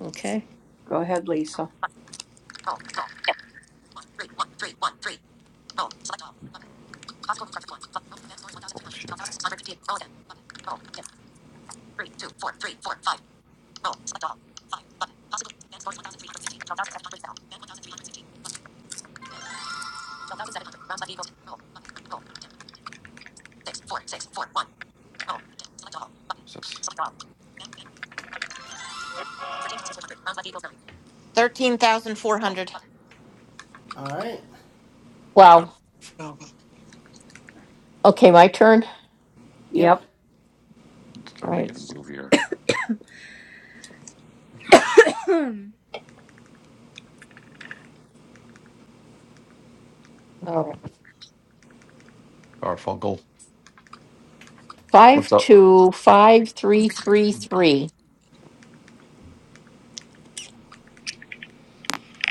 Okay. Go ahead, Lisa. Oh, shit. Who's this? Thirteen thousand four hundred. All right. Wow. Oh. Okay. My turn. Yep. Yep, All Start right. making a move here. Hmm. All right. Garfunkel. What's Five, up? two, five, three, three, three.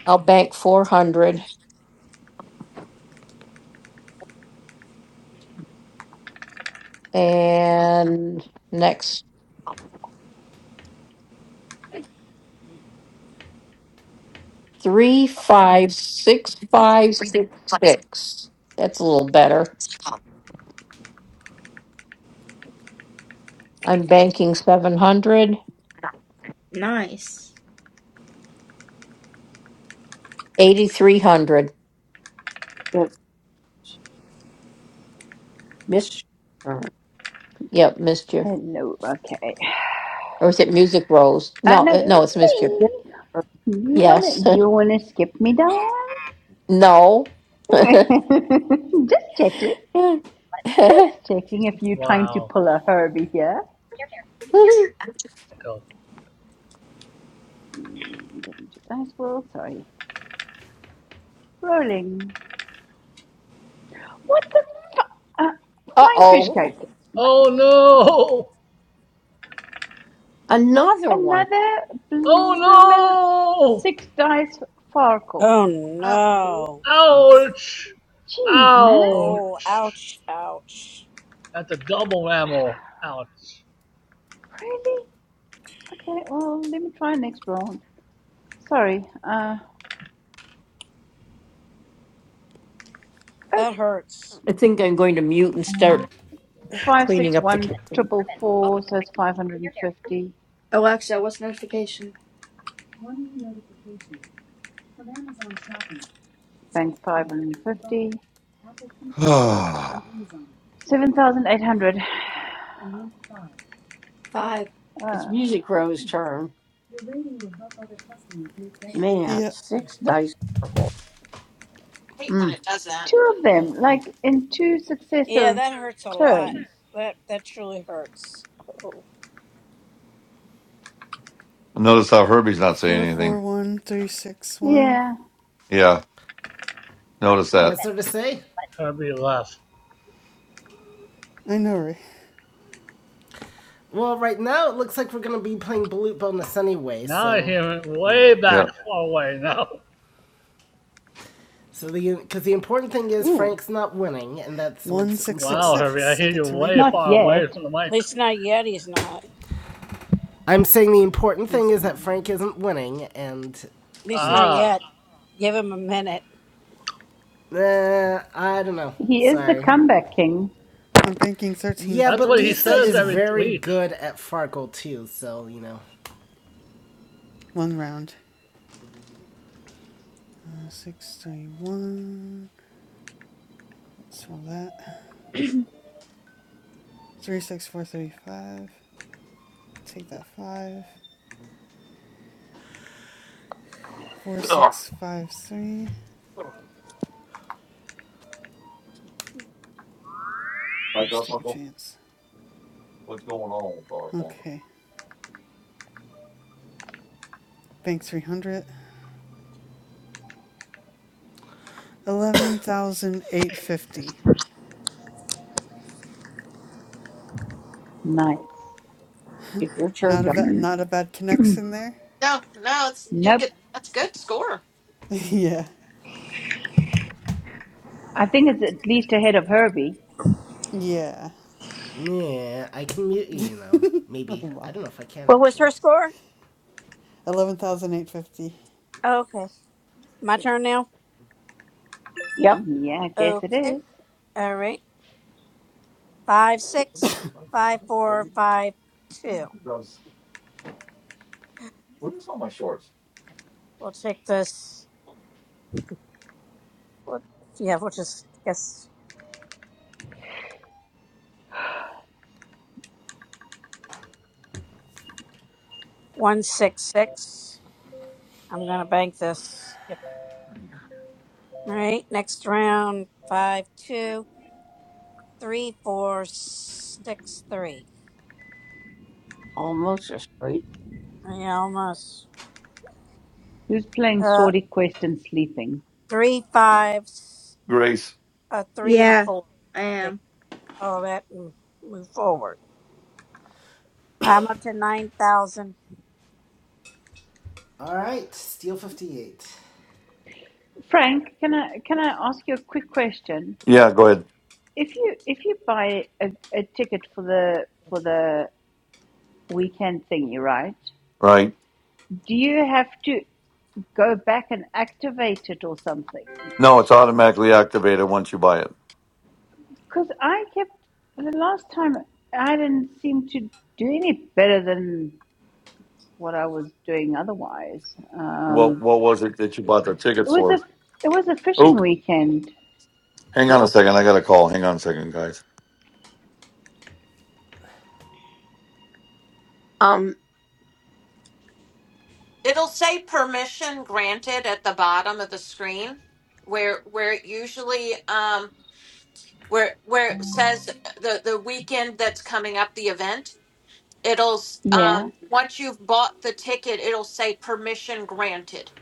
I'll bank four hundred and next three, five, six, five, six. That's a little better. I'm banking seven hundred, nice. eighty-three hundred. it's Miss turn. Yep, mischief. Hello. Okay. Or is it Music Rose? I No, know uh, no, it's it's mischief. me. You Yes. wanna you wanna skip me, Diane? no. Just check it. Just checking if you're trying to Wow. pull a Herbie here. And go. Mm, Getting to dice world. Sorry. Rolling. What the fu- uh, flying fish Uh-oh. Oh. cake? Oh no! Another one. Another bloomin' Oh six dice farkle. Oh no! no. Oops. Ouch! Jeez, man. Oh, Ouch! ouch, ouch. That's a double ammo. Ouch. Really? Okay. Well, let me try next round. Sorry. Uh. Oh That hurts. I think I'm going to mute and start Five cleaning six up the one kitchen. triple four, four, so it's five hundred and fifty. Alexa, what's notification? Bank five hundred and fifty. Seven thousand eight hundred. Five. It's Uh, Music Row's turn. Man, Yep. six dice purple. Hate when Mm, it does that. two of them, like in two Yeah, successive that hurts a lot. turns. That that truly hurts. Oh. Notice how Herbie's not saying anything. 441361. Yeah, Yeah. Notice Hmm, that. What's there to say? Herbie left. I know, right? Well, right now it looks like we're gonna be playing Balut Bonus anyway, Now I so hear it you way know. Yeah. back far away now. So the because the important thing is Ooh. Frank's not winning, and that's what's Wow, important. Herbie, I 1666. I hear get you to way not re-roll. far away yet. from the At mic. least not yet. He's not. I'm saying the important thing That's is that Frank wrong. isn't winning, and At you least not know. Ah, yet. Give him a minute. Uh, I don't know. He is the Sorry. comeback king. I'm banking Yeah, that's but what 1350 he Lisa for says this is round. every very week. good at Farkle too, so you know. One round. Uh, Six thirty one. Let's roll that. Three six four thirty five. Take that five. Four Ugh. six five three. Hi, Let's take a Garfunkel. chance. What's going on, Garfunkel? Okay. Bank three hundred. Eleven thousand eight hundred fifty. Nice. it's your turn. Not a Doc. bad not a bad connection there. No, no, it's you're Nope. good. That's good score. yeah. I think it's at least ahead of Herbie. Yeah. Yeah, I can mute you, you know. oh Maybe. I my. don't know if I can What was actually. her score? Eleven thousand eight hundred fifty. Oh, Okay. My turn now? Yep, Yeah, I guess it Okay. is. All right. Five, What am I six, fucking five, shorts, four, Herbie? five, two. Does- What is on my shorts? We'll take this. What? Yeah, we'll just guess one, six, six. I'm going to bank this. Yep. All right. Next round. Five, two, three, four, six, three. almost a straight. I almost. Who's playing Uh, Swordy Quest and sleeping? three, five, Grace. a three, and a Yeah, four. I am. all that and move forward. I'm up to 9,000. Alright, Steel 58. Messages. Frank, can I can I ask you a quick question? Yeah, go ahead. If you if you buy a, a ticket for the for the weekend thingy, right? Right. Do you have to go back and activate it or something? No, it's automatically activated once you buy it. Because I kept the last time I didn't seem to do any better than what I was doing otherwise. What Um, What was it that you bought the it tickets was for? a it was a Oh, fishing weekend. hang on a second. I got a call. Hang on a second, guys. Um, It'll say permission granted at the bottom of the screen, where where it usually um where where it says the the weekend that's coming up the event. it'll s- Yeah. um once you've bought the ticket it'll say permission granted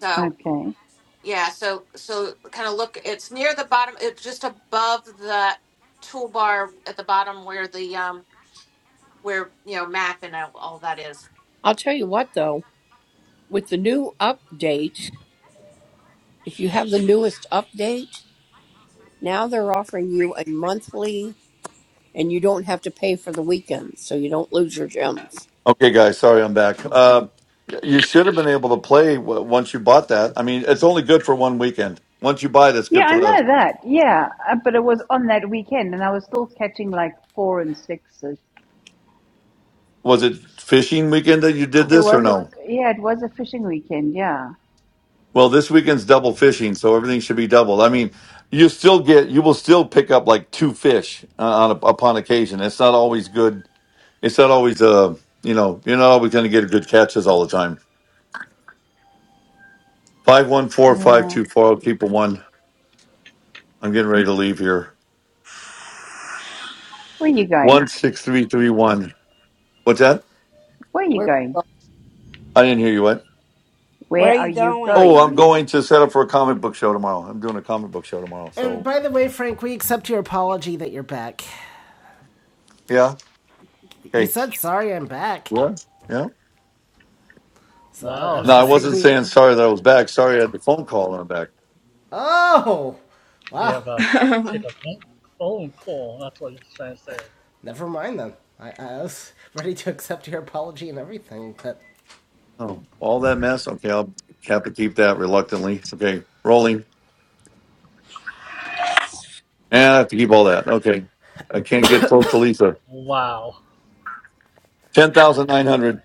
so Okay. yeah so so kind of look it's near the bottom it's just above the toolbar at the bottom where the um where you know map and all, all that is I'll tell you what though, with the new Writing update, loans. Messages. Alert. if you Messages. have the Now. newest update. Now they're offering you a monthly, and you don't have to pay for the weekends, so you don't lose your gems. Okay, guys, sorry I'm back. Uh, you should have been able to play w- once you bought that. I mean, it's only good for one weekend. Once you buy it, it's Yeah, good I for the. know that. Yeah, uh, but it was on that weekend, and I was still catching like four and six Was it fishing weekend that you did It this or was a no? yeah, it was a fishing weekend. Yeah, Well, this weekend's double fishing, so everything should be doubled. I mean, you still get, you will still pick up like two fish uh, on a, upon occasion. It's not always good. It's not always, uh, you know, you're not always going to get good catches all the time. Five one four five yeah. two four. I'll keep a one. I'm getting ready to leave here. Where are you going? 16331. What's that? Where are you Where? going? I didn't hear you. What? Where are Where are you you going? Oh, I'm going? going to set up for a comic book show tomorrow. I'm doing a comic book show tomorrow. And So by the way, Frank, we accept your apology that you're back. yeah. You Okay. said sorry I'm back. Yeah. Yeah. So I, I Wow, was No, I just Herbie, saying wasn't we. saying sorry that I was back. Sorry I had the phone call and I'm back. Oh! you Wow. have a take a phone call. That's what he's trying to say. Never mind then. I, I was ready to accept your apology and everything, but. Oh, all that mess. Okay, I'll have to keep that reluctantly. It's okay. Rolling. Yeah, I have to keep all that. Okay. I can't get close to Lisa. Wow. Ten Right. thousand nine hundred.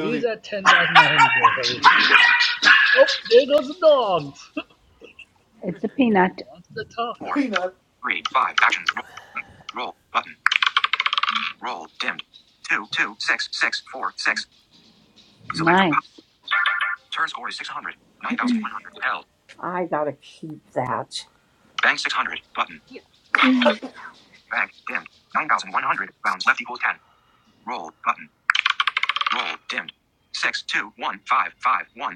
He's at 10,900, Herbie. Oh, there goes the dogs. It's a peanut. Wants to talk. Four, Peanut. three, five. Actions. Roll, roll button. Roll dimmed. Two, two, six, six, four, six. Select a pop. Nice. Turn score is 600. 9,100. Held. I gotta keep that. Bank 600. Button. Bank dimmed. 9,100. Rounds left equals 10. Roll button. Roll dimmed. Six two one five five one.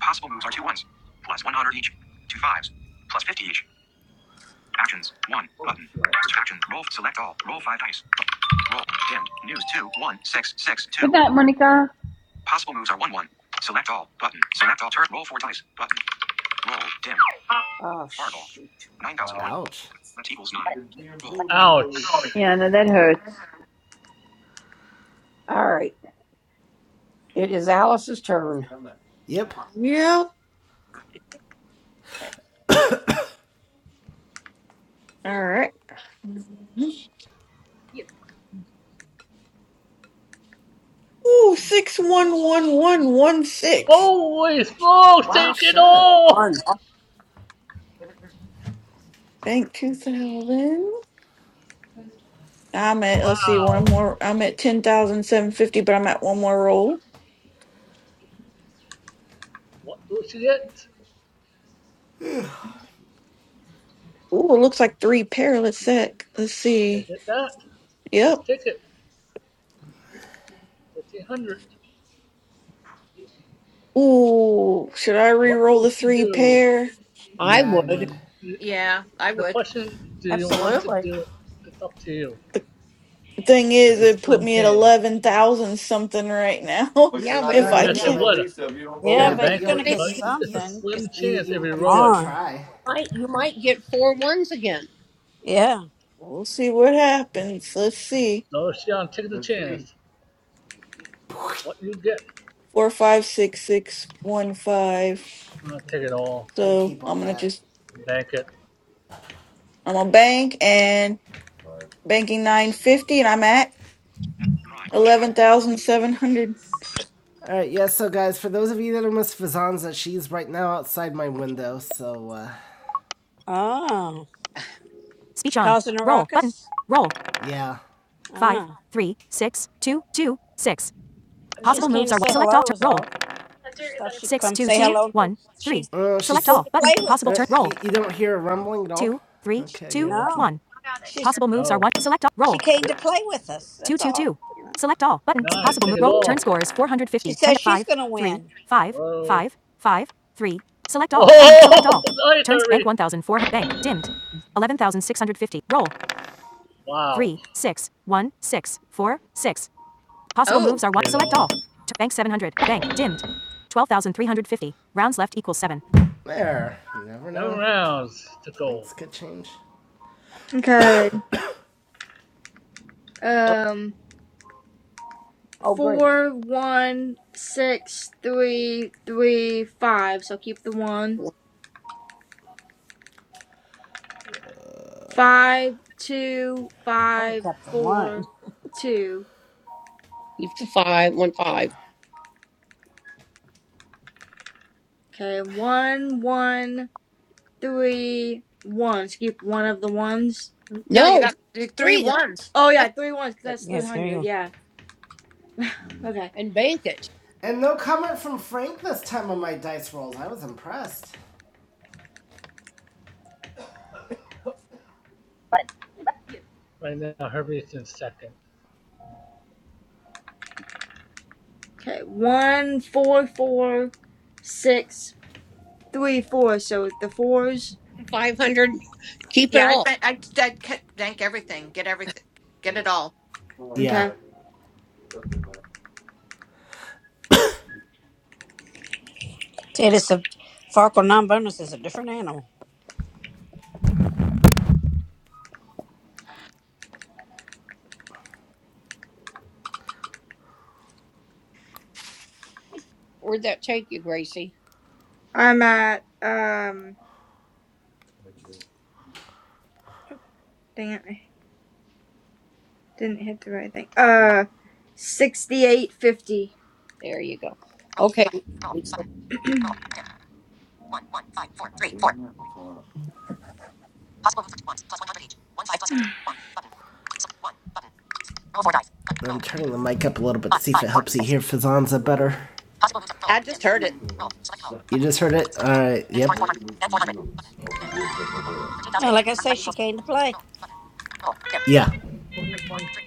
Possible moves are two ones. Plus 100 each. Two fives. Plus 50 each. Actions. One. Oh, Button. she laughed. at me. Action. Roll. Select all. Roll five dice. Roll. Dimmed. News. two one six six two. Good night, Monica. Possible moves are one. One. Select all. Button. Select all. Turn. Roll four dice. Button. Roll. Dimmed. Oh, Fargo. shoot. 9001. Wow. Ouch. That equals nine. It's being Roll. brutal Button. with her. Well, Ouch. Yeah, no, that hurts. All right. It is Alice's I turn. found that. Yep. Damn. Yep. All right. Ooh, six, one, one, one, one, six. Holy smokes, Oh, take it shit. One. all. Bank 2000. I'm at, let's see, one Wow. more. I'm at ten thousand seven fifty. but I'm at one more Now roll. today marks the anniversary of the birth of one What of will the she most get? influential composers of the late 19th and early 20th Ooh, it looks like three centuries, pair. Let's French sec. composer Let's Take see. Claude it that. Debussy, who was born Just Yep. in take it. Paris on this day back 1,500. in 1862. I wish him a Ooh, happy should I birthday, What but re-roll will I the she three don't do? think he's pair? listening. I Yeah, I would. would. Mm, the yeah i would question, do you want to Absolutely. do it? It's up to you. The thing It's is, a As- it put slim me at chance. 11,000 something right now But you're Yeah, not but if going to Uh, I Yes, catch yeah, it up to but. kept. would Lisa if you don't if roll Yeah, you Yeah, it. you but gotta but bank you're going you'll. it, to You, think get but you, you you, it's a you, something. slim 'cause- you, chance if you, you Come you roll gotta it. on. try. might you might get four ones again. Yeah. We'll see what happens. Let's see. So, Sean, take the Let's see. chance. What you get? Four, five, six, six, one, five. Uh, take it all I'd So keep all I'm gonna that. just, and bank it. I'm a bank and Five. banking 950 and I'm at. Prime. Eleven thousand seven hundred. All right, yeah, so guys, for those of you that are Miss Fazanza, she's right now outside my window, so, uh, Oh, Speech she on. causing a Roll button. ruckus? Roll. yeah. Five, Oh, three, six, two, two, six. she Possible just came moves to are say select all. hello, Turn, is roll. all. She thought she'd Six, come two, say two, hello. and pl- one, three. She's, Uh, she's- she select came all to button. play with Possible turn. Uh, us. Roll. You, don't hear a rumbling at all? Two, three, okay, two, one. Okay, you're No, she's Possible moves are Oh, one. Select all. Roll. she came to it's play with us. That's all. 222. You know. Select all button. nice. Possible move. Take it Roll. Turn all. score is She 450. 10, says she's 5, going to three, win. five, Whoa. five, five, three. Select all button. Select Oh, all. nice, Turns bank Herbie. 1004. Bank dimmed. 11,650. Roll. Wow. three six one six four six. Possible oh moves are 1. Take it Select all. all. T- bank 700. Bank dimmed. 12,350. Rounds left equals 7. There. You never Seven know. rounds to go. Things could change. okay. Uh, Um, Oh, great. four, one, six, three, three, five. So keep the one. Five, two, Oh, I would have five, kept the one. four, two. Keep the five, one five. Okay, one, one, three, one. So keep one of the ones. no you No, got the three three. no, ones Oh yeah, That's three ones because good. that's three Yes, hundred. Yeah. Okay. And bank it. And no comment from Frank this time on my dice rolls. I was impressed. Right now, Herbie's in second. Okay. One, four, four, six, three, four. So the fours. 500. Keep it yeah i all. bet i'd, i bank everything get everything get it One, all one Yeah. guy Okay. jumped in there. See, this a Farkle non-bonus is a different animal. Where'd that take you, Gracie? I'm at um. Dang it, I didn't hit the right thing. Uh, 6850. There you go. Okay. Lisa, I'm saying that before. I'm turning the mic up a little bit to see if it helps you hear Fazanza better. Where i just heard it You just heard it? Alright, yep. was the ears of the ears of the where? Yeah, like I say, she came to play. Yeah. Where is my? I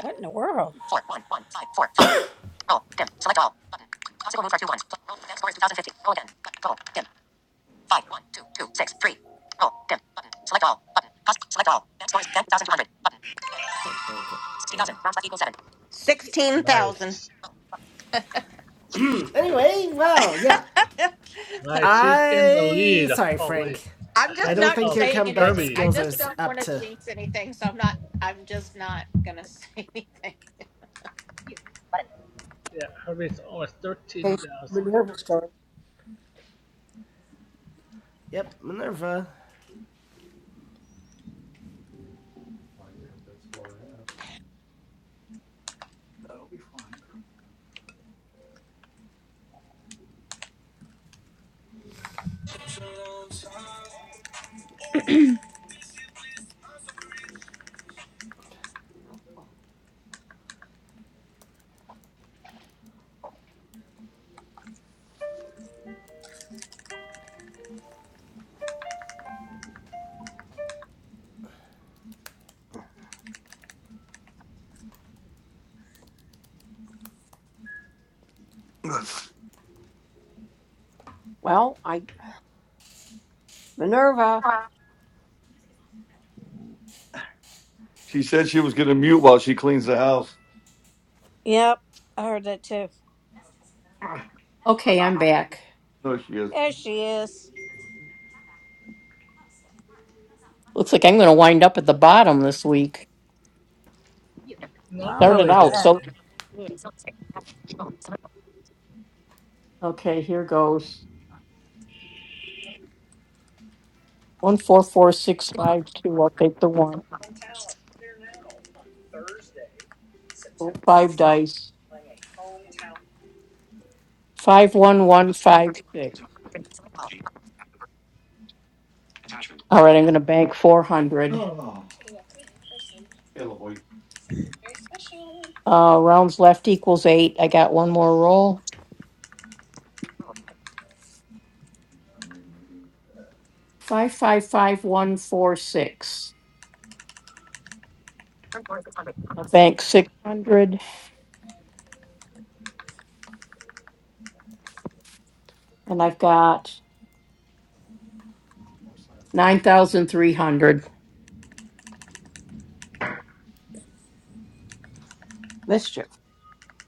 What in the world? I think it, yeah. 16000 Nice. Anyway, well, yeah. Right, she's in the I. lead, Sorry, probably Frank. I'm I just ahead don't not think of your saying comeback anything. Herbie. I skills are just don't up want to to. jinx anything, so I'm not. I'm just not gonna say anything. Yeah, Herbie's almost okay, 13,000. Minerva's turn. Yep, Minerva. cut that score That'll be fine. Well, I, Minerva. She said she was gonna mute while she cleans the house. Yep, I heard that too. Okay, I'm back. No, she is. There she is. Looks like I'm going to wind up at the bottom this week. Well, Not I don't know Started really about out there, that. so Diane. So stupid. Okay, here goes. One, four, four, six, five, two. I'll take the one. Roll Five dice. One Five, one, one, just five, six. teams of G attachment. All right, I'm gonna bank four hundred. Oh. Hello, Uh, rounds left equals eight. I got one more roll. Five, five, five, one, four, six. Bank six hundred, and I've got nine thousand three hundred. Mischief.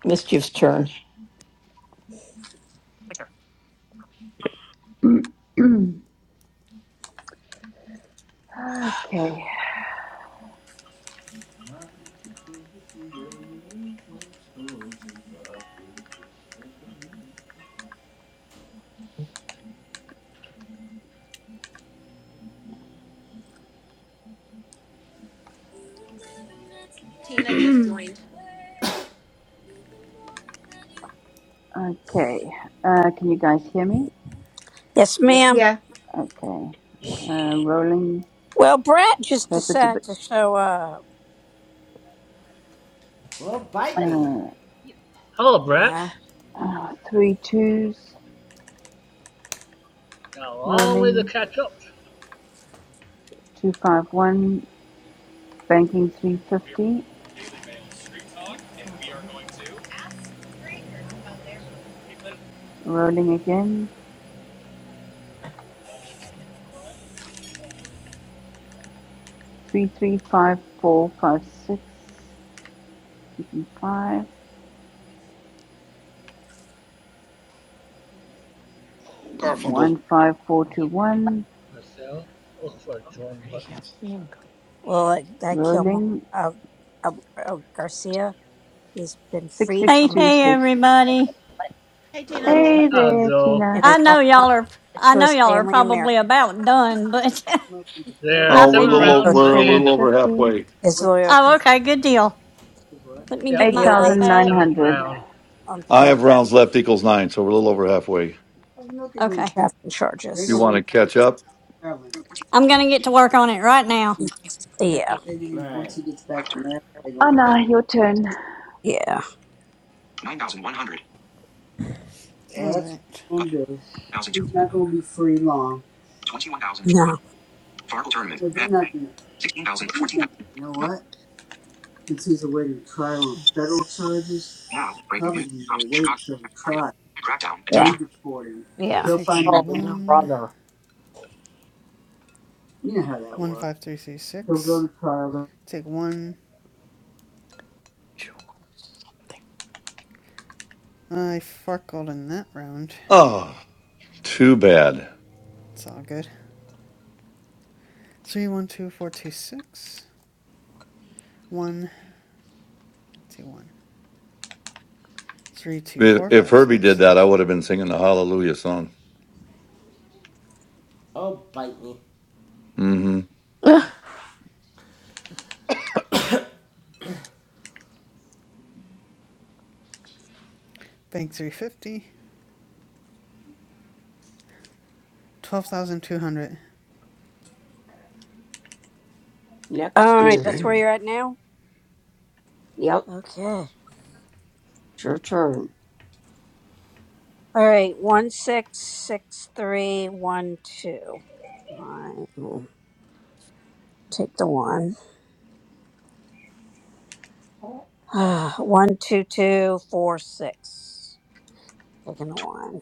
Mischief's turn. okay, Tina just joined. okay. Uh, can you guys hear me? Yes, Yep. ma'am. Yeah. Okay. Uh, rolling. Well, Brett just So if it's a decided bit. to show up. Well, bite me. Uh, Hello, Brett. Uh, Uh, three twos, Got A long way to rolling catch up, 251, banking 350, rolling again, 335456, keeping 5 Garfunkel. 15421 Marcel. Look for a join button. well, that guy Kilmore, rolling uh, uh, uh, Garcia, he's been freed Hey, from hey, 6626. everybody. Hey, Tina. Hello. Hey there, Although, and Tina, I is on know y'all up are, I to know his y'all are family in Maryland. probably about done, but there are Oh, I we're a seven figured, little o- banking rounds to we're a the seven end. little over fifty halfway. His lawyer oh, okay, good deal. confirmed Let me get Yep, he eight my thousand the awaits nine iPad. seventh hundred. round. on I federal. have rounds left equals nine, so we're a little over halfway. Oh, you know they're gonna do? Okay. Captain charges. They're You gonna want wait to catch up? for Maryland. fourteen, I'm going two, to get to work on it right now. Yeah. And then once Alright. he gets five, back to Maryland, they're four gonna hundred, catch Anna, your turn. him. Yeah. nine thousand one hundred. Yeah, that's what Alright. they're But gonna do. thousand two He's not gonna be free long. twenty-one thousand four hundred. No. Fargo tournament. But they're Head. not gonna Sixteen wait thousand a fourteen. minute, you know what? Since he's awaiting trial on federal charges, Now breaking probably news. Trump's will wait Chicago. till the Party. trial. Crackdown attachment. Yeah. They'll deport him. Yeah. They'll find Taking a Oh, him guilty. one. brother. You know how that One works. five three three He'll six. go to trial. Take one. I farkled in that round. Oh, too bad. It's all good. Three one two four two six one two one three two If four if five Herbie did six. that, I would have been singing the Hallelujah song. Oh, bite me. Mm-hmm. Bank three fifty. Twelve thousand two hundred. Next All right, is, that's where Okay. you're at now? yep, Okay. it's your turn. All right, one six six three one two. I will take the one. Ah, one two two four six. Taking the Tw- one.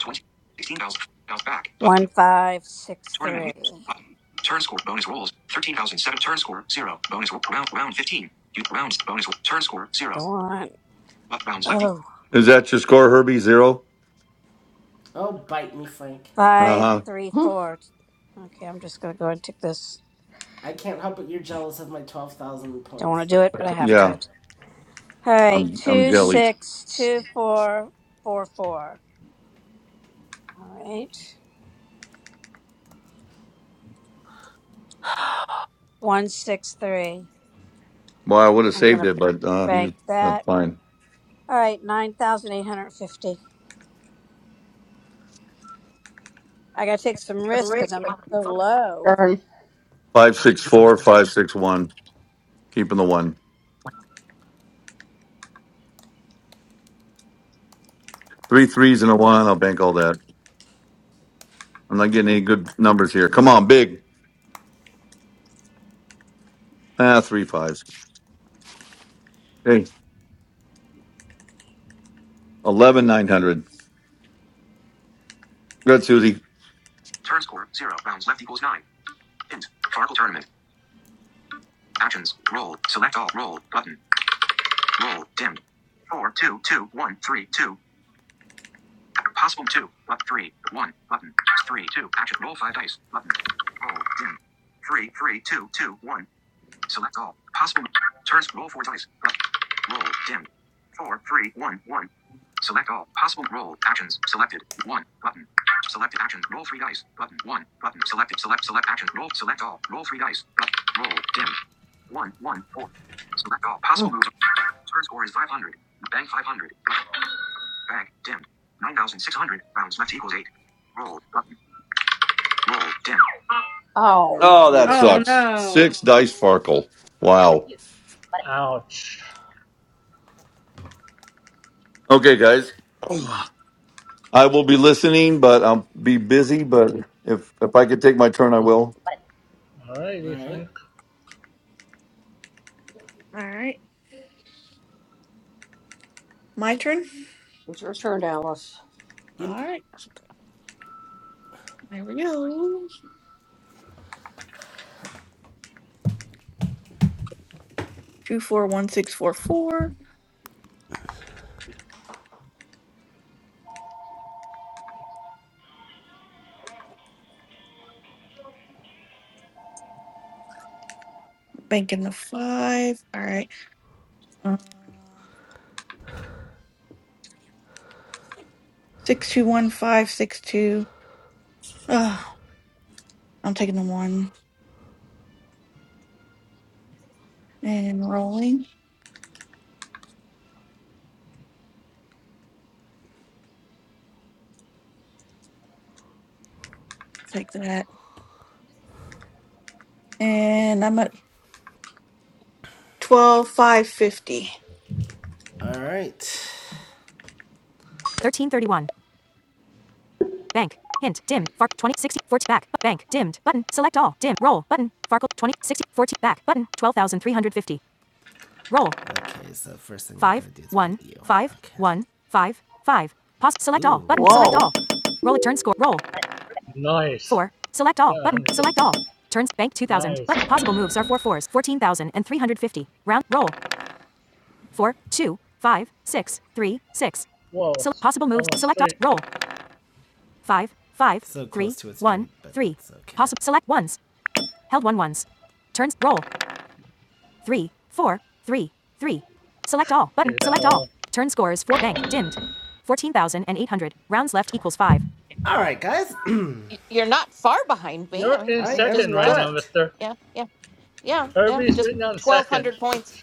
20, sixteen thousand, bounce back One button. five six Tournament leader three. button. Turn score bonus rolls 13,007. Turn score zero. Bonus roll round round 15. You rounds bonus roll. turn score zero. The one. Left rounds left equals Oh, Is that your score, Herbie? Zero. Oh, bite me, Frank. Uh five huh. three four. Okay, I'm just gonna go and take this. I can't help but you're jealous of my 12,000 Don't want points. to do it, but I have Yeah, to. All right, I'm I'm two jelly. six two four four four. All right, one six three. Boy, I would have I'm saved gonna it, but uh, bank you that's that. fine. All right, 9,850. I got to take some risks because I'm so low. Turn. Five six four, five six one. Keeping the one. Three threes and a one. I'll bank all that. I'm not getting any good numbers here. Come on, big. Ah, three fives. Hey, eleven nine hundred. Good, Susie. turn score zero. Rounds left equals nine. Hint. Fargo tournament actions roll select all roll button roll dimmed. Four two two one three two. Possible two, but three, one, button, three, two, action, roll five dice, button, roll, dim, three, three, two, two, one, select all, possible, turns, roll four dice, button. roll, dim, four, three, one, one, select all, possible, roll, actions, selected, one, button, selected action, roll three dice, button, one, button, selected, select, select action, roll, select all, roll three dice, button. roll, dim, one, one, four, select all, possible Mm. moves, turn score is 500, bang 500, Bank dimmed. 9,600 rounds left equals 8. Roll button. Roll dim. Oh Oh, that dear. Oh sucks. no. Six dice Farkle. Wow. Ouch. Okay, guys. I will be listening, but I'll be busy. But if if I could take my turn, I will. All Alrighty, right. Frank. All right, my turn. It's your turn, Alice. All Yep. right, there we go. Two four one six four four. Banking the five. All right. Uh, six two one five six two. Oh, I'm taking the one and rolling. I'll take that. And I'm at twelve five fifty. All right. 1331. Bank. Hint. Dim. Fark. 20 60 40 Back. Bank. Dimmed. Button. Select all. Dim. Roll. Button. Farkle. 20 60 40 Back. Button. 12,350. Roll. Okay, so first thing we're going Five. I'm do is One. Five. Okay. One. Five. Five. Pause. Select Ooh. all. Button. Select all. Roll it. Turn score. Roll. Nice. Four. Select all. Yeah, Button. Select all. 150. Turns. Bank 2000. Button. Nice. Possible moves are four fours. 14,350. Round. Roll. four, two, five, six, three, six. Whoa, So possible moves. almost Select all. straight. Roll. Five, five, So three, one, end, three. okay. Possible. Select ones. Held one ones. Turns. Roll. Three, four, three, three. Select all. Button. Take that Select all. all. Turn scores. Four. Bank. Dimmed. Fourteen thousand and eight hundred. Rounds left equals five. All right, guys. y- you're not far behind me. I You're mean, in I mm, just, am second right just, now, not. mister. yeah, yeah, yeah, yeah. Kirby's Just written on twelve second. hundred points.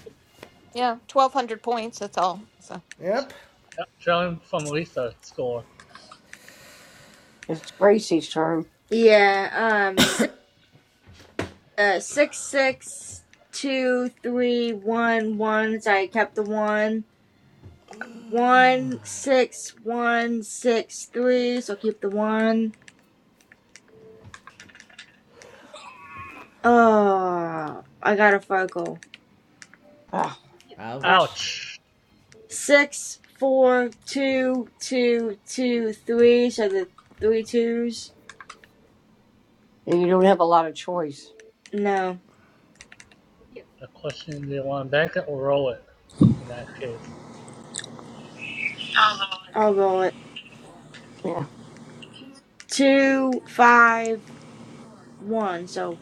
Yeah, twelve hundred points. That's all. So Yep. John from Lisa score. It's Gracie's turn. Yeah, um, six, uh, Six. Six. Two. Three. One. One. So I kept the one. One. One. Six. One. Six. Three. So I'll keep the one. Oh, I got a Fargo. Alright. Ah, right. Ouch. Ouch. Six. Four. Two. Two. Two. Three. So the three twos. and you don't have a lot of choice. No. The question do you want to bank it or roll it? In that case, I'll roll it. Yeah. two, five, one. So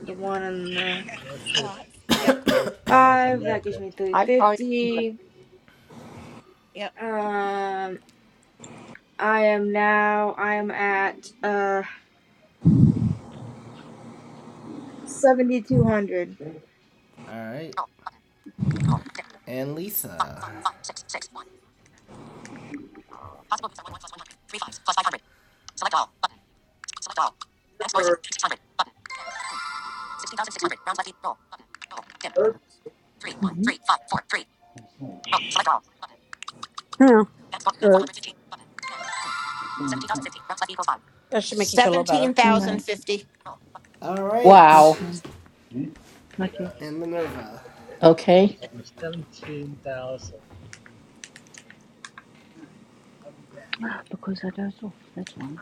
the one and the I would take Yep. both those and five bank that gives it. me three I'd probably keep it. fifty. Um, I am now. I am at uh seventy two hundred. All right. And Lisa. Yeah, hmm true. That should make you feel a little better. seventeen thousand No, fifty. All not, right. Wow. no, not yet. And Minerva. Okay. She's over 17,000. Ah, Because I dozed off, that's why.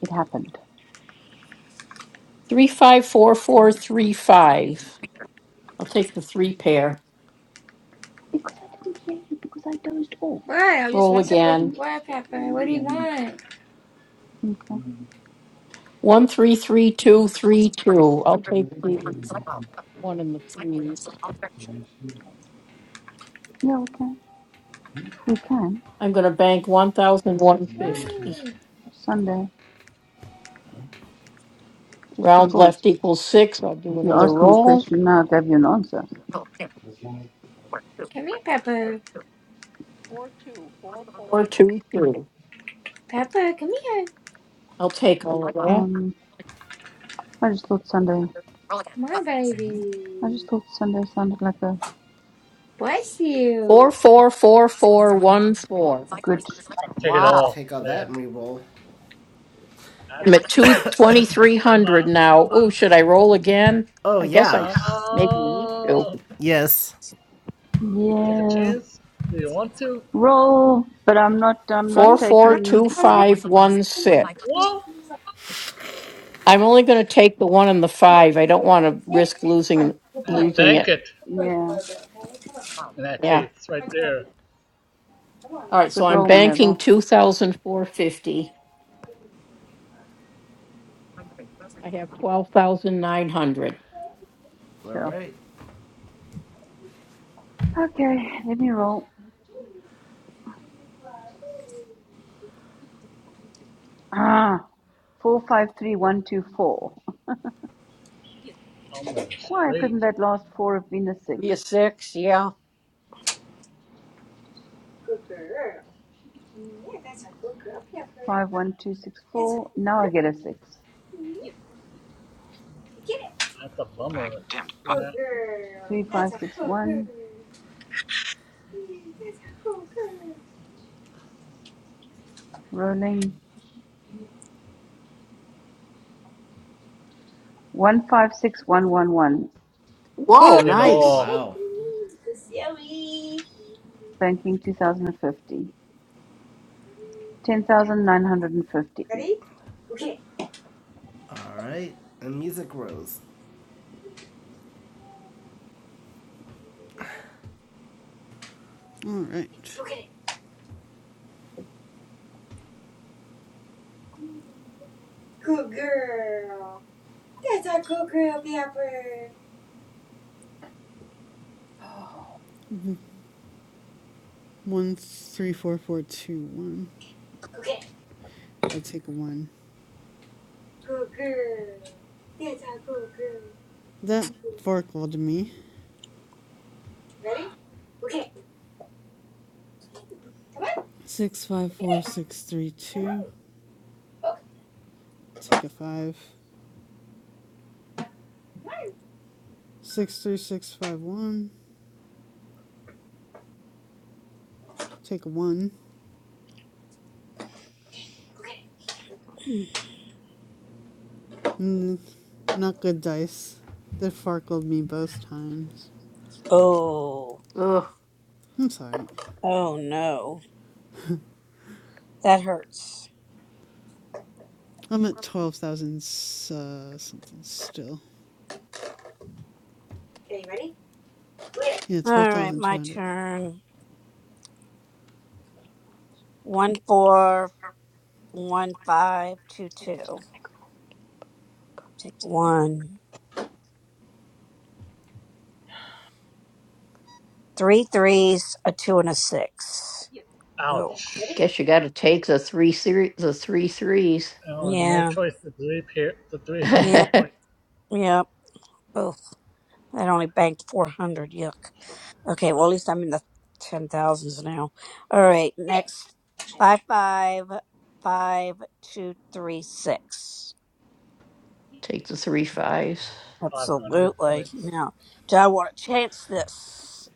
It happened. Three three five. I'll take care. Because I didn't hear you because I dozed off. What? I just Roll wondering what you again. want, Pepper. What do you want? Okay. Mm. One three two. Yeah, we can. We can. I'm gonna bank one thousand one hundred fifty. What? Sunday, just Round because. left equals six. I'll do You another asked me a roll. question, now I gave you an answer. Come here, Pepper. Four, two, four, four, two, three. Pepper, come here. I'll take all of that. Um, I just thought Sunday. My baby. I just thought Sunday sounded like a Bless Four, you. four, four, four, one, four. good, Take it I'll Wow. all, take all that man. and re-roll. I'm That's at up two, 670. twenty-three hundred Wow. now. Ooh, should I roll again? Oh I guess I yeah. maybe need to. Oh, Yes. take a yeah, chance. Do you want to? roll. But I'm not. I'm not Four, I'm. four, I'm. taking. two, I'm gonna... five, one, six. What? I'm only gonna take the one and the five. I don't wanna risk And losing bank it. it. Yeah, In that Yeah, case, right there. all it's right, a so good I'm roll maneuver. banking T. I have twelve thousand nine hundred. All Sure. right. Okay, let me roll. Ah, four, five, three, one, two, four. Almost Why straight. couldn't that last four have been a Be a six? six, yeah. Five, one, two, six, four. Now I get a six. That's a Bank bummer. dimmed. Button. Yeah, Three, five, six, one. Rolling. One, five, six, one, one, one. Whoa, Good. Take it nice. all. Wow. Banking 2050. 10,950. All right. And music rose, All right. Good girl. Oh, One three four four two one. I take a one. That forkled me. Six five four six three two. Take a five. Six three six five one. Take a one. Mm, not good dice. They forkled me both times. Oh, Ugh, I'm sorry. oh no. That hurts. I'm at 12,000 uh, something still. Yeah, All right, my 12,200. turn. One, four, one, five, two, two. Take one. Three threes, a two, and a six. Oh, Ouch. guess you gotta take the three series, the three threes. Oh, no yeah, choice. The three pair, the three yeah, hundred yeah. Oh. I only banked 400. Yuck. Okay, well, at least I'm in the 10,000s now. All right, next five five five two three six. Take the three fives. points. five hundred Absolutely. points. Now, do I want to chance this?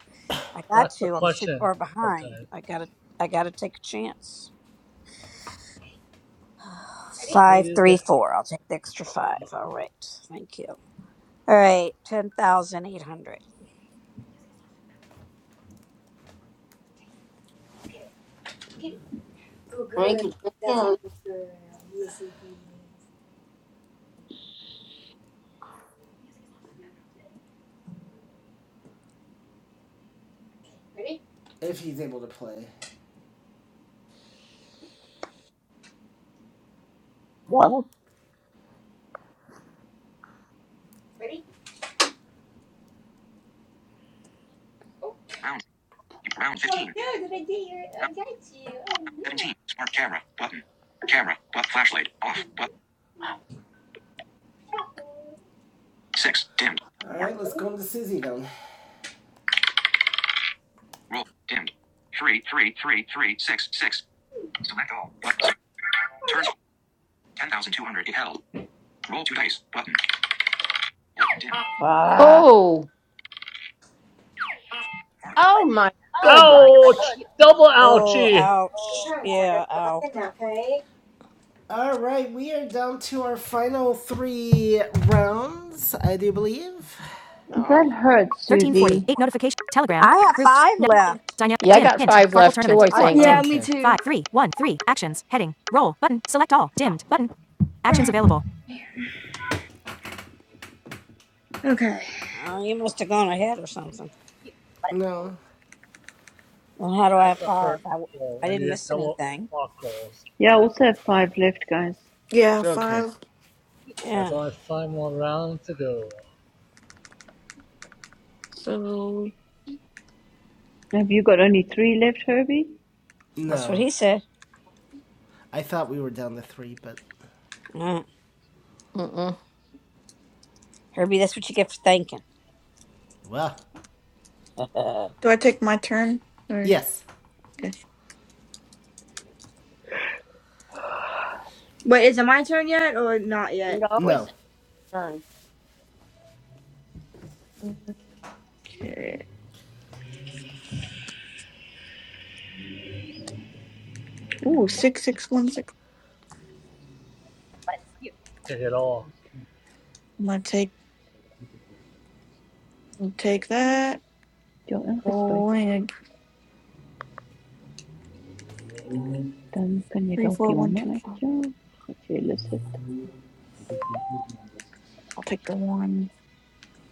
I got That's the to. I'm too question far behind. sometimes. I gotta. I gotta take a chance. What will Five you three get? four. I'll take the extra five. All right. Thank you. All right. Ten thousand eight hundred. Frank, it's your turn. if he's able to play. Well. Round, round 15. Round, round 17. Smart camera. Button. Camera. But flashlight. Off. Button. 6. Dimmed. All 4. right. Let's go into Susie then. Roll. Dimmed. Three, three, three, three, six, six. Select all. But turn score ten thousand two hundred. It held. Roll two dice. Button. Dim. Ah. Oh, Oh my goodness. Oh, Ouch. Ouch! Double Oh, ouchie! Your ouch. turn. so I gotta Yeah. go back Ow. in now. Okay. All right. We are down to our final three rounds, I do believe. No. That hurts, 1340. Susie. 8 notification. Telegram. I have Grouped. five Now. left. Dynamic. yeah, I Dim. got Hint. five Farkle left too, tournament. I I 4. think. Dimmed. Yeah, me Okay. too. five. Three. one. three. Actions. Heading. Roll. Button. Select all. Dimmed. Button. Actions available. Okay. Oh, you must have gone ahead or something. No. Well, how do I That's have a five? hurt I, w- blow I when you didn't get miss double anything. sparkles. Yeah, I also have five left, guys. Yeah, Okay. five. There's Yeah, only five more rounds to go. So Have you got only three left, Herbie? that's what No. he said. I thought we were down to three, but Uh, Mm-mm. Herbie, that's what you get for thinking. well, do I take my turn or? yes, Okay. Wait, is it my turn yet or not it yet? always no. turn. Okay. Ooh, six six one six. Take it all. I'm gonna take take that. Ja, ingespuit. Rolling Dan kan jy three, dalk four, die one, honde two, five. uitjaag. Wat jy lus het. I'll take the one.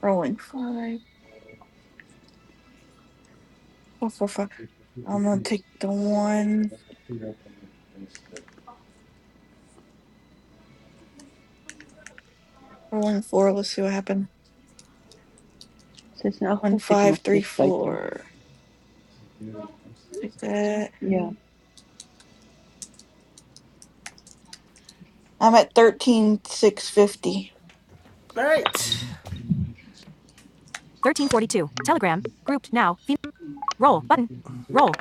Rolling five, four, four, five. I'm gonna take the one. Rolling four. Let's see what happened. Sy is in elk One, geval seker five, nog three, steeds buite. four. Take that. Ja, I'm at thirteen six fifty. All right. 1342. Telegram. Grouped now. roll. Button. Roll.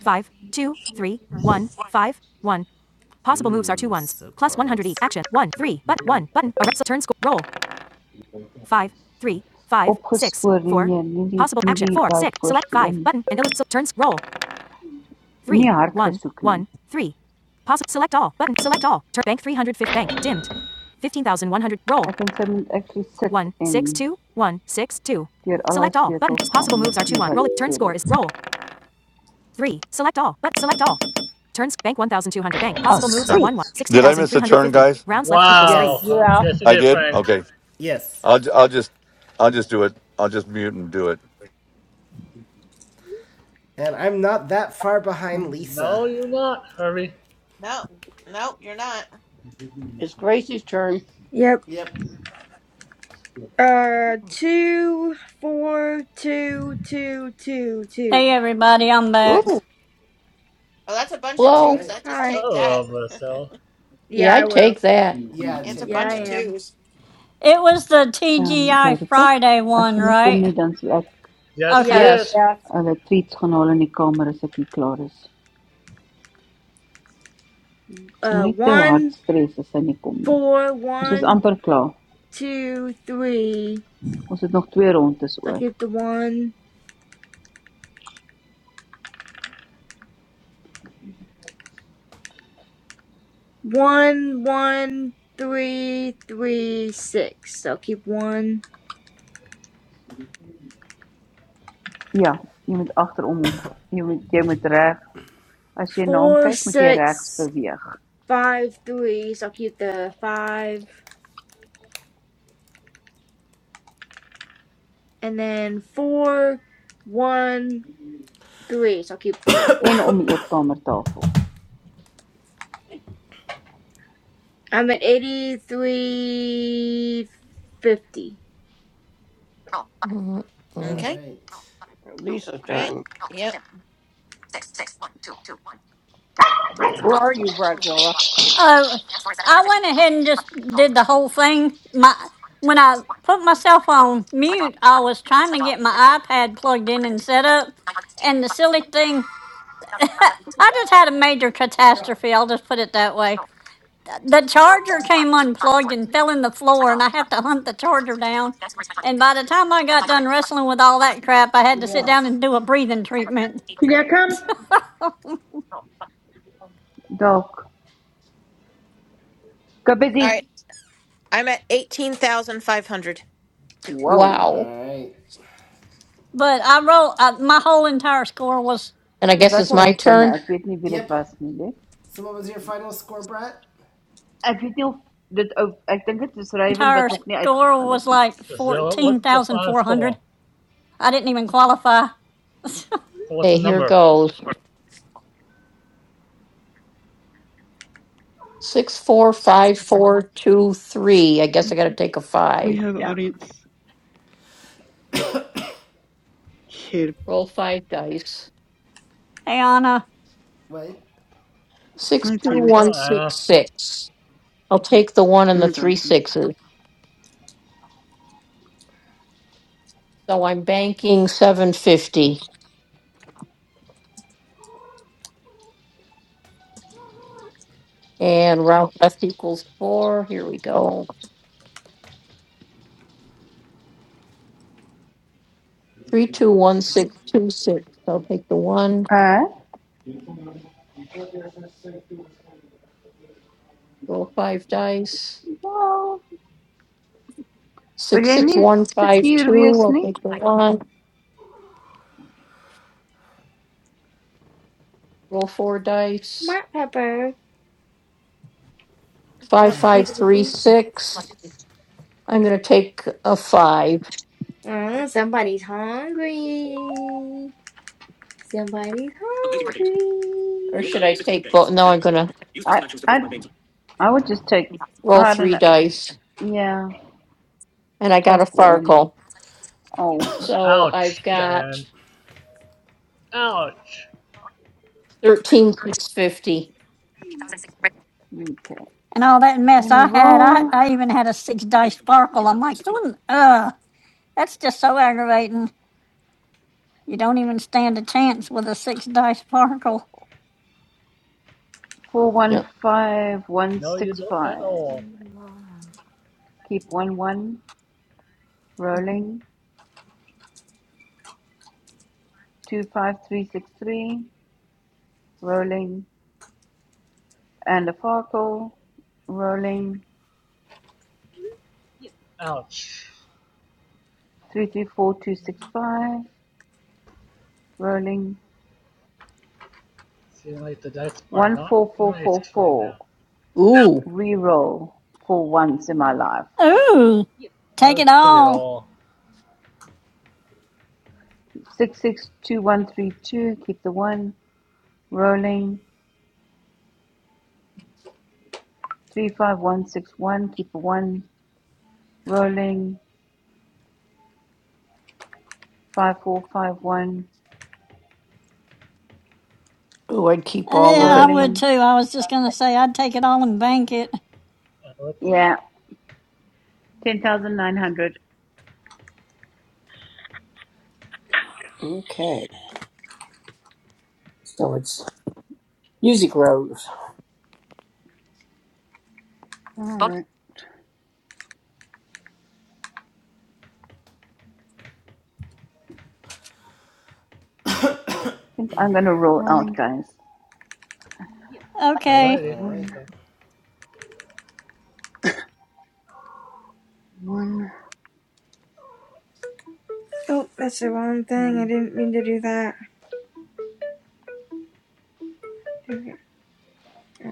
5, 2, 3, one, 5, 1. Possible Ooh, moves are two ones. so Plus 100 each. Action. 1, 3, but 1, button. so turn score. Roll. 5 3 5 6 opgespoor nie 4. nee, nie die Possible nie action. die 4, daai 6. Select voorste een 5, button. And illustrate. So turns. Roll. Nie three, hard one, gesoek nie. one, three. Pause. Select all. Button. Select all. Turn bank three hundred fifty. Bank. Dimmed. 15,100. Roll. Ek en sy moet actually sit One, en six, two, one, six, two. deur al haar Select all. Button. sleutels gaan Possible en moves are 2, sien 1. wat Roll it. Turn sê score dit. is roll. 3. Select all. But select all. Turns bank 1,200. Bank. Oh, Possible moves are 1, 1. sweet. Did I miss a turn, 16,350. guys? Rounds left equals 3. Wow! Yes. Huh? three. Yeah. Yes, you I did, did. Frank. Okay. Yes. I'll ju- I'll just I'll just do it. I'll just mute and do it. And I'm not that far behind Okay. Lisa. No, you're not, Herbie. No, no, you're not. It's Gracie's turn. Yep. Yep. Uh, two, four, two, two, two, two. Hey, everybody, I'm back. Ooh. Well, that's a bunch of All Low. twos. right. I just Hi. take that. Hello, Marcel. Yeah, Yeah, I I'd will. take that. Yeah, I'd It's a take all Yeah, I bunch of that. am. twos. It was the Ehm um, TGI Jeropa, Friday as one, jy nie kom right? nie dan sal ek Yes, it Yeah. Okay. Yeah. Yep. is. Yes. hulle treats gaan haal in die kamer as ek hier klaar is. So Uh, moenie te hard one, stres as sy nie kom nie. four, Ons is one, amper klaar. two, three. Ons het nog twee rondes So I oor. keep the one. One, one, three, three, six. So I'll keep one. Ja, jy moet agterom hom jy moet jy moet reg as jy na hom Four, kyk, moet jy regs six, beweeg five, three. So I'll keep the five. and then four, one, three. So I'll keep one. en om die eetkamertafel. I'm at eighty-three fifty. All Okay. right. Lisa's All right. turn. Yep. Where are you, Bradzilla? Oh, I went ahead and just did the whole thing. My, when I put myself on mute, I was trying to get my iPad plugged in and set up. And the silly thing I just had a major catastrophe. I'll just put it that way. The charger came unplugged and fell in the floor, and I had to hunt the charger down. And by the time I got done wrestling with all that crap, I had to sit down and do a breathing treatment. Julia, come. Dalk. All Kabezi. right. I'm at eighteen thousand five hundred. Wow. Wow. All right. But I roll. Uh, my whole entire score was And I Ik guess was it's al my ontbinnen. turn. Ek weet nie wie dit Yep. was nie, lief. So, what was your final score, Brett? Ek weet nie of dit ou ek dink dit is Raven wat entire nog nie score uitgegaan was het nie. like Marcel, fourteen what's your thousand final four score? hundred. I didn't even qualify. So what's Okay, the here number? goes. Six, four, five, four, two, three. I guess I gotta take a We five. have audience here. Roll five dice. Hey Anna, What? Six, Hi, two, Tina. one, Uh, six, six. I'll take the one and the Hi, three Johnson. sixes. So I'm banking seven fifty and round left equals four. Here we go. Three, two, one, six, two, six. I'll take the one. Uh, Roll five dice. Wel, wil Six, jy six, nie one, five, seker two. wees I'll take the one. Roll four dice. Smart pepper. Oh, Five, you five, can three, eat. six. I'm gonna take a five. Oh, somebody's hungry. Somebody's hungry. Or should I take both? No, I'm gonna I I I would just take roll I don't three know. dice, Yeah, and it's I got close a to the end. Farkle. Oh, So I've ouch, got Diane. Ouch. thirteen six fifty. okay. and all that Let mess me I had. I, roll. I even had a six dice sparkle. I'm like, "Ooh, ugh, that's just so aggravating. You don't even stand a chance with a six dice sparkle. Four one Yeah. five one No, you six don't at five. all. Keep one one. hmm Rolling. Two five three six three. Rolling. and the Farkle rolling Ouch. 334265, rolling Seems like the dice are not nice right 14444, now. Ooh. re-roll for once in my life. Ooh, I take would it take it all. all. 662132, keep the one, rolling 35161, keep the one, rolling 5451, Ooh, I'd keep Uh, all of Yeah, I it. but- would rolling, too. I was just going to say I'd take it all and bank it. Uh, let's- yeah, 10,900. Okay. So it's Music Rose. All right. I think I'm gonna roll out, Rolling. guys. Uh, Okay. alrighty. All right. one, one, Oh, that's the wrong thing. I one. didn't mean to do that.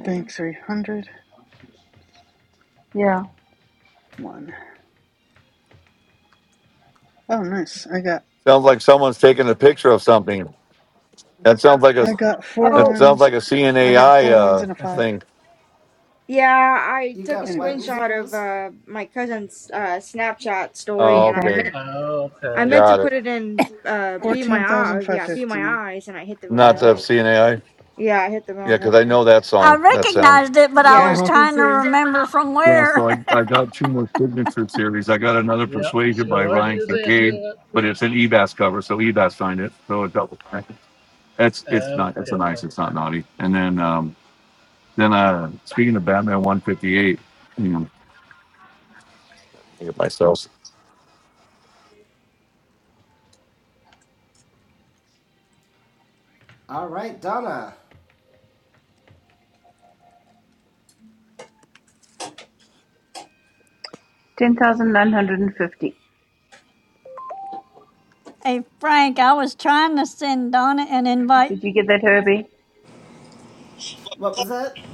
Bank 300. Yeah, One. Oh, nice. I got, Sounds like someone's taking a picture of something. That sounds like a I got four that Oh, sounds ones. like a I got CNAI four ones and a uh, five. thing. yeah, I You took a got what Anyways, music, screenshot of Rose? uh, my cousin's uh, Snapchat story, Oh, and I okay. okay, meant Oh, I okay. meant to got it. put it in uh be my eye yeah, be 14,550 my now. eyes and I hit the All Not wrong the right. CNAI. yeah, I hit the Yeah, wrong because I one. know that I song, that sound. recognized it, but I Yeah, was me trying to too. remember from Yeah, where. so I, I got two more signature series. I got another Yep, Persuasion she by was Ryan using a Kincaid, C but it's an Ebas cover, so Ebas signed it. So a double pack. It's M. it's not it's a Okay, nice, fine. it's not naughty. And then um then uh speaking of Batman one fifty eight, you know, Get myself. All right, Donna. 10,950. hey, Frank, I was trying to send Donna an invite. Did you get that, Herbie? What was that?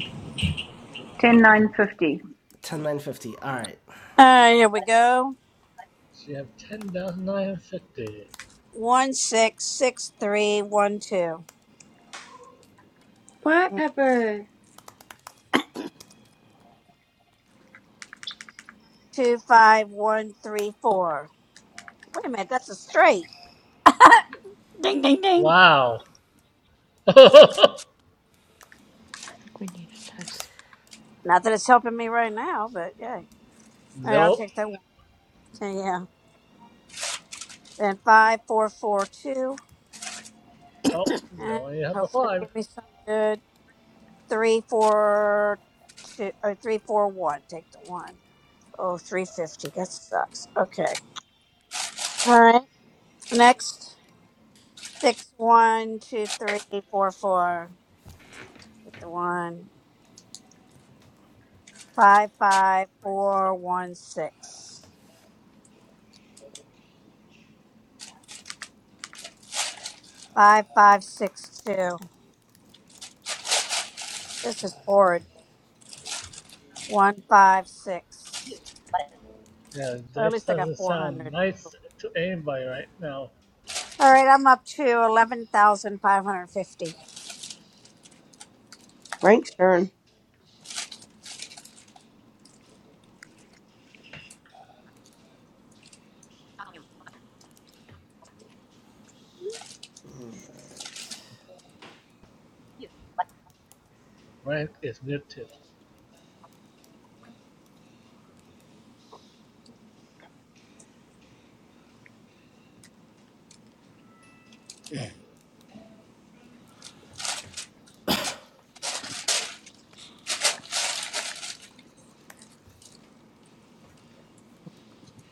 Ten nine fifty. Ten nine All right. Uh, here we go. She have 10,950. One six six three one two What Pepper? two five one three four. Wait a minute, that's a straight. Ding, ding, ding. Wow. Not that it's helping me right now, but yeah. All right, I'll nope. take that one. Yeah. Then five four four two, Oh, they and only have the hopefully it'll five. give me some good. Three, four, two, or three, four, one. Take the one. Oh, three fifty. That sucks. Okay. All right. Next. Six, one, two, three, four, four. Take the one. Five, five, four, one, six. Five, five, six, two. This is horrid. One, five, six. Yeah, Or at dice least I got doesn't sound 400. nice All to anybody right now. right. I'm up to 11,550. Frank's turn. Frank is muted.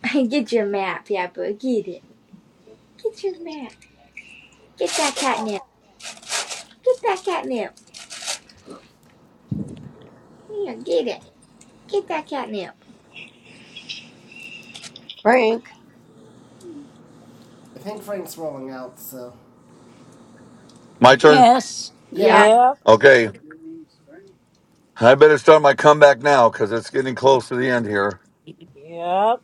get your map, Pepper, get it. Get your map. Get that catnip. Get that catnip. Yeah, get it. Get that catnip. Frank. I think Frank's rolling out, so. My turn. Yes. Yep. Yeah. Yeah. Yep. Okay, I better start my comeback now because it's getting close to the end here. Yep.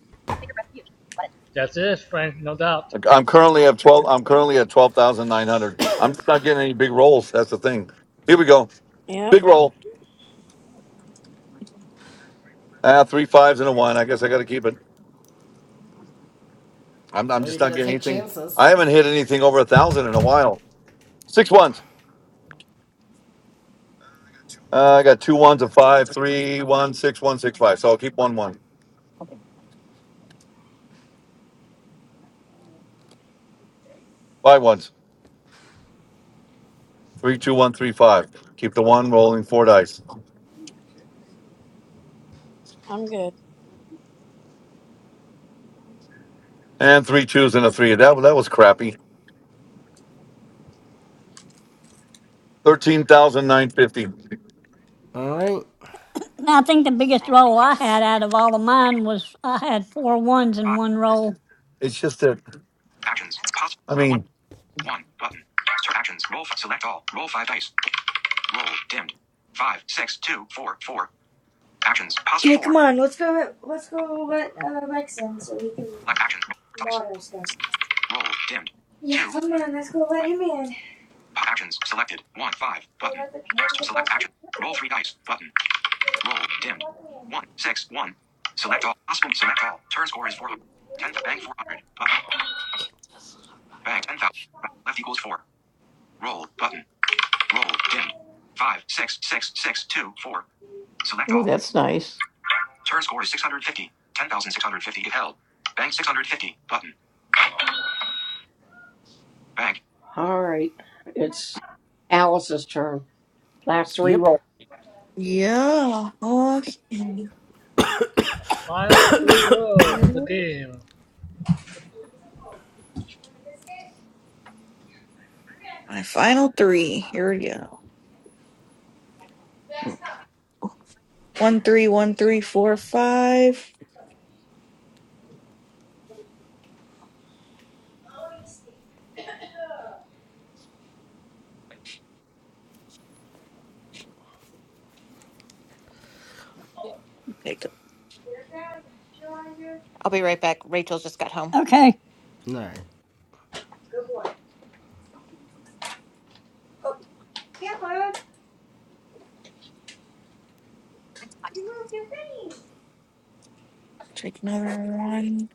That's it, Frank, no doubt. Like, I'm currently at twelve. I'm currently at twelve thousand nine hundred. I'm just not getting any big rolls. That's the thing. Here we go. Yep. Big roll. Ah, three fives and a one. I guess I got to keep it. I'm, I'm Or just you're not gonna getting take anything. chances. I haven't hit anything over a thousand in a while. Six ones. Uh, I got two ones, a five, three, one, six, one, six, five. So I'll keep one, one. Five ones. Three, two, one, three, five. Keep the one rolling four dice. I'm good. And three twos and a three. That, that was crappy. Thirteen thousand nine fifty. All right. And I think the biggest Roll. roll Button. I had out of all of mine was I had four ones in Five. one roll. It's just that, Actions. Possible. I Are one. mean, One. Button. Start actions. Roll. Five. Select all. Roll five dice. Roll. Dimmed. Five. Six. Two. Four. Four. Actions. Possible. Okay, Four. come on, let's go. Select actions. Roll four dice. Roll. Dimmed. Two. Actions selected. One five button. Select action. Roll three dice button. Roll dimmed. One six one. Select all. Possible. Select all. Turn score is four hundred. Ten. Bank four hundred. Button. Bank ten thousand. Left equals four. Roll button. Roll dimmed. Five six six six two four. Select Ooh, all. that's nice. Turn score is six hundred fifty. Ten thousand six hundred fifty. If held. Bank six hundred fifty. Button. Bank. All right. It's Alice's turn. Last three Yep. roll. Yeah. Awesome. Final three row of the Alright. game. My final three. Here we go. One, three, one, three, four, five. Take the, I'll be right back. Rachel just got home. Okay. All right. Pepper. take another one.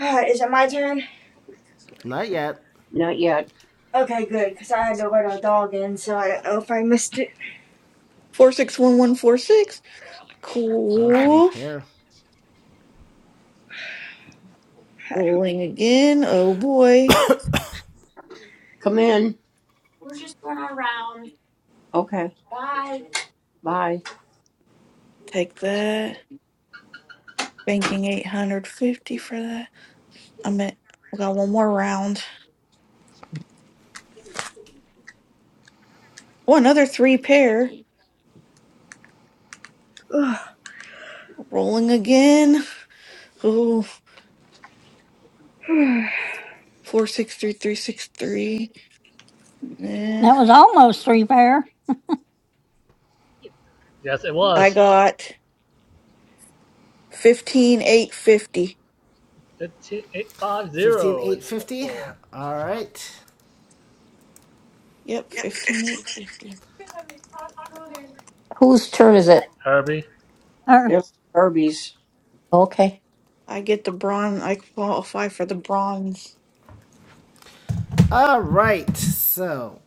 Ah, Is it my turn? Not yet. Not yet. Okay, good, because I had to let our dog in, so I don't know if I missed it. Four, six, one, one, four, six. A Okay. three Cool. pair. Rolling again. Oh boy. Come in. We're just going around. Okay. Bye. Bye. Take that. Banking 850 for that. I'm at, we got one more round. Oh, another three pair. Ugh. Rolling again. Ooh, 463363. Yeah. That was almost three pair. Yes, it I was. got 15850. Fifteen eight five Fifteen zero eight is our score. All right. Yep, 15850. Whose turn is it? Herbie. Or, They're Furbies. Okay. I get the bronze. I qualify for the bronze. All right. So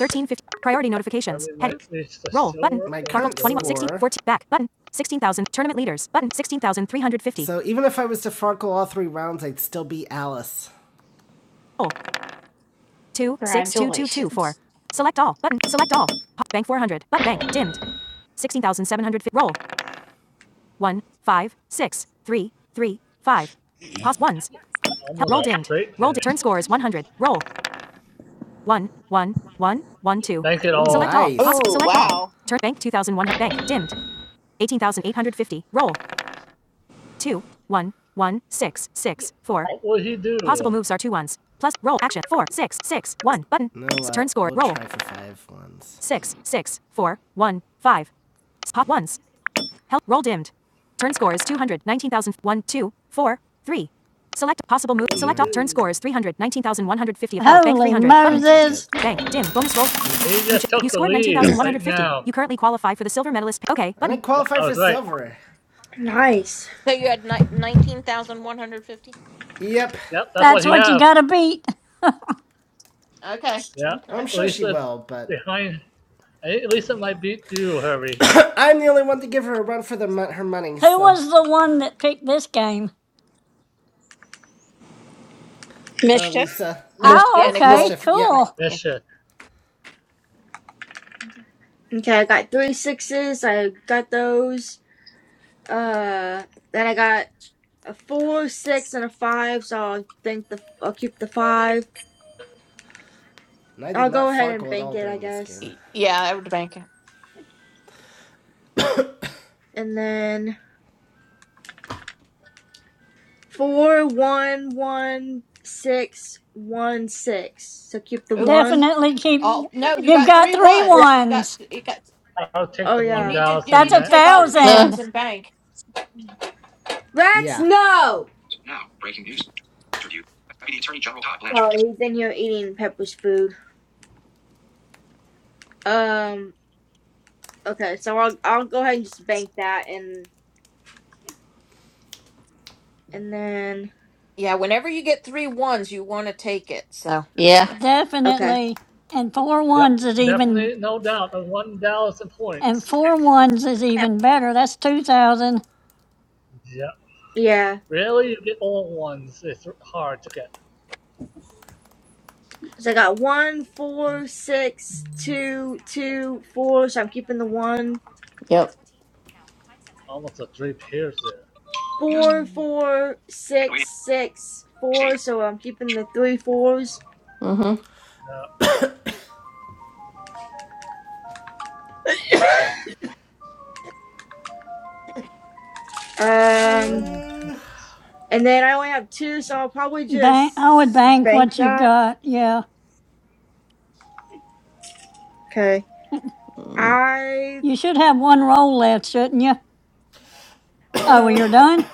1350. Priority notifications. Herbie Head. might reach the Roll button. silver My or the current 21, gold. score- sixteen 14, back button. 16,000. Tournament leaders button. 16,350. So even if I was to Farkle all three rounds, I'd still be Alice. Oh. 2 6 2 2 2 4. Congratulations. Select all button. Select all. Bank 400. But bank dimmed. 16,750. Roll. One 5 6 3 3 5. Pause ones. Help. Roll Almost a dimmed. straight Roll. Di- there. turn score is 100. Roll. one, one, one, one, two. Thank it Ooh, Select all. nice. all. Poss- Oh select all. wow. Turn bank 2001 bank dimmed. 18,850. Roll. Two, one, one, six, six, four. What will he Possible do? moves are two ones. Plus roll action four, six, six, one. Button. No, uh, Turn score. we'll roll Try for five ones. six, six, four, one, five. Pop ones. Help. Roll dimmed. Turn score is 200. 19,000. 1, two, four, three. Select possible move. What will he Select all. Turn do? score is 300. 19,150 of held. Bank holy 300. I'll Button. I'll take Moses. it. Bank. Dim. Bonus roll. He You, ch- just took you the scored lead right 19,150. now. You currently qualify for the silver medalist. pa- Okay. Button. did Yep, qualify I for was right. silver. nice. So you had ni- nineteen thousand one hundred fifty. Yeah. Yep. Yep, that's what That's Okay. he what you have. gotta beat. Okay. Yep, I'm sure she Lisa's will, but behind. I think Lisa might beat you, Herbie. I'm the only one to give her a run for the mon- her money, Who so. was the one that picked this game? Uh, Mischief. Lisa. Nic- Oh, yeah, Mischief. okay, Nicole. Mischief, yeah. cool. Yes, she- Okay, I got three sixes. I got those. Uh, then I got a four, six, and a five. So I'll think the I'll keep the five. And I did I'll not go ahead and farkle at bank all it, I during this game. guess. Yeah, I would bank it. And then four, one, one, six, one, six. So keep the Ooh. one. Definitely keep. Oh no, you You've got got three three ones. You got ones. you got I'll take Oh the you one yeah, need to Dallas you in need That's to a that take all three case. Uh, ones thousand. and bank. Rex, Yeah. no. Now, breaking news. Interview. Deputy Attorney General Todd Blanchard So gives he's in here eating Pepper's food. Um. Okay, so I'll I'll go ahead and just bank that and and then Yeah, whenever you get three ones, you want to take it. So yeah. yeah. okay. Definitely. And four Yep. ones is even. Definitely, no doubt. The one Dallas in And points. four ones is even better. That's two thousand. Yep. Yeah. Really, you get all ones. It's hard to get. So I got one, four, six, two, 1400 hours. Two two, four. notifications. So I'm Die keeping the notify. one, Now 14. It's 14. Now. Time sensitive. Almost a three pairs there. news four, four, and waiting six, six, state. four. So I'm keeping the three fours. Mm-hmm. Yep. I'm a bank. The Um, slim chance. and then I only have two, so I'll probably just Bank. I would bank bank what you've that. got. Yeah. Okay. I You should have one roll left, shouldn't you? Oh, well, you're no, done.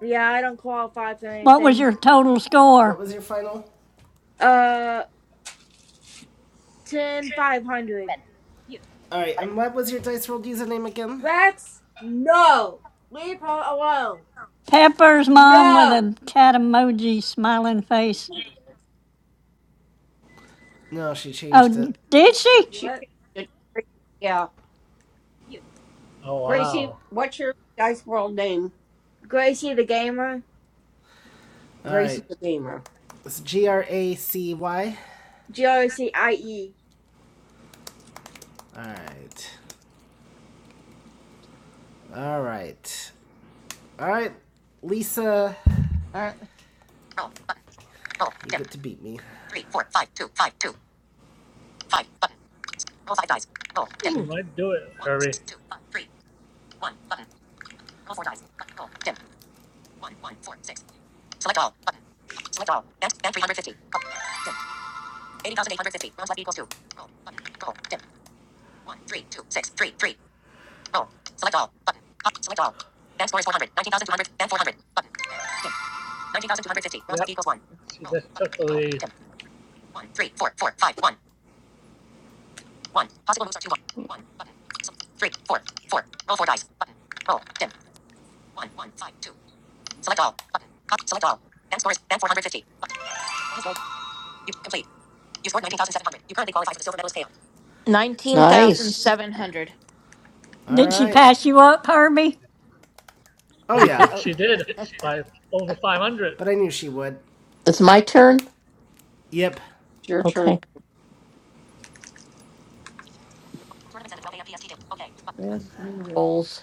yeah, I don't qualify for What was anything. your total Uh, what score? was your final? Uh, ten, five hundred. Alright, and what was your Dice World username again? Rex, no, leave her alone. Pepper's mom with No. a cat emoji smiling face. No, she Oh, changed n- it. did she? She What? changed it. Yeah. Oh, Gracie, wow. what's your Dice World name? Gracie the gamer. Gracie Alright. the Gamer. It's G R A C Y. G R O C I E. Alright. Alright. Alright, Lisa, All right. you get to beat me. She Mm. might do it, Herbie. Yep. She just took the lead. Nineteen thousand Nice. seven hundred. Did she Alright. pass you up, Herbie? Oh, He yeah. did, Oh she did by over 500. But I knew she would. It's my turn. Yep. It's your turn. Okay. Last three rolls.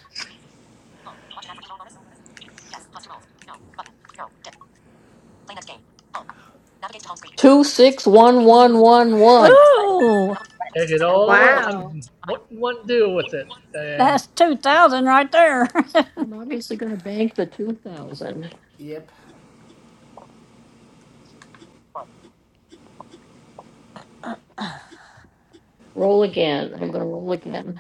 Two six one one one one. Ooh, Take it Oh, all boy. Wow. and what, what do with it? Then that's two thousand right there. I'm obviously gonna bank the two thousand. Yep. Roll again. I'm gonna roll again.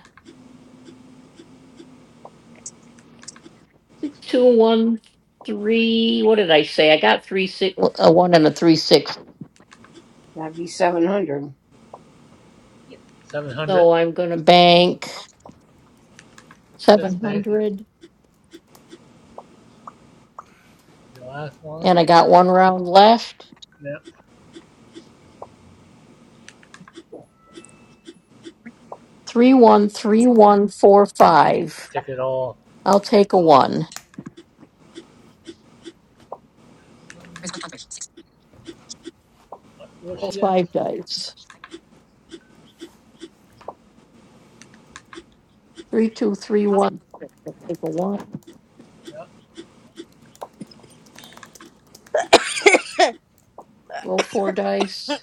Six, two, one, three. What did I say? I got three six, well, a one and a three six. That'd be 700. 700. Going to bank seven Just banking. hundred, The last one. and I got one round left. Yeah, Three one three one four five. take it all. I'll take a one. What was Roll she get? five dice. Three two three one. Take a one. Yeah, Roll four dice.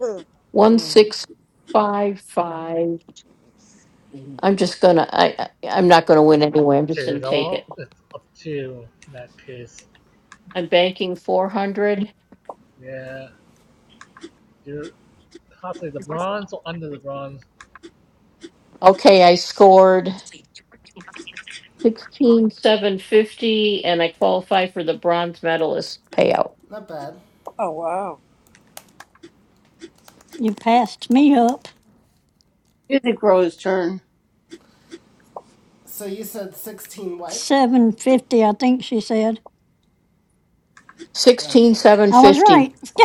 Oh One six five five. I'm just gonna. I. I- I'm not gonna win anyway. I'm just take gonna it take it. all. It's up to you in that case. I'm banking four hundred. Yeah, you're possibly the bronze or under the bronze. Okay, I scored. Sixteen seven fifty, and I qualify for the bronze medalist payout. Not bad. wow. you passed me up Music Row's turn. So you said 16 what? seven fifty, I think she said. Sixteen Okay. seven I was fifty, right.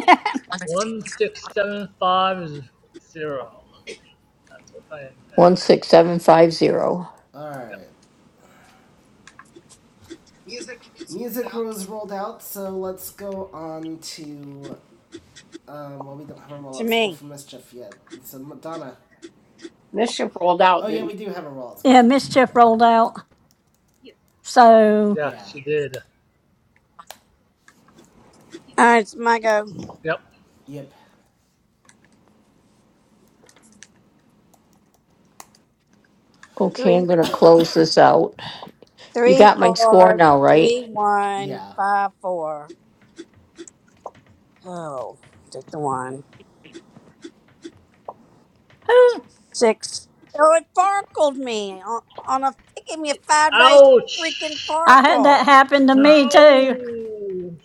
One six seven five zero. That's what I one have. six seven five zero. Yep. Alright. Music was rolled out, so let's go on to. Um, well, we don't have a To rollout score me. for Mischief yet. So, Madonna. Mischief rolled Oh, out, yeah, didn't we she? do have a rollout score yeah, for Mischief, mischief yeah. rolled out. So Yeah, Yeah. she did. All right, it's my go. Yep. Yep. Okay, Three, I'm gonna close this out. You three, got my score four, now, right? three, one, Yeah. five, four. Oh, take the one. who? Six. Oh, it farkled me on, on a. It gave me a five dice freaking Ouch! I had that farkle. happen to me too. Ow!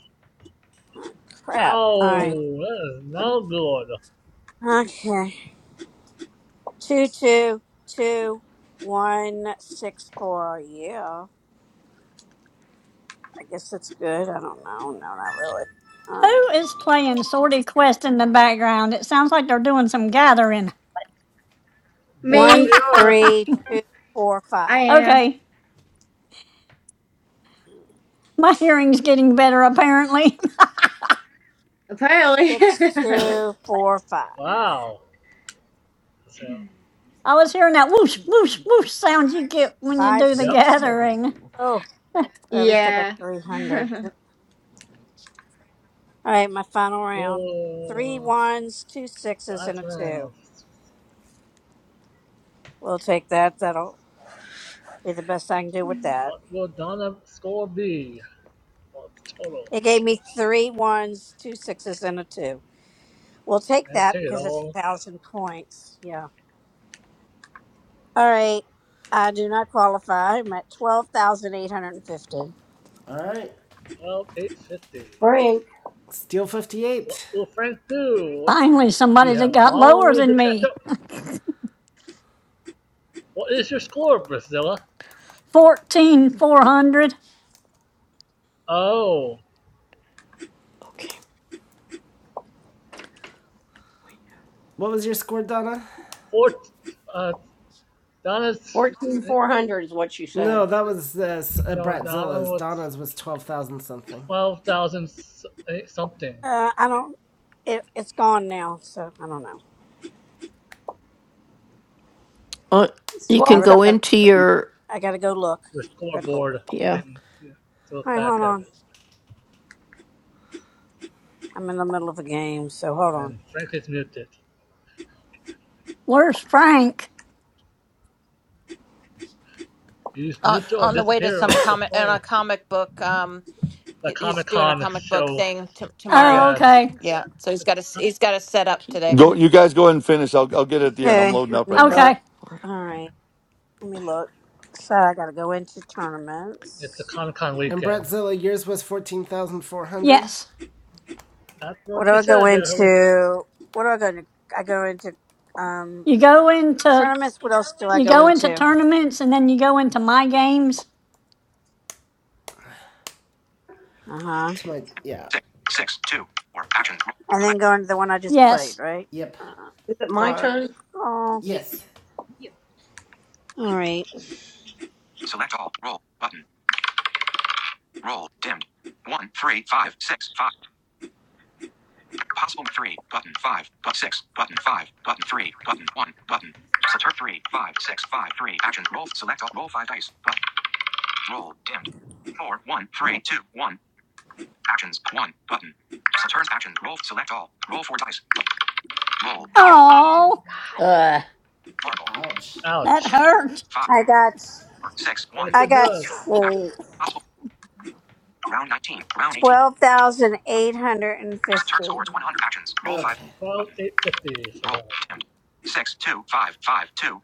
Oh, crap. All All right. Ow! That is right. not good. Okay. Two, two, two, one, six, four. Yeah. I guess that's good. I don't know. No, not really. All right. Who is playing Sorty Quest in the background? It sounds like they're doing some gathering. Yes, One, Me, they are. three, two, four, I five. am. Okay, my hearing's getting better apparently. Apparently. Six, two, four, five. Wow. So, I was hearing that whoosh, whoosh, whoosh sound you get when you Five, do the yep. six, six. gathering. Oh, at least I got yeah. 300. All right, my final round. Three Whoa. ones, two sixes, and Last a two. round. We'll take that. That'll be the best I can do with that. What will Donna score be What's the total? It gave me three ones, two sixes, and a two. We'll take And that take it because it's all. a thousand points. Yeah. All right. I do not qualify. I'm at 12,850. Alright. Well, 850. Frank, Steel What 58. will Frank do? Finally, He somebody that have a got long lower way than to catch me. up. What is your score, Priscilla? Fourteen, four hundred. Oh, What was your score, Donna? four. Uh, Donna's. eh, 14400 is what she said. No, that was uh, s- uh, No, Donna Bratzilla's. was Donna's was 12,000 something. 12,000 s- eh, something. Uh, I don't It, it's gone now, so I don't know. Uh, It's you I can really go 12,000. gotta into go. your, I gotta go look. Your Good lord. scoreboard yeah, thing yeah, to All look right, hold back at on. it. I'm in the middle of a game, so hold on. And Frank is muted. Where's Frank? He's uh, muted or on the way to disappear some off the comic on a phone. comic book um the he, he's Comic doing a Con comic book show. thing t- Yes, tomorrow. Oh, yeah, it's, okay. Yeah. So he's got a it's, he's got a set up keep today. go. on you guys go ahead and finish. I'll, I'll get it at the end. I'm Okay, loading let up me right now. look. Okay. All right, let me look. So I gotta go into it's a tournaments. Comic Con And weekend. Bratzilla, yours was 14,400? Yes. That's What what do she I go said there, Hurry. into? What do I go into? I go into um You go into, tournaments. What else do I you go go into into? tournaments and then you go into my games. Uh huh. To my. Yeah. Six, six, two, four. Actions. And then go into the one I just played, Yes. right? Yep. Uh, Is it my for turn? oh, Yes. all right. Select all. Roll. Button. Roll. Dimmed. One, three, five, six, five. Possible three. Button five. But six. Button five. Button three. Button one. Button. Select three, five, six, five, three. Actions. Roll. Select all. Roll five dice. But roll. Dimmed. Four, one, three, two, one. Actions. One. Button. Select actions. Roll. Select all. Roll four dice. Roll. Dimmed. Five Oh, that. Ouch. that Dimmed. Ouch. hurt. Five, I got. four, six, Yes, one. I it got. does. Action. tw- Possible. Round 19. Round 18. Twelve thousand eight hundred and Turn fifty. scores 100 actions. Roll 5. Okay. Twelve Button. eight fifty for Roll. her. Dimmed. Six, two, five, five, two.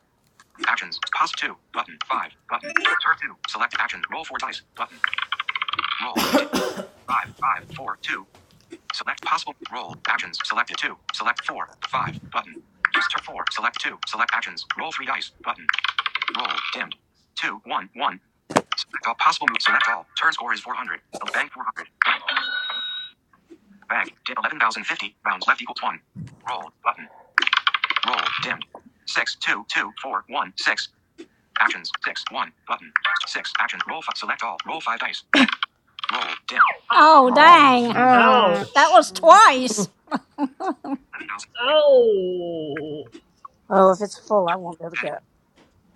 Actions. Pause two. Button. Five. Button. Turn two. Select actions. Roll four dice. Button. Roll. Dim. Five, five, four, two. Select possible. Roll. Actions. Selected two. Select four. Five. Button. Turn four. Select two. Select actions. Roll three dice. Button. Roll. Dimmed. Two, one, one. Select all possible moves. Select all. Turn score is 400. Bank 400. Bank. Dim 11,050. Rounds left equals one. Roll. Button. Roll. Dimmed. Six, two, two, four, one, six. Actions. Six. One. Button. Six. Actions. Roll. Five. Select all. Roll five dice. But roll. Dim. Oh, Oh, dang. jeez. Aw, Ouch. That Ouch. was twice. Eleven thousand. Ow. Oh, if it's full, I won't be able to Heading. go.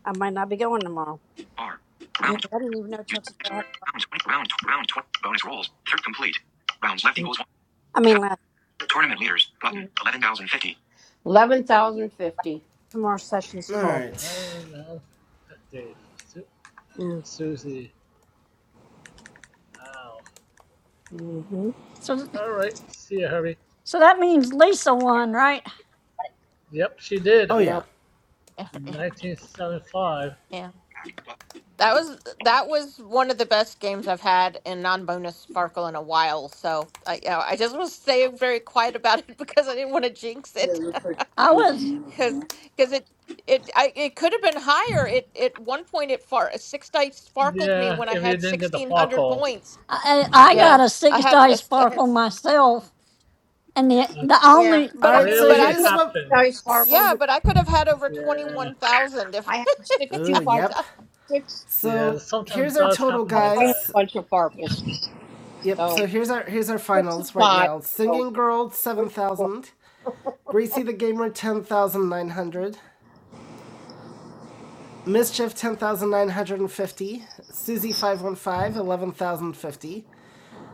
I might not be going tomorrow. R. I Round. didn't even know Use. till today. I had a Round twenty. Round. Round twenty. Bonus rolls. Third complete. Rounds left appointment. equals one. I mean, Help. last Tournament leaders. Button. Eleven thousand fifty. Eleven thousand fifty. tomorrow's session's All full. right. Eleven nine fifty for Su- Susie. Ow. Mm-hmm. So, All right. See ya, Hurry. so that means Lisa won, right? Yep, she did. Oh Yeah. yeah. 1975. yeah. That was that was one of the best games I've had in non-bonus Sparkle in a while. So I, you know, I just was staying very quiet about it because I didn't want to jinx it. I was, Because because it it I it could have been higher. It at one point it far six dice sparkled me Yeah, when I if you had didn't get the sixteen hundred parcels. points. I, I Yeah. got Yeah, a I six had a dice s- I had sparkle s- myself. And the the That's yeah, only All but I right. mean, So really but I it could here's what. I sorry, happens. Farkle. yeah, but I could have had over twenty Yeah. one thousand if, I have if six it two Oh had five yep. done six. Yeah, So sometimes here's it I our does total, happen have like I have a that. guys. bunch of Farkles. Yep. So So here's our here's our six and finals right five. now. So Singing Girl seven thousand. Gracie the Gamer ten thousand nine hundred. Mischief ten thousand nine hundred and fifty. Susie 515 11,050.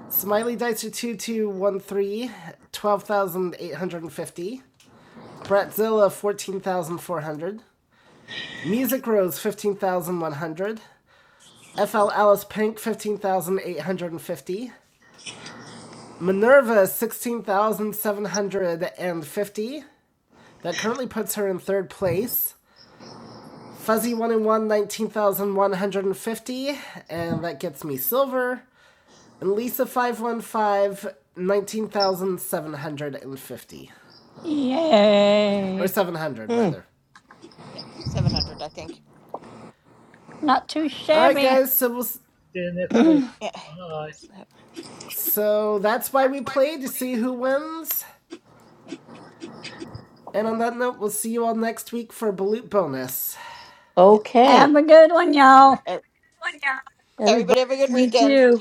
Smiley Dicer two two one three twelve thousand eight hundred fifty. 12,850. Bratzilla 14,400. Music Rose 15,100. FL Alice Pink, 15,850. Minerva, 16,750. That currently puts her in third place. Fuzzy 1 and one, 19,150, And that gets me silver. And Lisa 515, 19,750, Or yay, 700, Uh, rather. yeah seven hundred I think. not too Alright, shabby. guys, so we'll. See you next week. mm, Yeah. Bye. So that's why we play to see who wins. And on that note, we'll see you all next week for Balut Bonus. Have okay. a good one, y'all. E- Everybody. Everybody have a good me weekend. too.